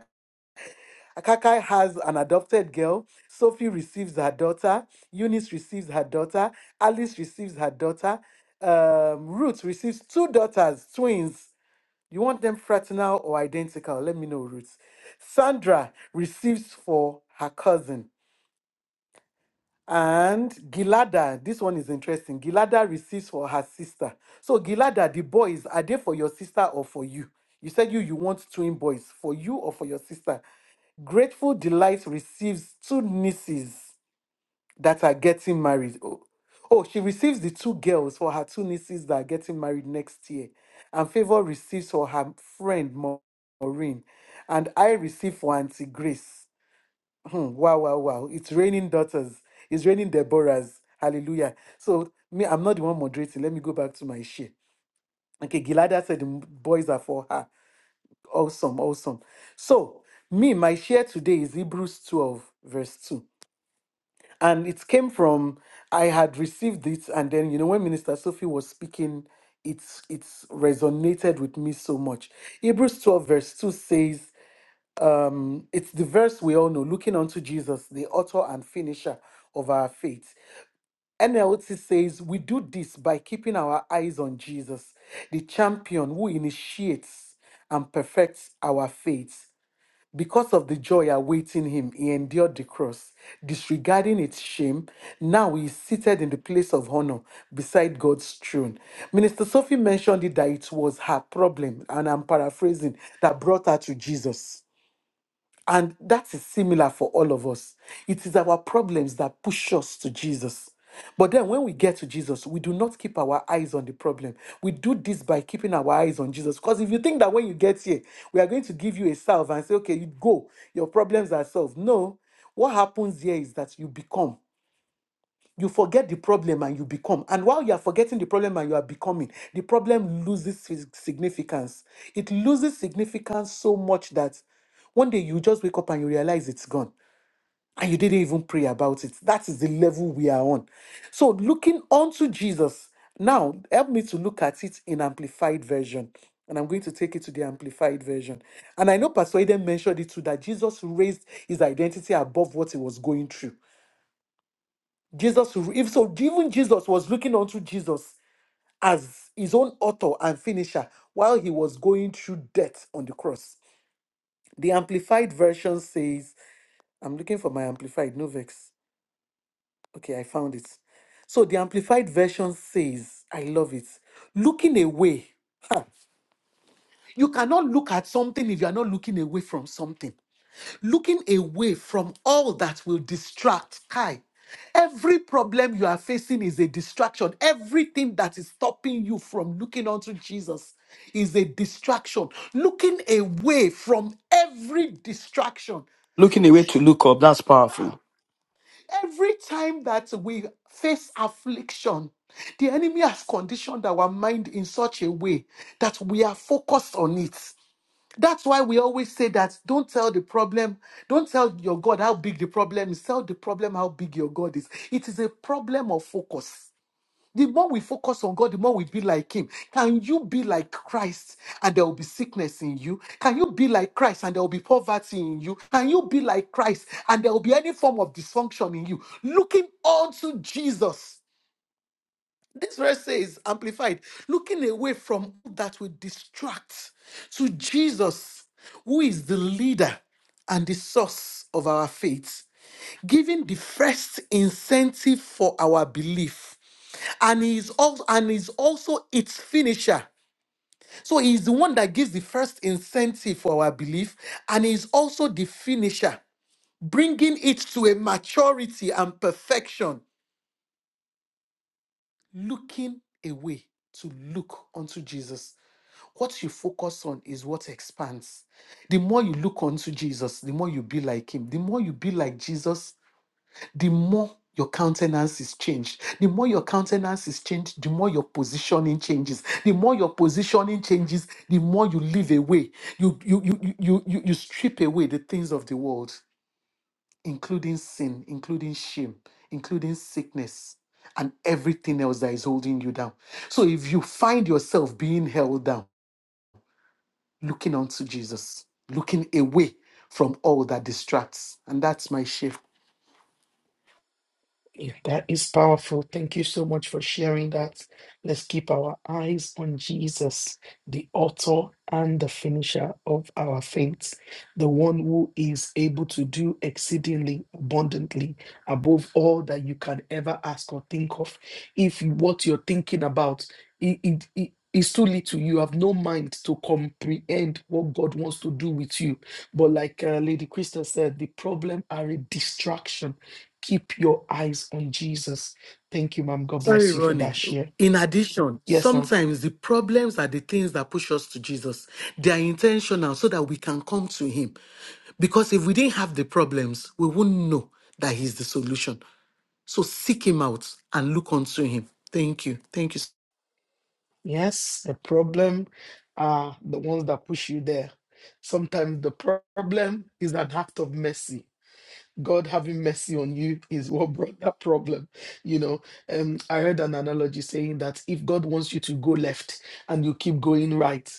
[SPEAKER 4] Akakai has an adopted girl. Sophie receives her daughter. Eunice receives her daughter. Alice receives her daughter. Um, Ruth receives two daughters, twins. You want them fraternal or identical? Let me know, Ruth. Sandra receives for her cousin. And Gilada, this one is interesting. Gilada receives for her sister. So Gilada, the boys, are they for your sister or for you? You said you you want twin boys for you or for your sister. Grateful Delight receives two nieces that are getting married. Oh, oh, she receives the two girls for her two nieces that are getting married next year. And Favor receives for her friend Maureen. And I receive for Auntie Grace. Hmm, wow, wow, wow. It's raining daughters. It's raining Deborahs. Hallelujah. So me, I'm not the one moderating. Let me go back to my share. Okay, Gilada said the m- boys are for her. Awesome, awesome. So me, my share today is Hebrews 12, verse 2. And it came from I had received it, and then you know when Minister Sophie was speaking, it's it's resonated with me so much. Hebrews 12, verse 2 says, um, it's the verse we all know looking unto Jesus, the author and finisher of our faith. NLT says, We do this by keeping our eyes on Jesus, the champion who initiates and perfects our faith. Because of the joy awaiting him, he endured the cross, disregarding its shame. Now he is seated in the place of honor beside God's throne. Minister Sophie mentioned it that it was her problem, and I'm paraphrasing, that brought her to Jesus. And that is similar for all of us. It is our problems that push us to Jesus. But then when we get to Jesus, we do not keep our eyes on the problem. We do this by keeping our eyes on Jesus. Because if you think that when you get here, we are going to give you a salve and say, okay, you go, your problems are solved. No. What happens here is that you become you forget the problem and you become. And while you are forgetting the problem and you are becoming, the problem loses sig- significance. It loses significance so much that one day you just wake up and you realize it's gone and you didn't even pray about it. That is the level we are on. So, looking onto Jesus, now help me to look at it in amplified version. And I'm going to take it to the amplified version. And I know Pastor Eden mentioned it too that Jesus raised his identity above what he was going through. Jesus, if so, even Jesus was looking unto Jesus as his own author and finisher while he was going through death on the cross. The Amplified version says, I'm looking for my Amplified, no vex. Okay, I found it. So the Amplified version says, I love it. Looking away. ha, You cannot look at something if you are not looking away from something. looking away from all that will distract. Kai, every problem you are facing is a distraction. Everything that is stopping you from looking unto Jesus is a distraction. Looking away from every distraction.
[SPEAKER 1] Looking away to look up, that's
[SPEAKER 4] Ah,
[SPEAKER 1] powerful.
[SPEAKER 4] Every time that we face affliction, the enemy has conditioned our mind in such a way that we are focused on it. That's why we always say that don't tell the problem, don't tell your God how big the problem is, tell the problem how big your God is. It is a problem of focus. The more we focus on God, the more we be like Him. Can you be like Christ and there will be sickness in you? Can you be like Christ and there will be poverty in you? Can you be like Christ and there will be any form of dysfunction in you? Looking unto Jesus. This verse says, amplified, looking away from that will distract to Jesus, who is the leader and the source of our faith, giving the first incentive for our belief. And he is also, and is also its finisher. So he is the one that gives the first incentive for our belief, and he is also the finisher, bringing it to a maturity and perfection looking away to look unto Jesus. What you focus on is what expands. The more you look unto Jesus, the more you be like him. The more you be like Jesus, the more your countenance is changed. The more your countenance is changed, the more your positioning changes. The more your positioning changes, the more you live away. You you you you you, you you strip away the things of the world including sin, including shame, including sickness, and everything else that is holding you down. So if you find yourself being held down, looking unto Jesus, looking away from all that distracts, and that's my shift.
[SPEAKER 3] Yeah, that is powerful. Thank you so much for sharing that. Let's keep our eyes on Jesus, the author and the finisher of our faith, the one who is able to do exceedingly abundantly above all that you can ever ask or think of. If you- what you're thinking about i- it- it is too little, you have no mind to comprehend what God wants to do with you. But like uh, Lady Krista said, the problem are a distraction Keep your eyes on Jesus. Thank you, ma'am. God
[SPEAKER 4] Sorry,
[SPEAKER 3] bless you for that
[SPEAKER 4] Ronnie.
[SPEAKER 3] share.
[SPEAKER 4] In addition,
[SPEAKER 3] Yes, ma'am.
[SPEAKER 4] sometimes the problems are the things that push us to Jesus. They are intentional so that we can come to Him. Because if we didn't have the problems, we wouldn't know that He's the solution. So seek him out and look unto him. Thank you. Thank you.
[SPEAKER 3] Yes, the problem are the ones that push you there. Sometimes the pro- problem is an act of mercy. God having mercy on you is what brought that problem. You know, um, I heard an analogy saying that if God wants you to go left and you keep going right,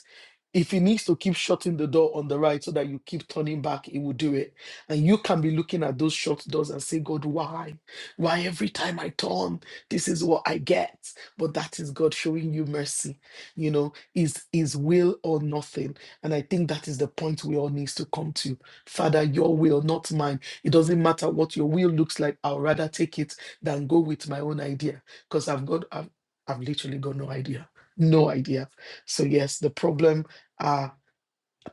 [SPEAKER 3] if he needs to keep shutting the door on the right so that you keep turning back, he will do it. And you can be looking at those shut doors and say, God, why? Why every time I turn, this is what I get. But that is God showing you mercy. You know, is is will or nothing. And I think that is the point we all needs to come to. Father, your will, not mine. It doesn't matter what your will looks like. I'll rather take it than go with my own idea because I've got, I've, I've literally got no idea. No idea. So, yes, the problem. uh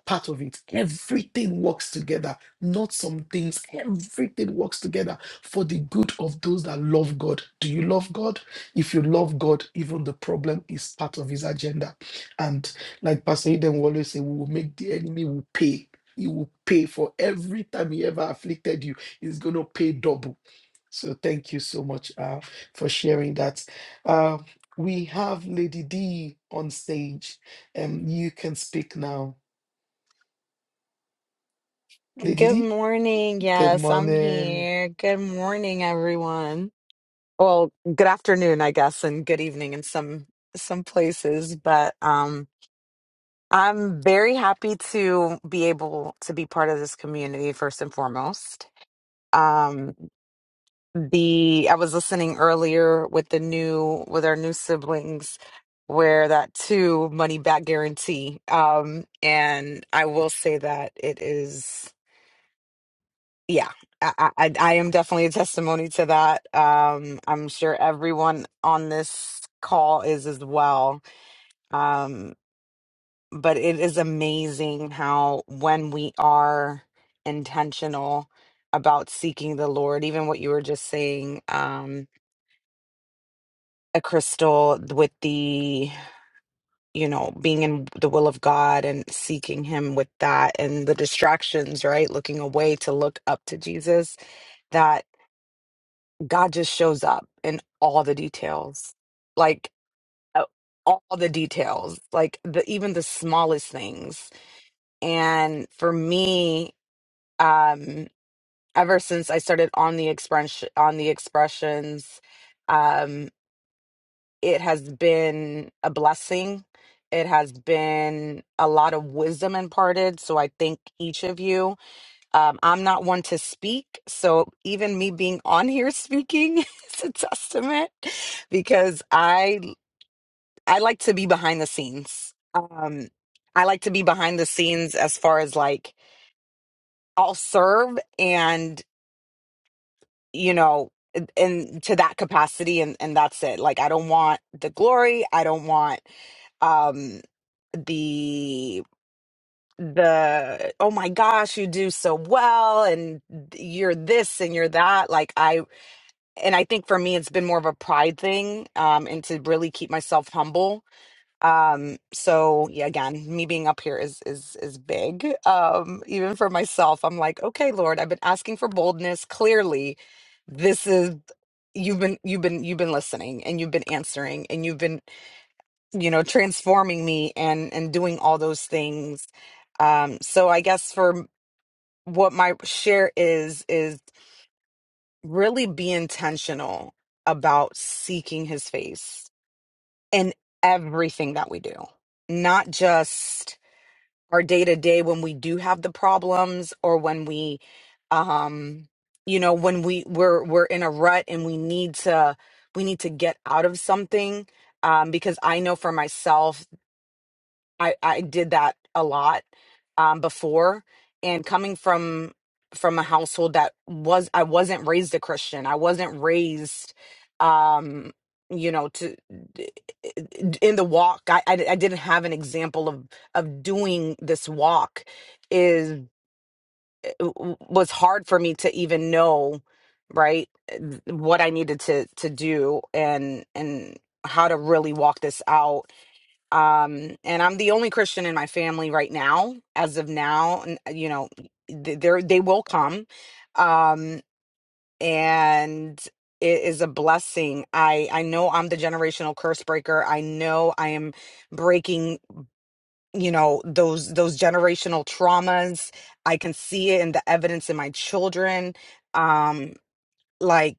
[SPEAKER 3] part of it. Everything works together, not some things. Everything works together for the good of those that love God. Do you love God? If you love God, even the problem is part of his agenda. And like Pastor Eden will always say, we will make the enemy will pay. He will pay for every time he ever afflicted you. He's going to pay double. So thank you so much uh, for sharing that. Uh, we have Lady D on stage. Um, you can speak now. Lady
[SPEAKER 11] Good
[SPEAKER 3] D.
[SPEAKER 11] morning.
[SPEAKER 3] Good
[SPEAKER 11] Yes, I'm
[SPEAKER 3] morning.
[SPEAKER 11] here. Good morning, everyone. Well, good afternoon, I guess, and good evening in some some places, but um I'm very happy to be able to be part of this community first and foremost. Um the I was listening earlier with the new with our new siblings where that two money back guarantee um and I will say that it is yeah I, I i am definitely a testimony to that um i'm sure everyone on this call is as well um but it is amazing how when we are intentional about seeking the lord even what you were just saying um a crystal with the you know being in the will of god and seeking him with that and the distractions right looking away to look up to jesus that. God just shows up in all the details, like uh, all the details, like the even the smallest things. And for me, um, ever since I started on the expression on the expressions, um, it has been a blessing. It has been a lot of wisdom imparted. So I thank each of you um, I'm not one to speak, so even me being on here speaking is a testament because I I like to be behind the scenes. Um, I like to be behind the scenes as far as like I'll serve and you know and and to that capacity and and that's it. Like I don't want the glory. I don't want um the the oh my gosh you do so well and you're this and you're that like i and I think for me, it's been more of a pride thing, um, and to really keep myself humble. Um, so yeah, again, me being up here is is is big. Um, even for myself, I'm like, okay, Lord, I've been asking for boldness. Clearly, this is you've been you've been you've been listening and you've been answering and you've been you know transforming me and and doing all those things. Um, so I guess for what my share is is really be intentional about seeking his face in everything that we do, not just our day to day when we do have the problems or when we, um, you know, when we we're we're in a rut and we need to we need to get out of something. Um, because I know for myself I I did that a lot um, before, and coming from from a household that was I wasn't raised a Christian. I wasn't raised, um, you know, to in the walk. I, I I didn't have an example of of doing this walk. Is was hard for me to even know, right, what I needed to to do and and how to really walk this out um and i'm the only christian in my family right now as of now and uh, you know th- there they will come um and it is a blessing i i know i'm the generational curse breaker i know i am breaking you know those those generational traumas i can see it in the evidence in my children um like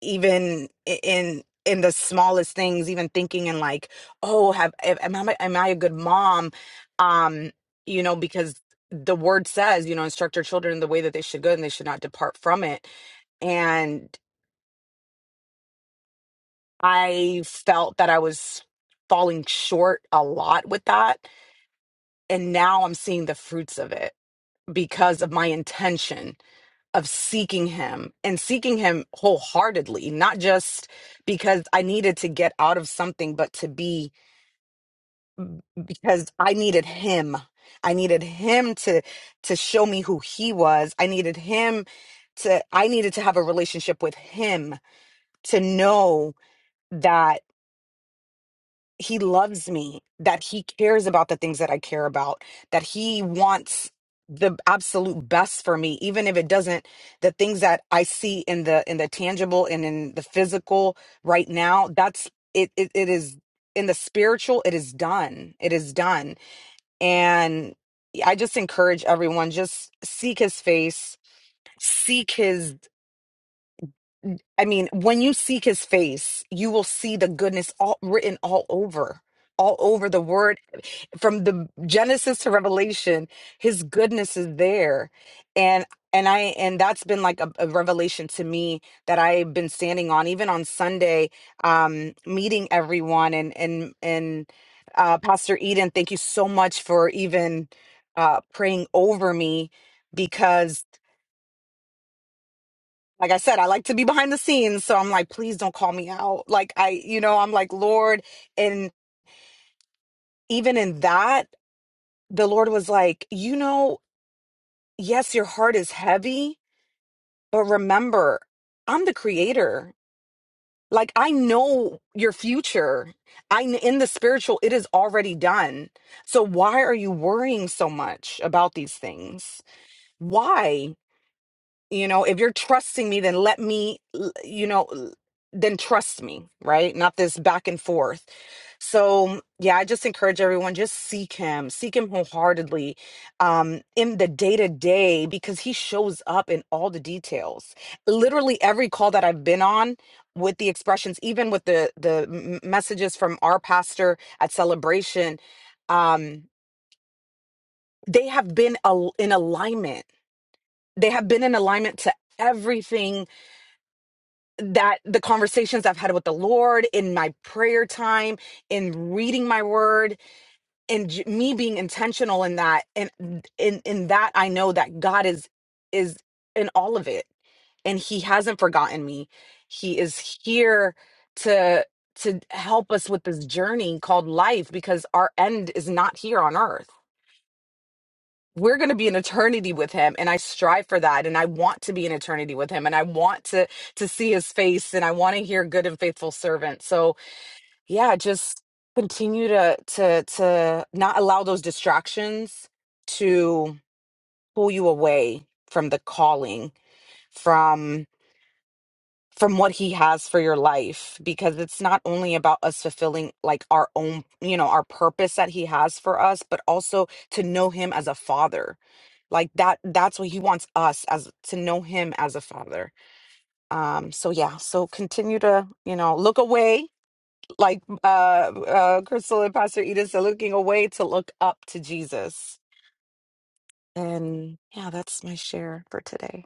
[SPEAKER 11] even i- in in the smallest things even thinking in like oh have am am i am i a good mom um you know because the word says you know instruct your children in the way that they should go and they should not depart from it and i felt that i was falling short a lot with that and now i'm seeing the fruits of it because of my intention of seeking him and seeking him wholeheartedly, not just because I needed to get out of something, but to be because I needed him. I needed him to to show me who he was. I needed him to I needed to have a relationship with him to know that. he loves me, that he cares about the things that I care about, that he wants the absolute best for me even if it doesn't the things that i see in the in the tangible and in the physical right now that's it it, it is in the spiritual it is done it is done and i just encourage everyone just seek his face seek his i mean when you seek his face you will see the goodness all written all over all over the word from the genesis to revelation his goodness is there and and i and that's been like a, a revelation to me that i've been standing on even on sunday um meeting everyone and and and uh pastor eden thank you so much for even uh praying over me because like i said i like to be behind the scenes so i'm like please don't call me out like i you know i'm like lord and even in that the lord was like you know yes, your heart is heavy, but remember, I'm the creator. Like I know your future. I in the spiritual, it is already done. So why are you worrying so much about these things? Why? you know if you're trusting me then let me l- you know l- then trust me right not this back and forth so yeah i just encourage everyone just seek him seek him wholeheartedly um in the day to day because he shows up in all the details literally every call that i've been on with the expressions even with the the m- messages from our pastor at celebration um they have been al- in alignment they have been in alignment to everything that the conversations I've had with the Lord in my prayer time, in reading my word, and j- me being intentional in that, and in in that I know that God is is in all of it, and He hasn't forgotten me. He is here to to help us with this journey called life because our end is not here on earth we're going to be an eternity with him and i strive for that and i want to be an eternity with him and i want to to see his face and i want to hear good and faithful servant so yeah just continue to to to not allow those distractions to pull you away from the calling from from what he has for your life because it's not only about us fulfilling like our own you know our purpose that he has for us but also to know him as a father like that that's what he wants us as to know him as a father um so yeah so continue to you know look away like uh uh crystal and pastor edith are looking away to look up to jesus and yeah that's my share for today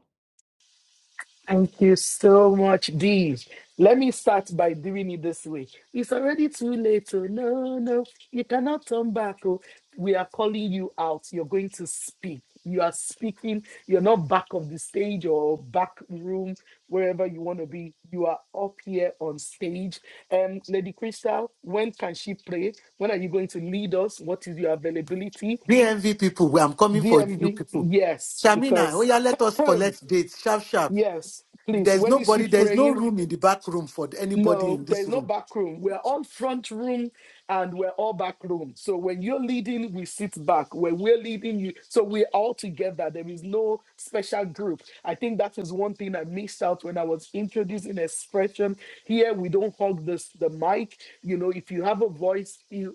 [SPEAKER 3] Thank you so much, Dee. Let me start by doing it this way. It's already too late. Oh, no, no, you cannot turn back. Oh, we are calling you out. You're going to speak. You are speaking. You're not back of the stage or back room, wherever you want to be. You are up here on stage. Um, Lady Crystal, when can she pray? When are you going to lead us? What is your availability?
[SPEAKER 4] BNV people, where I'm coming for you
[SPEAKER 3] DMV,
[SPEAKER 4] people.
[SPEAKER 3] yes,
[SPEAKER 4] Shamina, oh
[SPEAKER 3] because
[SPEAKER 4] yeah, let us collect dates. Sharp, sharp.
[SPEAKER 3] Yes, please.
[SPEAKER 4] There's
[SPEAKER 3] When is she
[SPEAKER 4] nobody, there's no
[SPEAKER 3] praying?
[SPEAKER 4] room in the back room for anybody
[SPEAKER 3] No,
[SPEAKER 4] in
[SPEAKER 3] there
[SPEAKER 4] this
[SPEAKER 3] is no
[SPEAKER 4] room.
[SPEAKER 3] back room. We're all front room and we're all back room. So when you're leading, we sit back. When we're leading you, so we're all together. There is no special group. I think that is one thing I missed out when I was introducing expression. Here we don't hog this the mic. You know, if you have a voice, you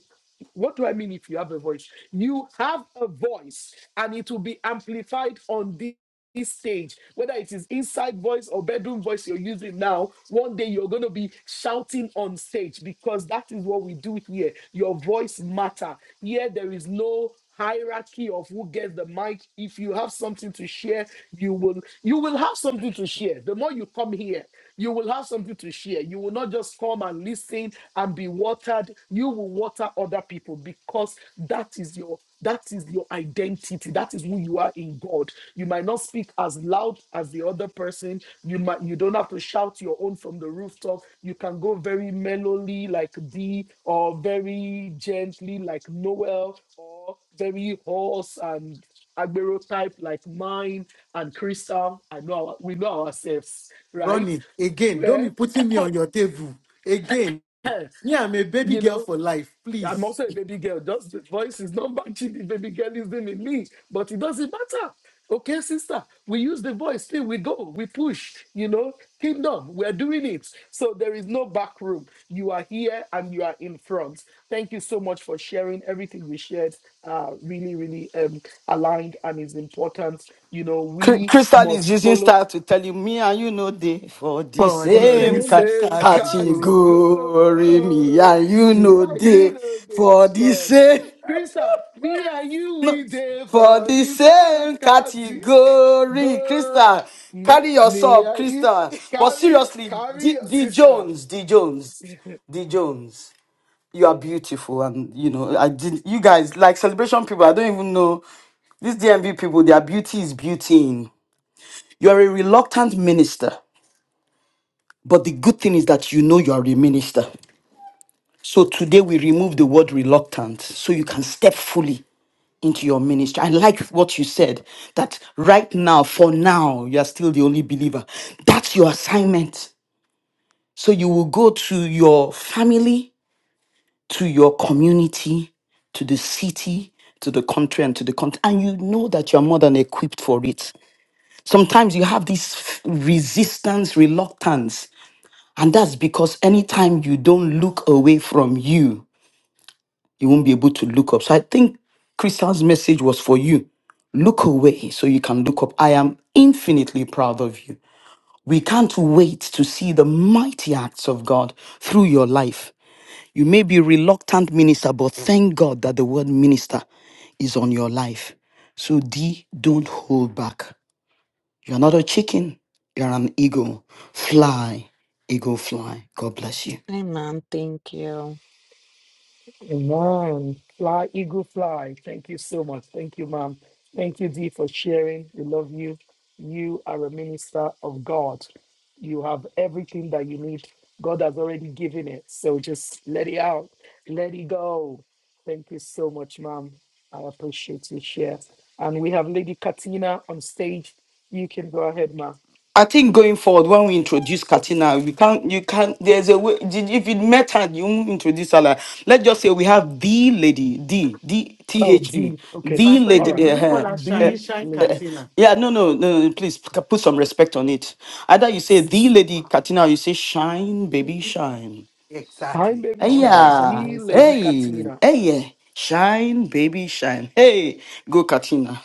[SPEAKER 3] what do I mean if you have a voice? You have a voice and it will be amplified on this this stage, whether it is inside voice or bedroom voice you're using now, one day you're going to be shouting on stage because that is what we do here. Your voice matter. Here there is no hierarchy of who gets the mic. If you have something to share, you will you will have something to share. The more you come here, you will have something to share. You will not just come and listen and be watered. You will water other people because that is your that is your identity. That is who you are in God. You might not speak as loud as the other person. You might you don't have to shout your own from the rooftop. You can go very mellowly like Dee or very gently like Noel or very hoarse and agbero type like mine and Crystal. I know our, we know ourselves, right?
[SPEAKER 4] Ronnie, again, don't
[SPEAKER 3] Yeah.
[SPEAKER 4] be putting me on your table. Again, me, I'm a baby
[SPEAKER 3] you
[SPEAKER 4] girl
[SPEAKER 3] know,
[SPEAKER 4] for life,
[SPEAKER 3] I'm
[SPEAKER 4] please.
[SPEAKER 3] also a baby girl. Just the voice is not matching the baby girlism in me, but it doesn't matter. Okay, sister, we use the voice, still we go, we push, you know, kingdom, we're doing it. So there is no back room. You are here and you are in front. Thank you so much for sharing everything we shared. Uh, really, really um, aligned and is important. You know,
[SPEAKER 1] Cry-
[SPEAKER 3] we
[SPEAKER 1] Crystal is
[SPEAKER 3] must
[SPEAKER 1] using
[SPEAKER 3] follow.
[SPEAKER 1] style to tell you, me and you know they for the
[SPEAKER 4] For the
[SPEAKER 3] For the
[SPEAKER 1] same ca-
[SPEAKER 4] same
[SPEAKER 3] same category,
[SPEAKER 4] category.
[SPEAKER 1] category. Me
[SPEAKER 3] are
[SPEAKER 1] and you know
[SPEAKER 3] you
[SPEAKER 1] they
[SPEAKER 3] know the
[SPEAKER 1] for the
[SPEAKER 3] for
[SPEAKER 1] same.
[SPEAKER 3] Krista, me and you we there
[SPEAKER 1] For
[SPEAKER 3] for
[SPEAKER 1] the
[SPEAKER 3] the same
[SPEAKER 1] same
[SPEAKER 3] category.
[SPEAKER 1] category, Crystal,
[SPEAKER 3] Me,
[SPEAKER 1] carry
[SPEAKER 3] me
[SPEAKER 1] yourself,
[SPEAKER 3] and you
[SPEAKER 1] Crystal. But
[SPEAKER 3] carry
[SPEAKER 1] seriously,
[SPEAKER 3] carry
[SPEAKER 1] D,
[SPEAKER 3] your
[SPEAKER 1] D
[SPEAKER 3] sister.
[SPEAKER 1] Jones, D Jones, D Jones, you are beautiful, and you know I did. You guys like celebration people. I don't even know these DMV people. Their beauty is beauty. in. You are a reluctant minister, but the good thing is that you know you are a minister. So today we remove the word reluctant, so you can step fully into your ministry. I like what you said that right now, for now, you are still the only believer. That's your assignment. So you will go to your family, to your community, to the city, to the country, and to the country. And you know that you're more than equipped for it. Sometimes you have this resistance, reluctance. And that's because anytime you don't look away from you, you won't be able to look up. So I think Crystal's message was for you. Look away so you can look up. I am infinitely proud of you. We can't wait to see the mighty acts of God through your life. You may be reluctant minister, but thank God that the word minister is on your life. So D, don't hold back. You're not a chicken, you're an eagle. Fly, eagle, fly. God bless you.
[SPEAKER 11] amen thank you
[SPEAKER 3] Amen. Fly, eagle fly. Thank you so much. Thank you, ma'am. Thank you, Dee, for sharing. We love you. You are a minister of God. You have everything that you need. God has already given it. So just let it out. Let it go. Thank you so much, ma'am. I appreciate your share. And we have Lady Katina on stage. You can go ahead, ma'am.
[SPEAKER 1] I think going forward, when we introduce Katina, we can't, you can't, there's a way, did- if you met her, you won't introduce her like, let's just say we have the lady, the, the,
[SPEAKER 3] Oh,
[SPEAKER 1] T-H-E,
[SPEAKER 3] Dee. Okay.
[SPEAKER 1] the
[SPEAKER 4] Pastor
[SPEAKER 3] All
[SPEAKER 4] Eden,
[SPEAKER 3] right.
[SPEAKER 1] lady,
[SPEAKER 4] should we call
[SPEAKER 1] uh,
[SPEAKER 4] her
[SPEAKER 1] uh,
[SPEAKER 4] Shine,
[SPEAKER 3] The
[SPEAKER 4] Shine
[SPEAKER 1] uh,
[SPEAKER 3] lady.
[SPEAKER 4] Katina?
[SPEAKER 1] yeah, no, no, no, no, please p- put some respect on it. Either you say the lady Katina, or you say shine, baby, shine.
[SPEAKER 3] Shine,
[SPEAKER 4] Exactly.
[SPEAKER 3] baby,
[SPEAKER 1] Hey,
[SPEAKER 4] I want
[SPEAKER 3] shine.
[SPEAKER 4] that shine on
[SPEAKER 1] yeah,
[SPEAKER 3] The
[SPEAKER 4] one side.
[SPEAKER 3] lady
[SPEAKER 1] hey,
[SPEAKER 3] Katina.
[SPEAKER 1] hey, yeah. Shine, baby, shine. Hey, go Katina.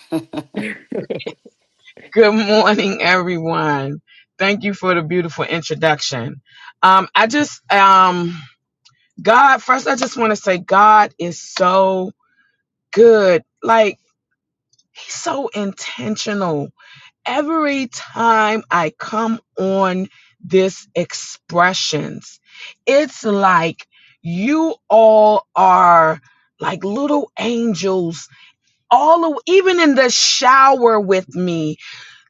[SPEAKER 12] Good morning, everyone. Thank you for the beautiful introduction. Um, I just, um, God, first, I just want to say God is so good. Like, He's so intentional. Every time I come on this expressions, it's like you all are like little angels all the, even in the shower with me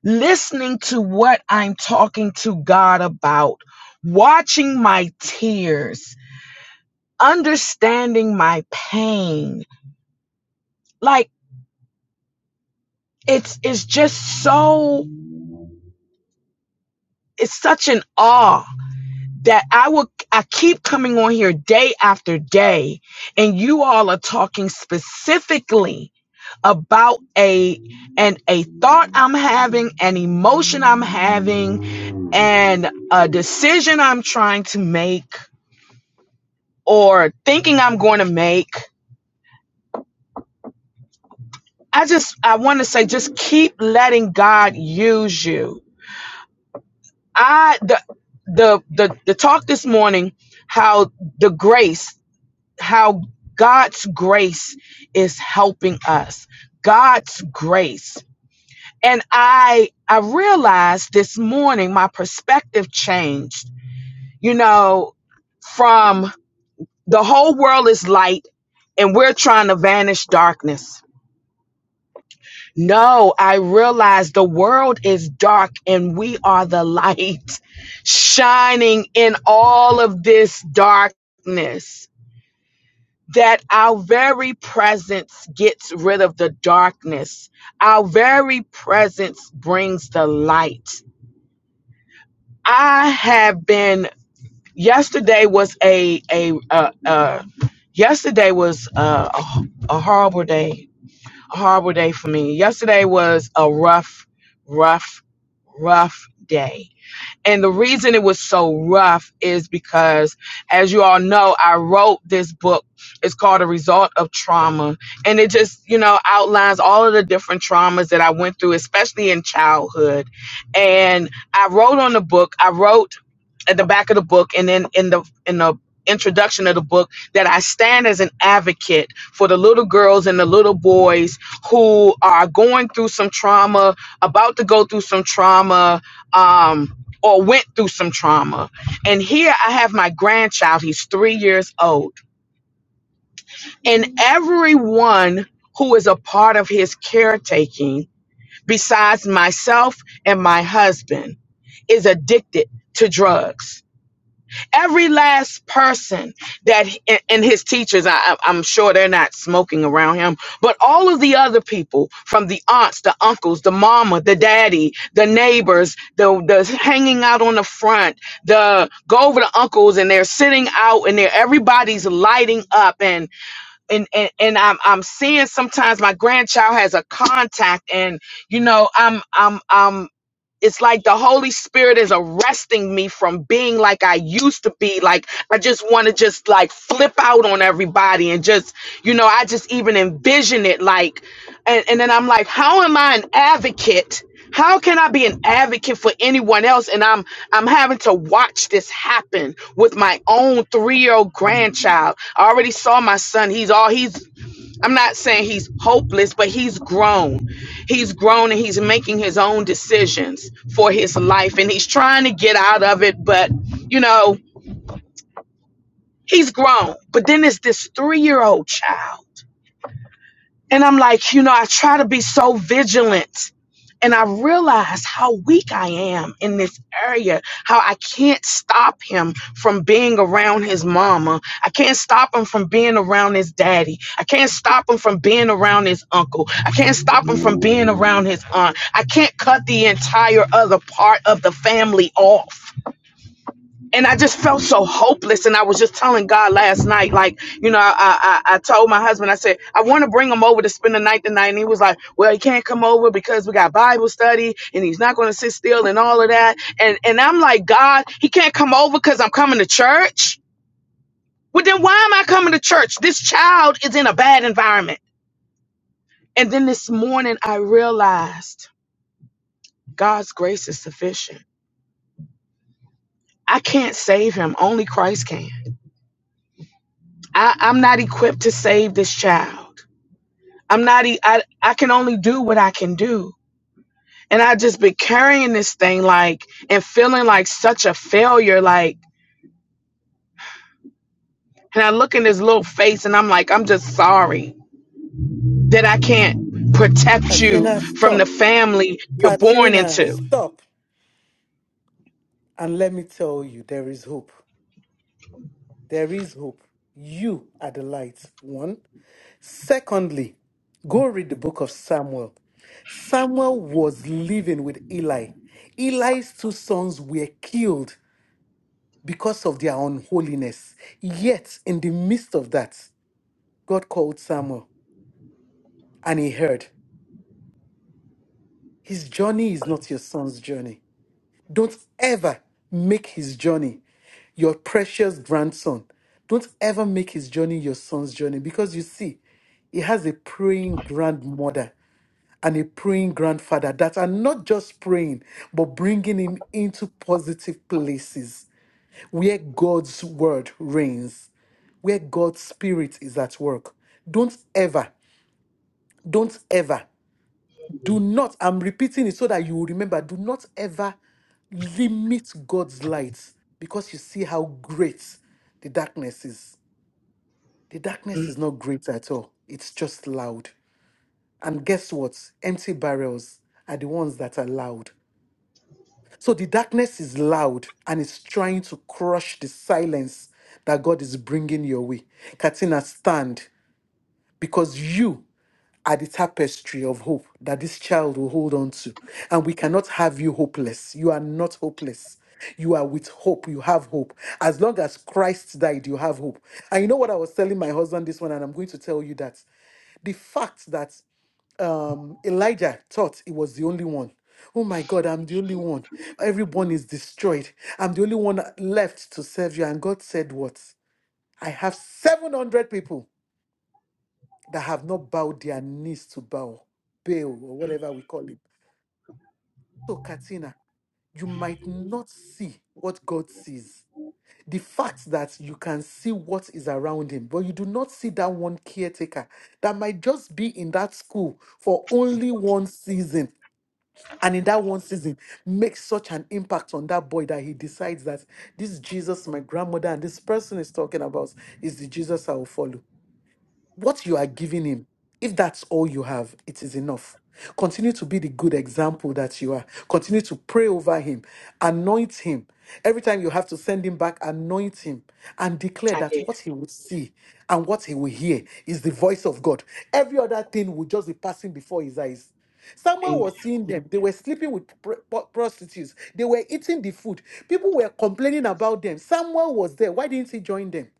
[SPEAKER 12] listening to what I'm talking to God about, watching my tears, understanding my pain. Like it's it's just so it's such an awe that I will I keep coming on here day after day and you all are talking specifically about a and a thought I'm having, an emotion I'm having, and a decision I'm trying to make or thinking I'm going to make. I just I want to say just keep letting God use you. I the the the the talk this morning how the grace how God's grace is helping us. God's grace. And I I realized this morning my perspective changed. You know, from the whole world is light and we're trying to vanish darkness No, I realize the world is dark and we are the light shining in all of this darkness. That our very presence gets rid of the darkness. Our very presence brings the light. I have been, yesterday was a, a, uh, uh, yesterday was uh, a a horrible day, a horrible day for me. Yesterday was a rough, rough rough day. And the reason it was so rough is because, as you all know, I wrote this book. It's called A Result of Trauma. And it just, you know, outlines all of the different traumas that I went through, especially in childhood. And I wrote on the book, I wrote at the back of the book and then in the in the introduction of the book that I stand as an advocate for the little girls and the little boys who are going through some trauma, about to go through some trauma. Um, or went through some trauma. And here I have my grandchild, he's three years old. And everyone who is a part of his caretaking, besides myself and my husband, is addicted to drugs every last person that and and his teachers I, I- i'm sure they're not smoking around him but all of the other people from the aunts the uncles the mama the daddy the neighbors the, the hanging out on the front the go over to uncles and they're sitting out and they're everybody's lighting up and and and, and I'm, I'm seeing sometimes my grandchild has a contact and you know i'm i'm i'm it's like the holy spirit is arresting me from being like i used to be like i just want to just like flip out on everybody and just you know i just even envision it like and, and then i'm like how am i an advocate how can i be an advocate for anyone else and i'm i'm having to watch this happen with my own three-year-old grandchild i already saw my son he's all he's I'm not saying he's hopeless, but he's grown. He's grown and he's making his own decisions for his life and he's trying to get out of it, but you know, he's grown. But then it's this three year old child And I'm like, you know, I try to be so vigilant. And I realize how weak I am in this area, how I can't stop him from being around his mama. I can't stop him from being around his daddy. I can't stop him from being around his uncle. I can't stop him from being around his aunt. I can't cut the entire other part of the family off and I just felt so hopeless. And I was just telling God last night, like, you know, I I, I I told my husband, I said, I want to bring him over to spend the night tonight. And he was like, Well, he can't come over because we got Bible study and he's not gonna sit still and all of that. And and I'm like, God, he can't come over because I'm coming to church. Well, then why am I coming to church? This child is in a bad environment. And then this morning I realized God's grace is sufficient. I can't save him. Only Christ can. I, I'm not equipped to save this child. I'm not, e- I, I can only do what I can do. And I just been carrying this thing like, and feeling like such a failure. Like, and I look in his little face and I'm like, I'm just sorry that I can't protect
[SPEAKER 4] Katina,
[SPEAKER 12] you from the
[SPEAKER 4] stop.
[SPEAKER 12] family you're born
[SPEAKER 4] Katrina,
[SPEAKER 12] into.
[SPEAKER 4] stop and let me tell you there is hope. There is hope. You are the light. One. Secondly, go read the book of Samuel. Samuel was living with Eli. Eli's two sons were killed because of their unholiness. Yet, in the midst of that, God called Samuel and he heard. His journey is not your son's journey. Don't ever make his journey your precious grandson. Don't ever make his journey your son's journey because you see, he has a praying grandmother and a praying grandfather that are not just praying, but bringing him into positive places where God's word reigns, where God's spirit is at work. Don't ever, don't ever do not, I'm repeating it so that you will remember, do not ever limit God's light because you see how great the darkness is. The darkness
[SPEAKER 12] Mm,
[SPEAKER 4] is not great at all, it's just loud. And guess what? Empty barrels are the ones that are loud. So the darkness is loud and it's trying to crush the silence that God is bringing your way. Katina, stand because you are the tapestry of hope that this child will hold on to. And we cannot have you hopeless. You are not hopeless. You are with hope. You have hope. As long as Christ died, you have hope. And you know what I was telling my husband this one, and I'm going to tell you that the fact that um, Elijah thought he was the only one. Oh my God, I'm the only one. Everyone is destroyed. I'm the only one left to serve you. And God said, What? I have 700 people that have not bowed their knees to Baal, Baal, or whatever we call him. So, Katina, you might not see what God sees. The fact that you can see what is around him, but you do not see that one caretaker that might just be in that school for only one season. And in that one season, makes such an impact on that boy that he decides that this Jesus my grandmother and this person is talking about is the Jesus I will follow. What you are giving him, if that's all you have, it is enough. Continue to be the good example that you are. Continue to pray over him, anoint him. Every time you have to send him back, anoint him and declare
[SPEAKER 12] I
[SPEAKER 4] that
[SPEAKER 12] did.
[SPEAKER 4] what he will see and what he will hear is the voice of God. Every other thing will just be passing before his eyes. Someone
[SPEAKER 12] Amen.
[SPEAKER 4] was seeing them. They were sleeping with pr- pr- prostitutes. They were eating the food. People were complaining about them. Someone was there. Why didn't he join them?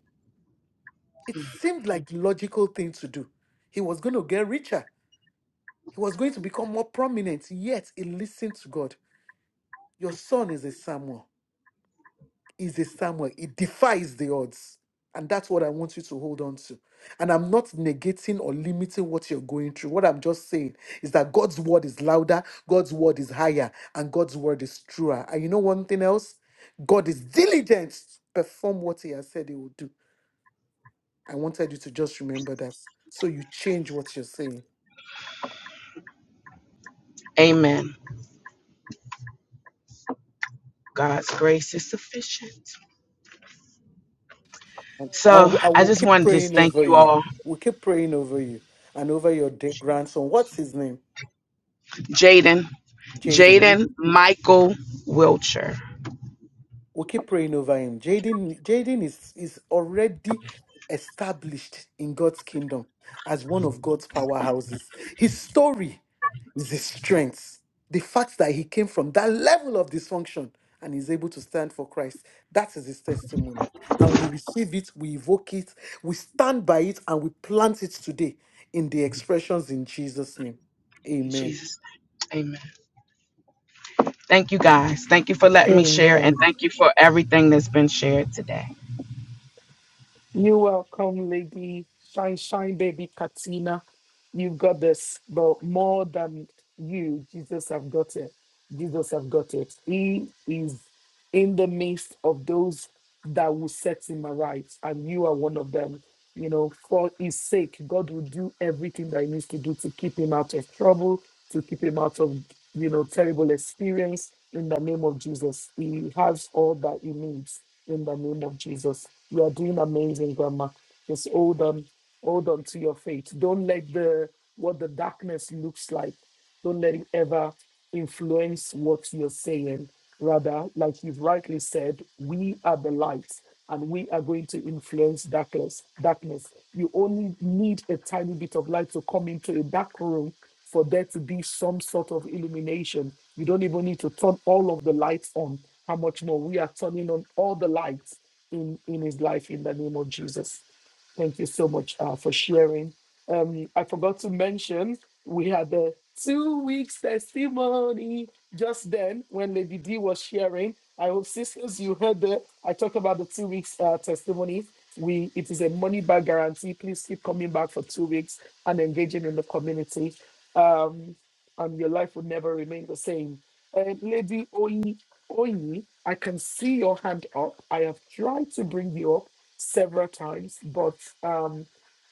[SPEAKER 4] It seemed like the logical thing to do. He was going to get richer. He was going to become more prominent. Yet he listened to God. Your son is a Samuel. Is a Samuel. It defies the odds. And that's what I want you to hold on to. And I'm not negating or limiting what you're going through. What I'm just saying is that God's word is louder, God's word is higher, and God's word is truer. And you know one thing else? God is diligent to perform what he has said he will do. I wanted you to just remember that. So you change what you're saying.
[SPEAKER 12] Amen. God's grace is sufficient.
[SPEAKER 4] I
[SPEAKER 12] So
[SPEAKER 4] will, I
[SPEAKER 12] I
[SPEAKER 4] will
[SPEAKER 12] just
[SPEAKER 4] keep
[SPEAKER 12] wanted to just
[SPEAKER 4] praying
[SPEAKER 12] thank
[SPEAKER 4] over
[SPEAKER 12] you
[SPEAKER 4] you.
[SPEAKER 12] all.
[SPEAKER 4] We'll keep praying over you and over your dear grandson. What's his name?
[SPEAKER 12] Jaden,
[SPEAKER 4] Jaden.
[SPEAKER 12] Jaden Michael Wilcher.
[SPEAKER 4] We keep praying over him. Jaden, Jaden is, is already established in God's kingdom as one of God's powerhouses. His story is his strength. The fact that he came from that level of dysfunction and is able to stand for Christ, that is his testimony. And we receive it, we evoke it, we stand by it, and we plant it today in the expressions in Jesus' name.
[SPEAKER 12] In
[SPEAKER 4] Amen.
[SPEAKER 12] Jesus' name. Amen. Thank you guys. Thank you for letting me share and
[SPEAKER 3] Amen.
[SPEAKER 12] thank you for everything that's been shared today.
[SPEAKER 3] You welcome, Lady Sunshine Baby Katina. you got this, but more than you, Jesus have got it. Jesus have got it. He is in the midst of those that will set him aright, and you are one of them. you know, for his sake, God will do everything that he needs to do to keep him out of trouble, to keep him out of, you know, terrible experience in the name of Jesus. He has all that he needs in the name of Jesus. You are doing amazing, Grandma. Just hold on, hold on to your faith. Don't let the what the darkness looks like. Don't let it ever influence what you're saying. Rather, like you've rightly said, we are the light and we are going to influence darkness. Darkness. You only need a tiny bit of light to come into a dark room for there to be some sort of illumination. You don't even need to turn all of the lights on. How much more we are turning on all the lights in in his life in the name of Jesus. Thank you so much uh, for sharing. Um, I forgot to mention we had the two weeks testimony just then when Lady D was sharing. I hope sisters you heard that I talked about the two weeks uh, testimony. We it is a money back guarantee. Please keep coming back for two weeks and engaging in the community, um, and your life will never remain the same. Um, Lady Oyi, Oyi, I can see your hand up. I have tried to bring you up several times, but um,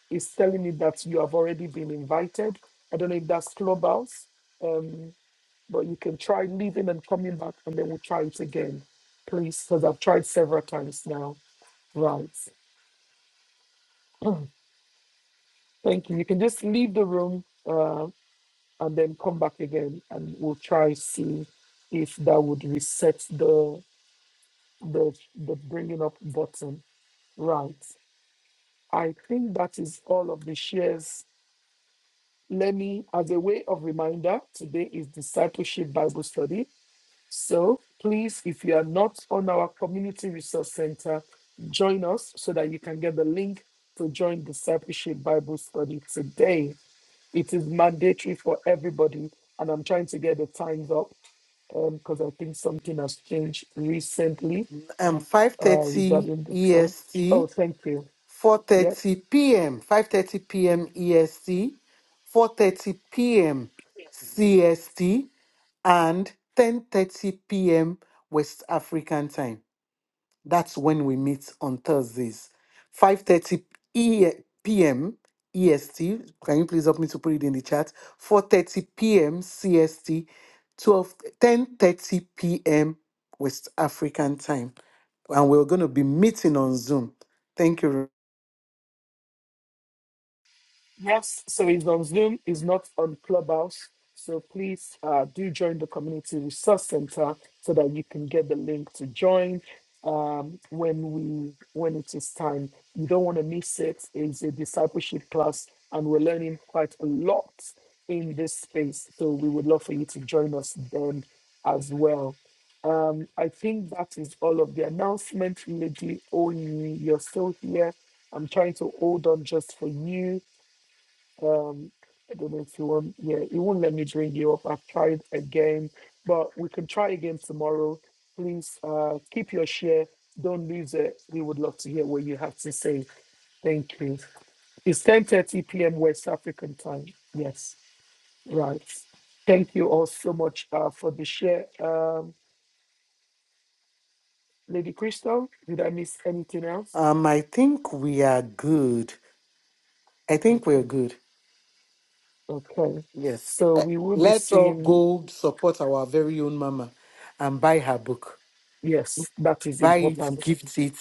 [SPEAKER 3] it's telling me that you have already been invited. I don't know if that's Clubhouse, um, but you can try leaving and coming back, and then we'll try it again, please, because I've tried several times now. Right. Thank you. You can just leave the room uh, and then come back again, and we'll try see if that would reset the. the the bringing up button right i think that is all of the shares let me as a way of reminder today is discipleship bible study so please if you are not on our community resource center join us so that you can get the link to join discipleship bible study today it is mandatory for everybody and i'm trying to get the times up because i think something has changed recently
[SPEAKER 4] Um,
[SPEAKER 3] uh,
[SPEAKER 4] 5:30
[SPEAKER 3] regarding the son. Oh,
[SPEAKER 4] EST.
[SPEAKER 3] thank you. Yep.
[SPEAKER 4] 4:30 p.m., 5:30 p.m. EST, 4:30 p.m. CST, and 10:30 p.m. West African time. That's when we meet on Thursdays. 5:30 E- p.m. EST. Can you please help me to put it in the chat? 4:30 p.m. CST, 12 p.m. West African time, and we're going to be meeting on Zoom. Thank you.
[SPEAKER 3] Yes, so it's on Zoom, It's not on Clubhouse. So please uh, do join the Community Resource Center so that you can get the link to join um, when we when it is time. You don't want to miss it. It's a discipleship class, and we're learning quite a lot in this space. So we would love for you to join us then as well. Um, I think that is all of the announcement, Lady Oyin. You're still here. I'm trying to hold on just for you. Um, I don't know if you want. Yeah, it won't let me bring you up. I've tried again, but we can try again tomorrow. Please uh, keep your share. Don't lose it. We would love to hear what you have to say. Thank you. It's 10:30 p.m. West African time. Yes, right. Thank you all so much uh, for the share, um, Lady Crystal. Did I miss anything else?
[SPEAKER 4] Um, I think we are good. I think we're
[SPEAKER 3] Okay,
[SPEAKER 4] good.
[SPEAKER 3] okay.
[SPEAKER 4] Yes.
[SPEAKER 3] So
[SPEAKER 4] Eh,
[SPEAKER 3] we will be
[SPEAKER 4] Let's all
[SPEAKER 3] seeing.
[SPEAKER 4] go support our very own mama and buy her book.
[SPEAKER 3] Yes, that is
[SPEAKER 4] Buy it,
[SPEAKER 3] important.
[SPEAKER 4] gift it,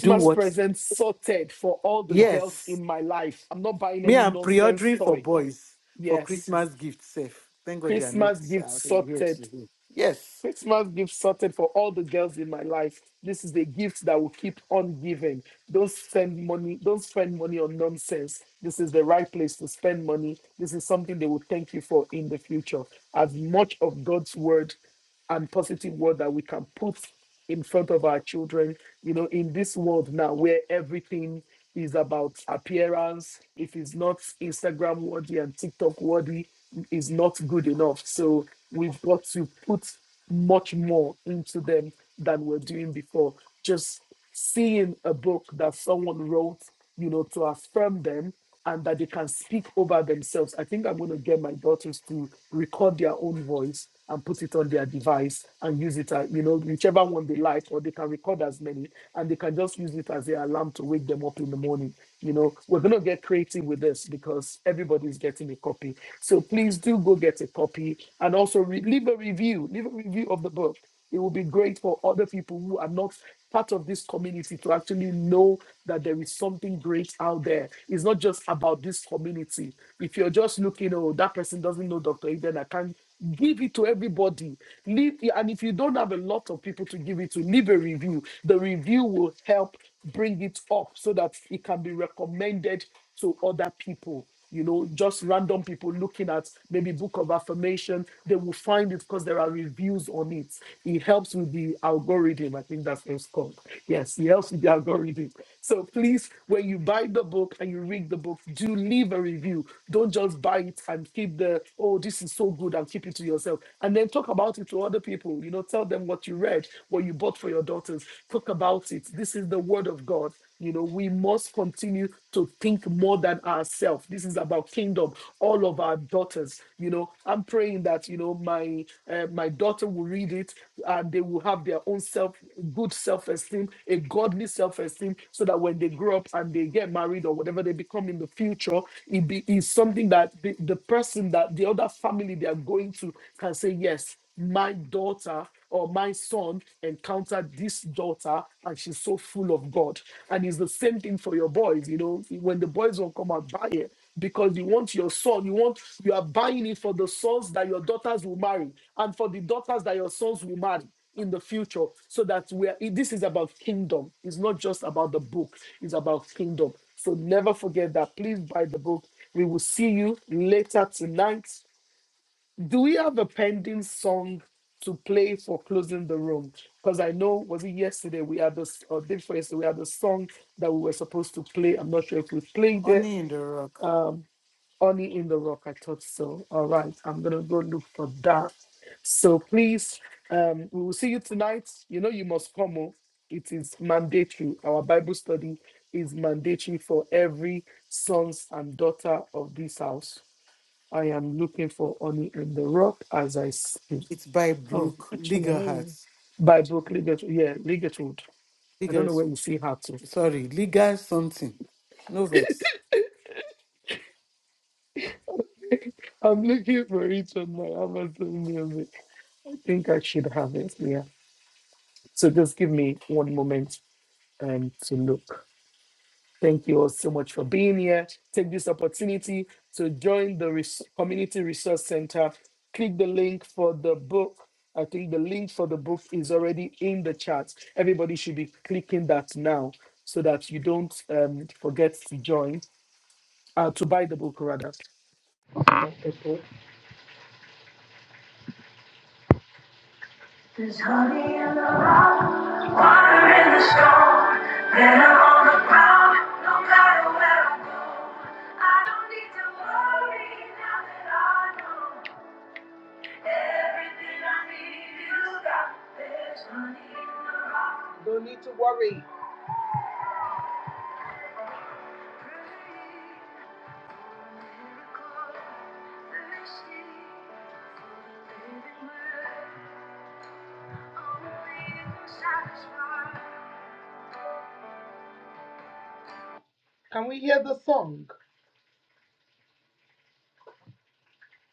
[SPEAKER 4] do what?
[SPEAKER 3] presents sorted for all the girls
[SPEAKER 4] Yes.
[SPEAKER 3] in my life. I'm not buying
[SPEAKER 4] Me,
[SPEAKER 3] any
[SPEAKER 4] I'm pre
[SPEAKER 3] nonsense
[SPEAKER 4] ordering for
[SPEAKER 3] toy.
[SPEAKER 4] boys for
[SPEAKER 3] Yes.
[SPEAKER 4] Christmas gift safe. Thank God they are not
[SPEAKER 3] Christmas gift
[SPEAKER 4] uh, here
[SPEAKER 3] sorted.
[SPEAKER 4] today. Yes.
[SPEAKER 3] Christmas gift sorted for all the girls in my life. This is a gift that will keep on giving. Don't spend money. Don't spend money on nonsense. This is the right place to spend money. This is something they will thank you for in the future. As much of God's word and positive word that we can put in front of our children, you know, in this world now where everything is about appearance. If it's not Instagram worthy and TikTok worthy, is not good enough. So we've got to put much more into them than we're doing before. Just seeing a book that someone wrote, you know, to affirm them and that they can speak over themselves. I think I'm going to get my daughters to record their own voice and put it on their device and use it, as, you know, whichever one they like, or they can record as many and they can just use it as their alarm to wake them up in the morning. You know, we're going to get creative with this because everybody's getting a copy. So please do go get a copy and also re- leave a review, leave a review of the book. It will be great for other people who are not part of this community to actually know that there is something great out there. It's not just about this community. If you're just looking, oh, that person doesn't know Dr. Eden, I can give it to everybody. Leave, and if you don't have a lot of people to give it to, leave a review. The review will help bring it up so that it can be recommended to other people you know just random people looking at maybe book of affirmation they will find it because there are reviews on it it helps with the algorithm i think that's what it's called yes it helps with the algorithm so please when you buy the book and you read the book do leave a review don't just buy it and keep the oh this is so good and keep it to yourself and then talk about it to other people you know tell them what you read what you bought for your daughters talk about it this is the word of god you know, we must continue to think more than ourselves. This is about kingdom. All of our daughters, you know, I'm praying that you know my uh, my daughter will read it and they will have their own self, good self-esteem, a godly self-esteem, so that when they grow up and they get married or whatever they become in the future, it be is something that the, the person that the other family they are going to can say yes. My daughter or my son encountered this daughter and she's so full of God. And it's the same thing for your boys, you know, when the boys will come and buy it because you want your son, you want you are buying it for the sons that your daughters will marry and for the daughters that your sons will marry in the future so that we are this is about kingdom it's not just about the book it's about kingdom so never forget that please buy the book we will see you later tonight do we have a pending song to play for closing the room? Because I know was it yesterday we had this or day before yesterday we had the song that we were supposed to play. I'm not sure if we played it.
[SPEAKER 4] Honey in the Rock.
[SPEAKER 3] Honey in the Rock, I thought so. All right, I'm gonna go look for that. So please, um, we will see you tonight. You know you must come. Oh. It is mandatory. Our Bible study is mandatory for every sons and daughter of this house. I am looking for honey in the rock as I speak.
[SPEAKER 4] It's by
[SPEAKER 3] Oh,
[SPEAKER 4] Brooke
[SPEAKER 3] actually, I know you.
[SPEAKER 4] Ligerhart.
[SPEAKER 3] By Brooke Liget, yeah, Ligetwood. I don't
[SPEAKER 4] Liger,
[SPEAKER 3] know where you see her to.
[SPEAKER 4] sorry, Liger something. No vex.
[SPEAKER 3] I'm looking for it on my Amazon Music. I think I should have it. Yeah. So just give me one moment um, to look. Thank you all so much for being here. Take this opportunity to join the res- Community Resource Center. Click the link for the book. I think the link for the book is already in the chat. Everybody should be clicking that now so that you don't um, forget to join. uh, to buy the book rather. Not There's honey in the rock, water in the storm, better on the ground, no matter where I go. I don't need to worry now that I know everything I need is got. There's honey in the rock. Don't need to worry. thirsty, living word. Can we hear the song,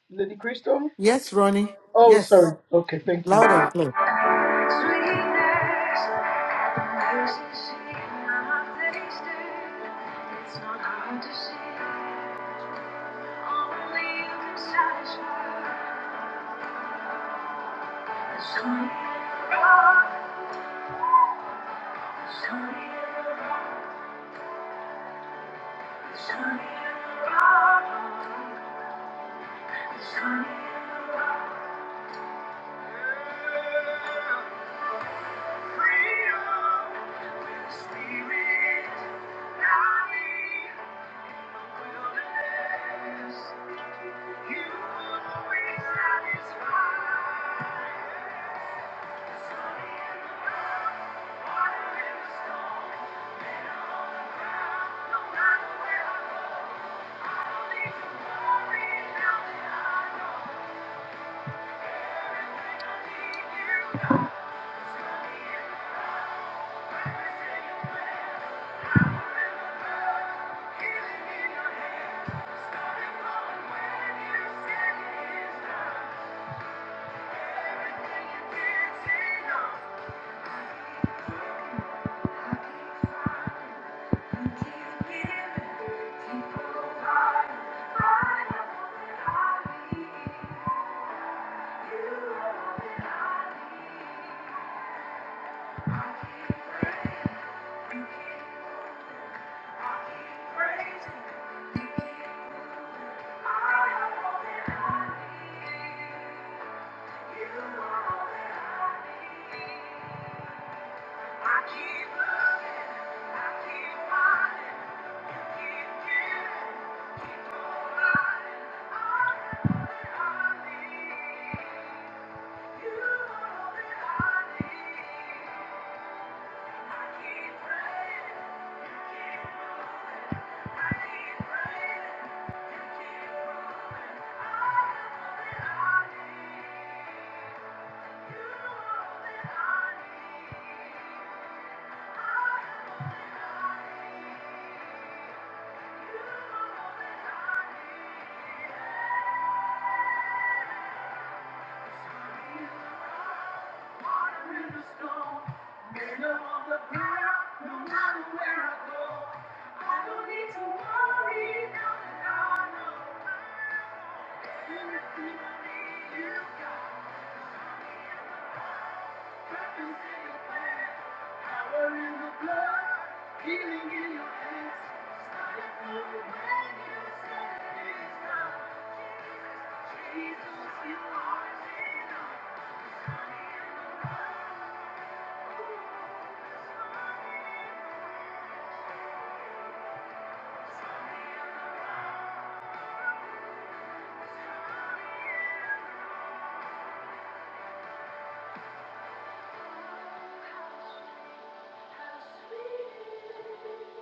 [SPEAKER 3] Lady Crystal?
[SPEAKER 4] Yes, Ronnie.
[SPEAKER 3] Oh,
[SPEAKER 4] Yes.
[SPEAKER 3] sorry. Okay, thank you.
[SPEAKER 4] Loud
[SPEAKER 3] Sweetness,
[SPEAKER 4] and clear.
[SPEAKER 3] Thank you. You are all that I need. Thank you in me, Thank you. Power in the blood, healing in your hands. Starting from when you said it is done. Jesus, you are enough. There's money in the blood. There's money in the blood. There's money in the blood. There's money in the blood. How sweet it is.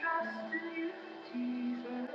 [SPEAKER 3] Trust in you, Jesus.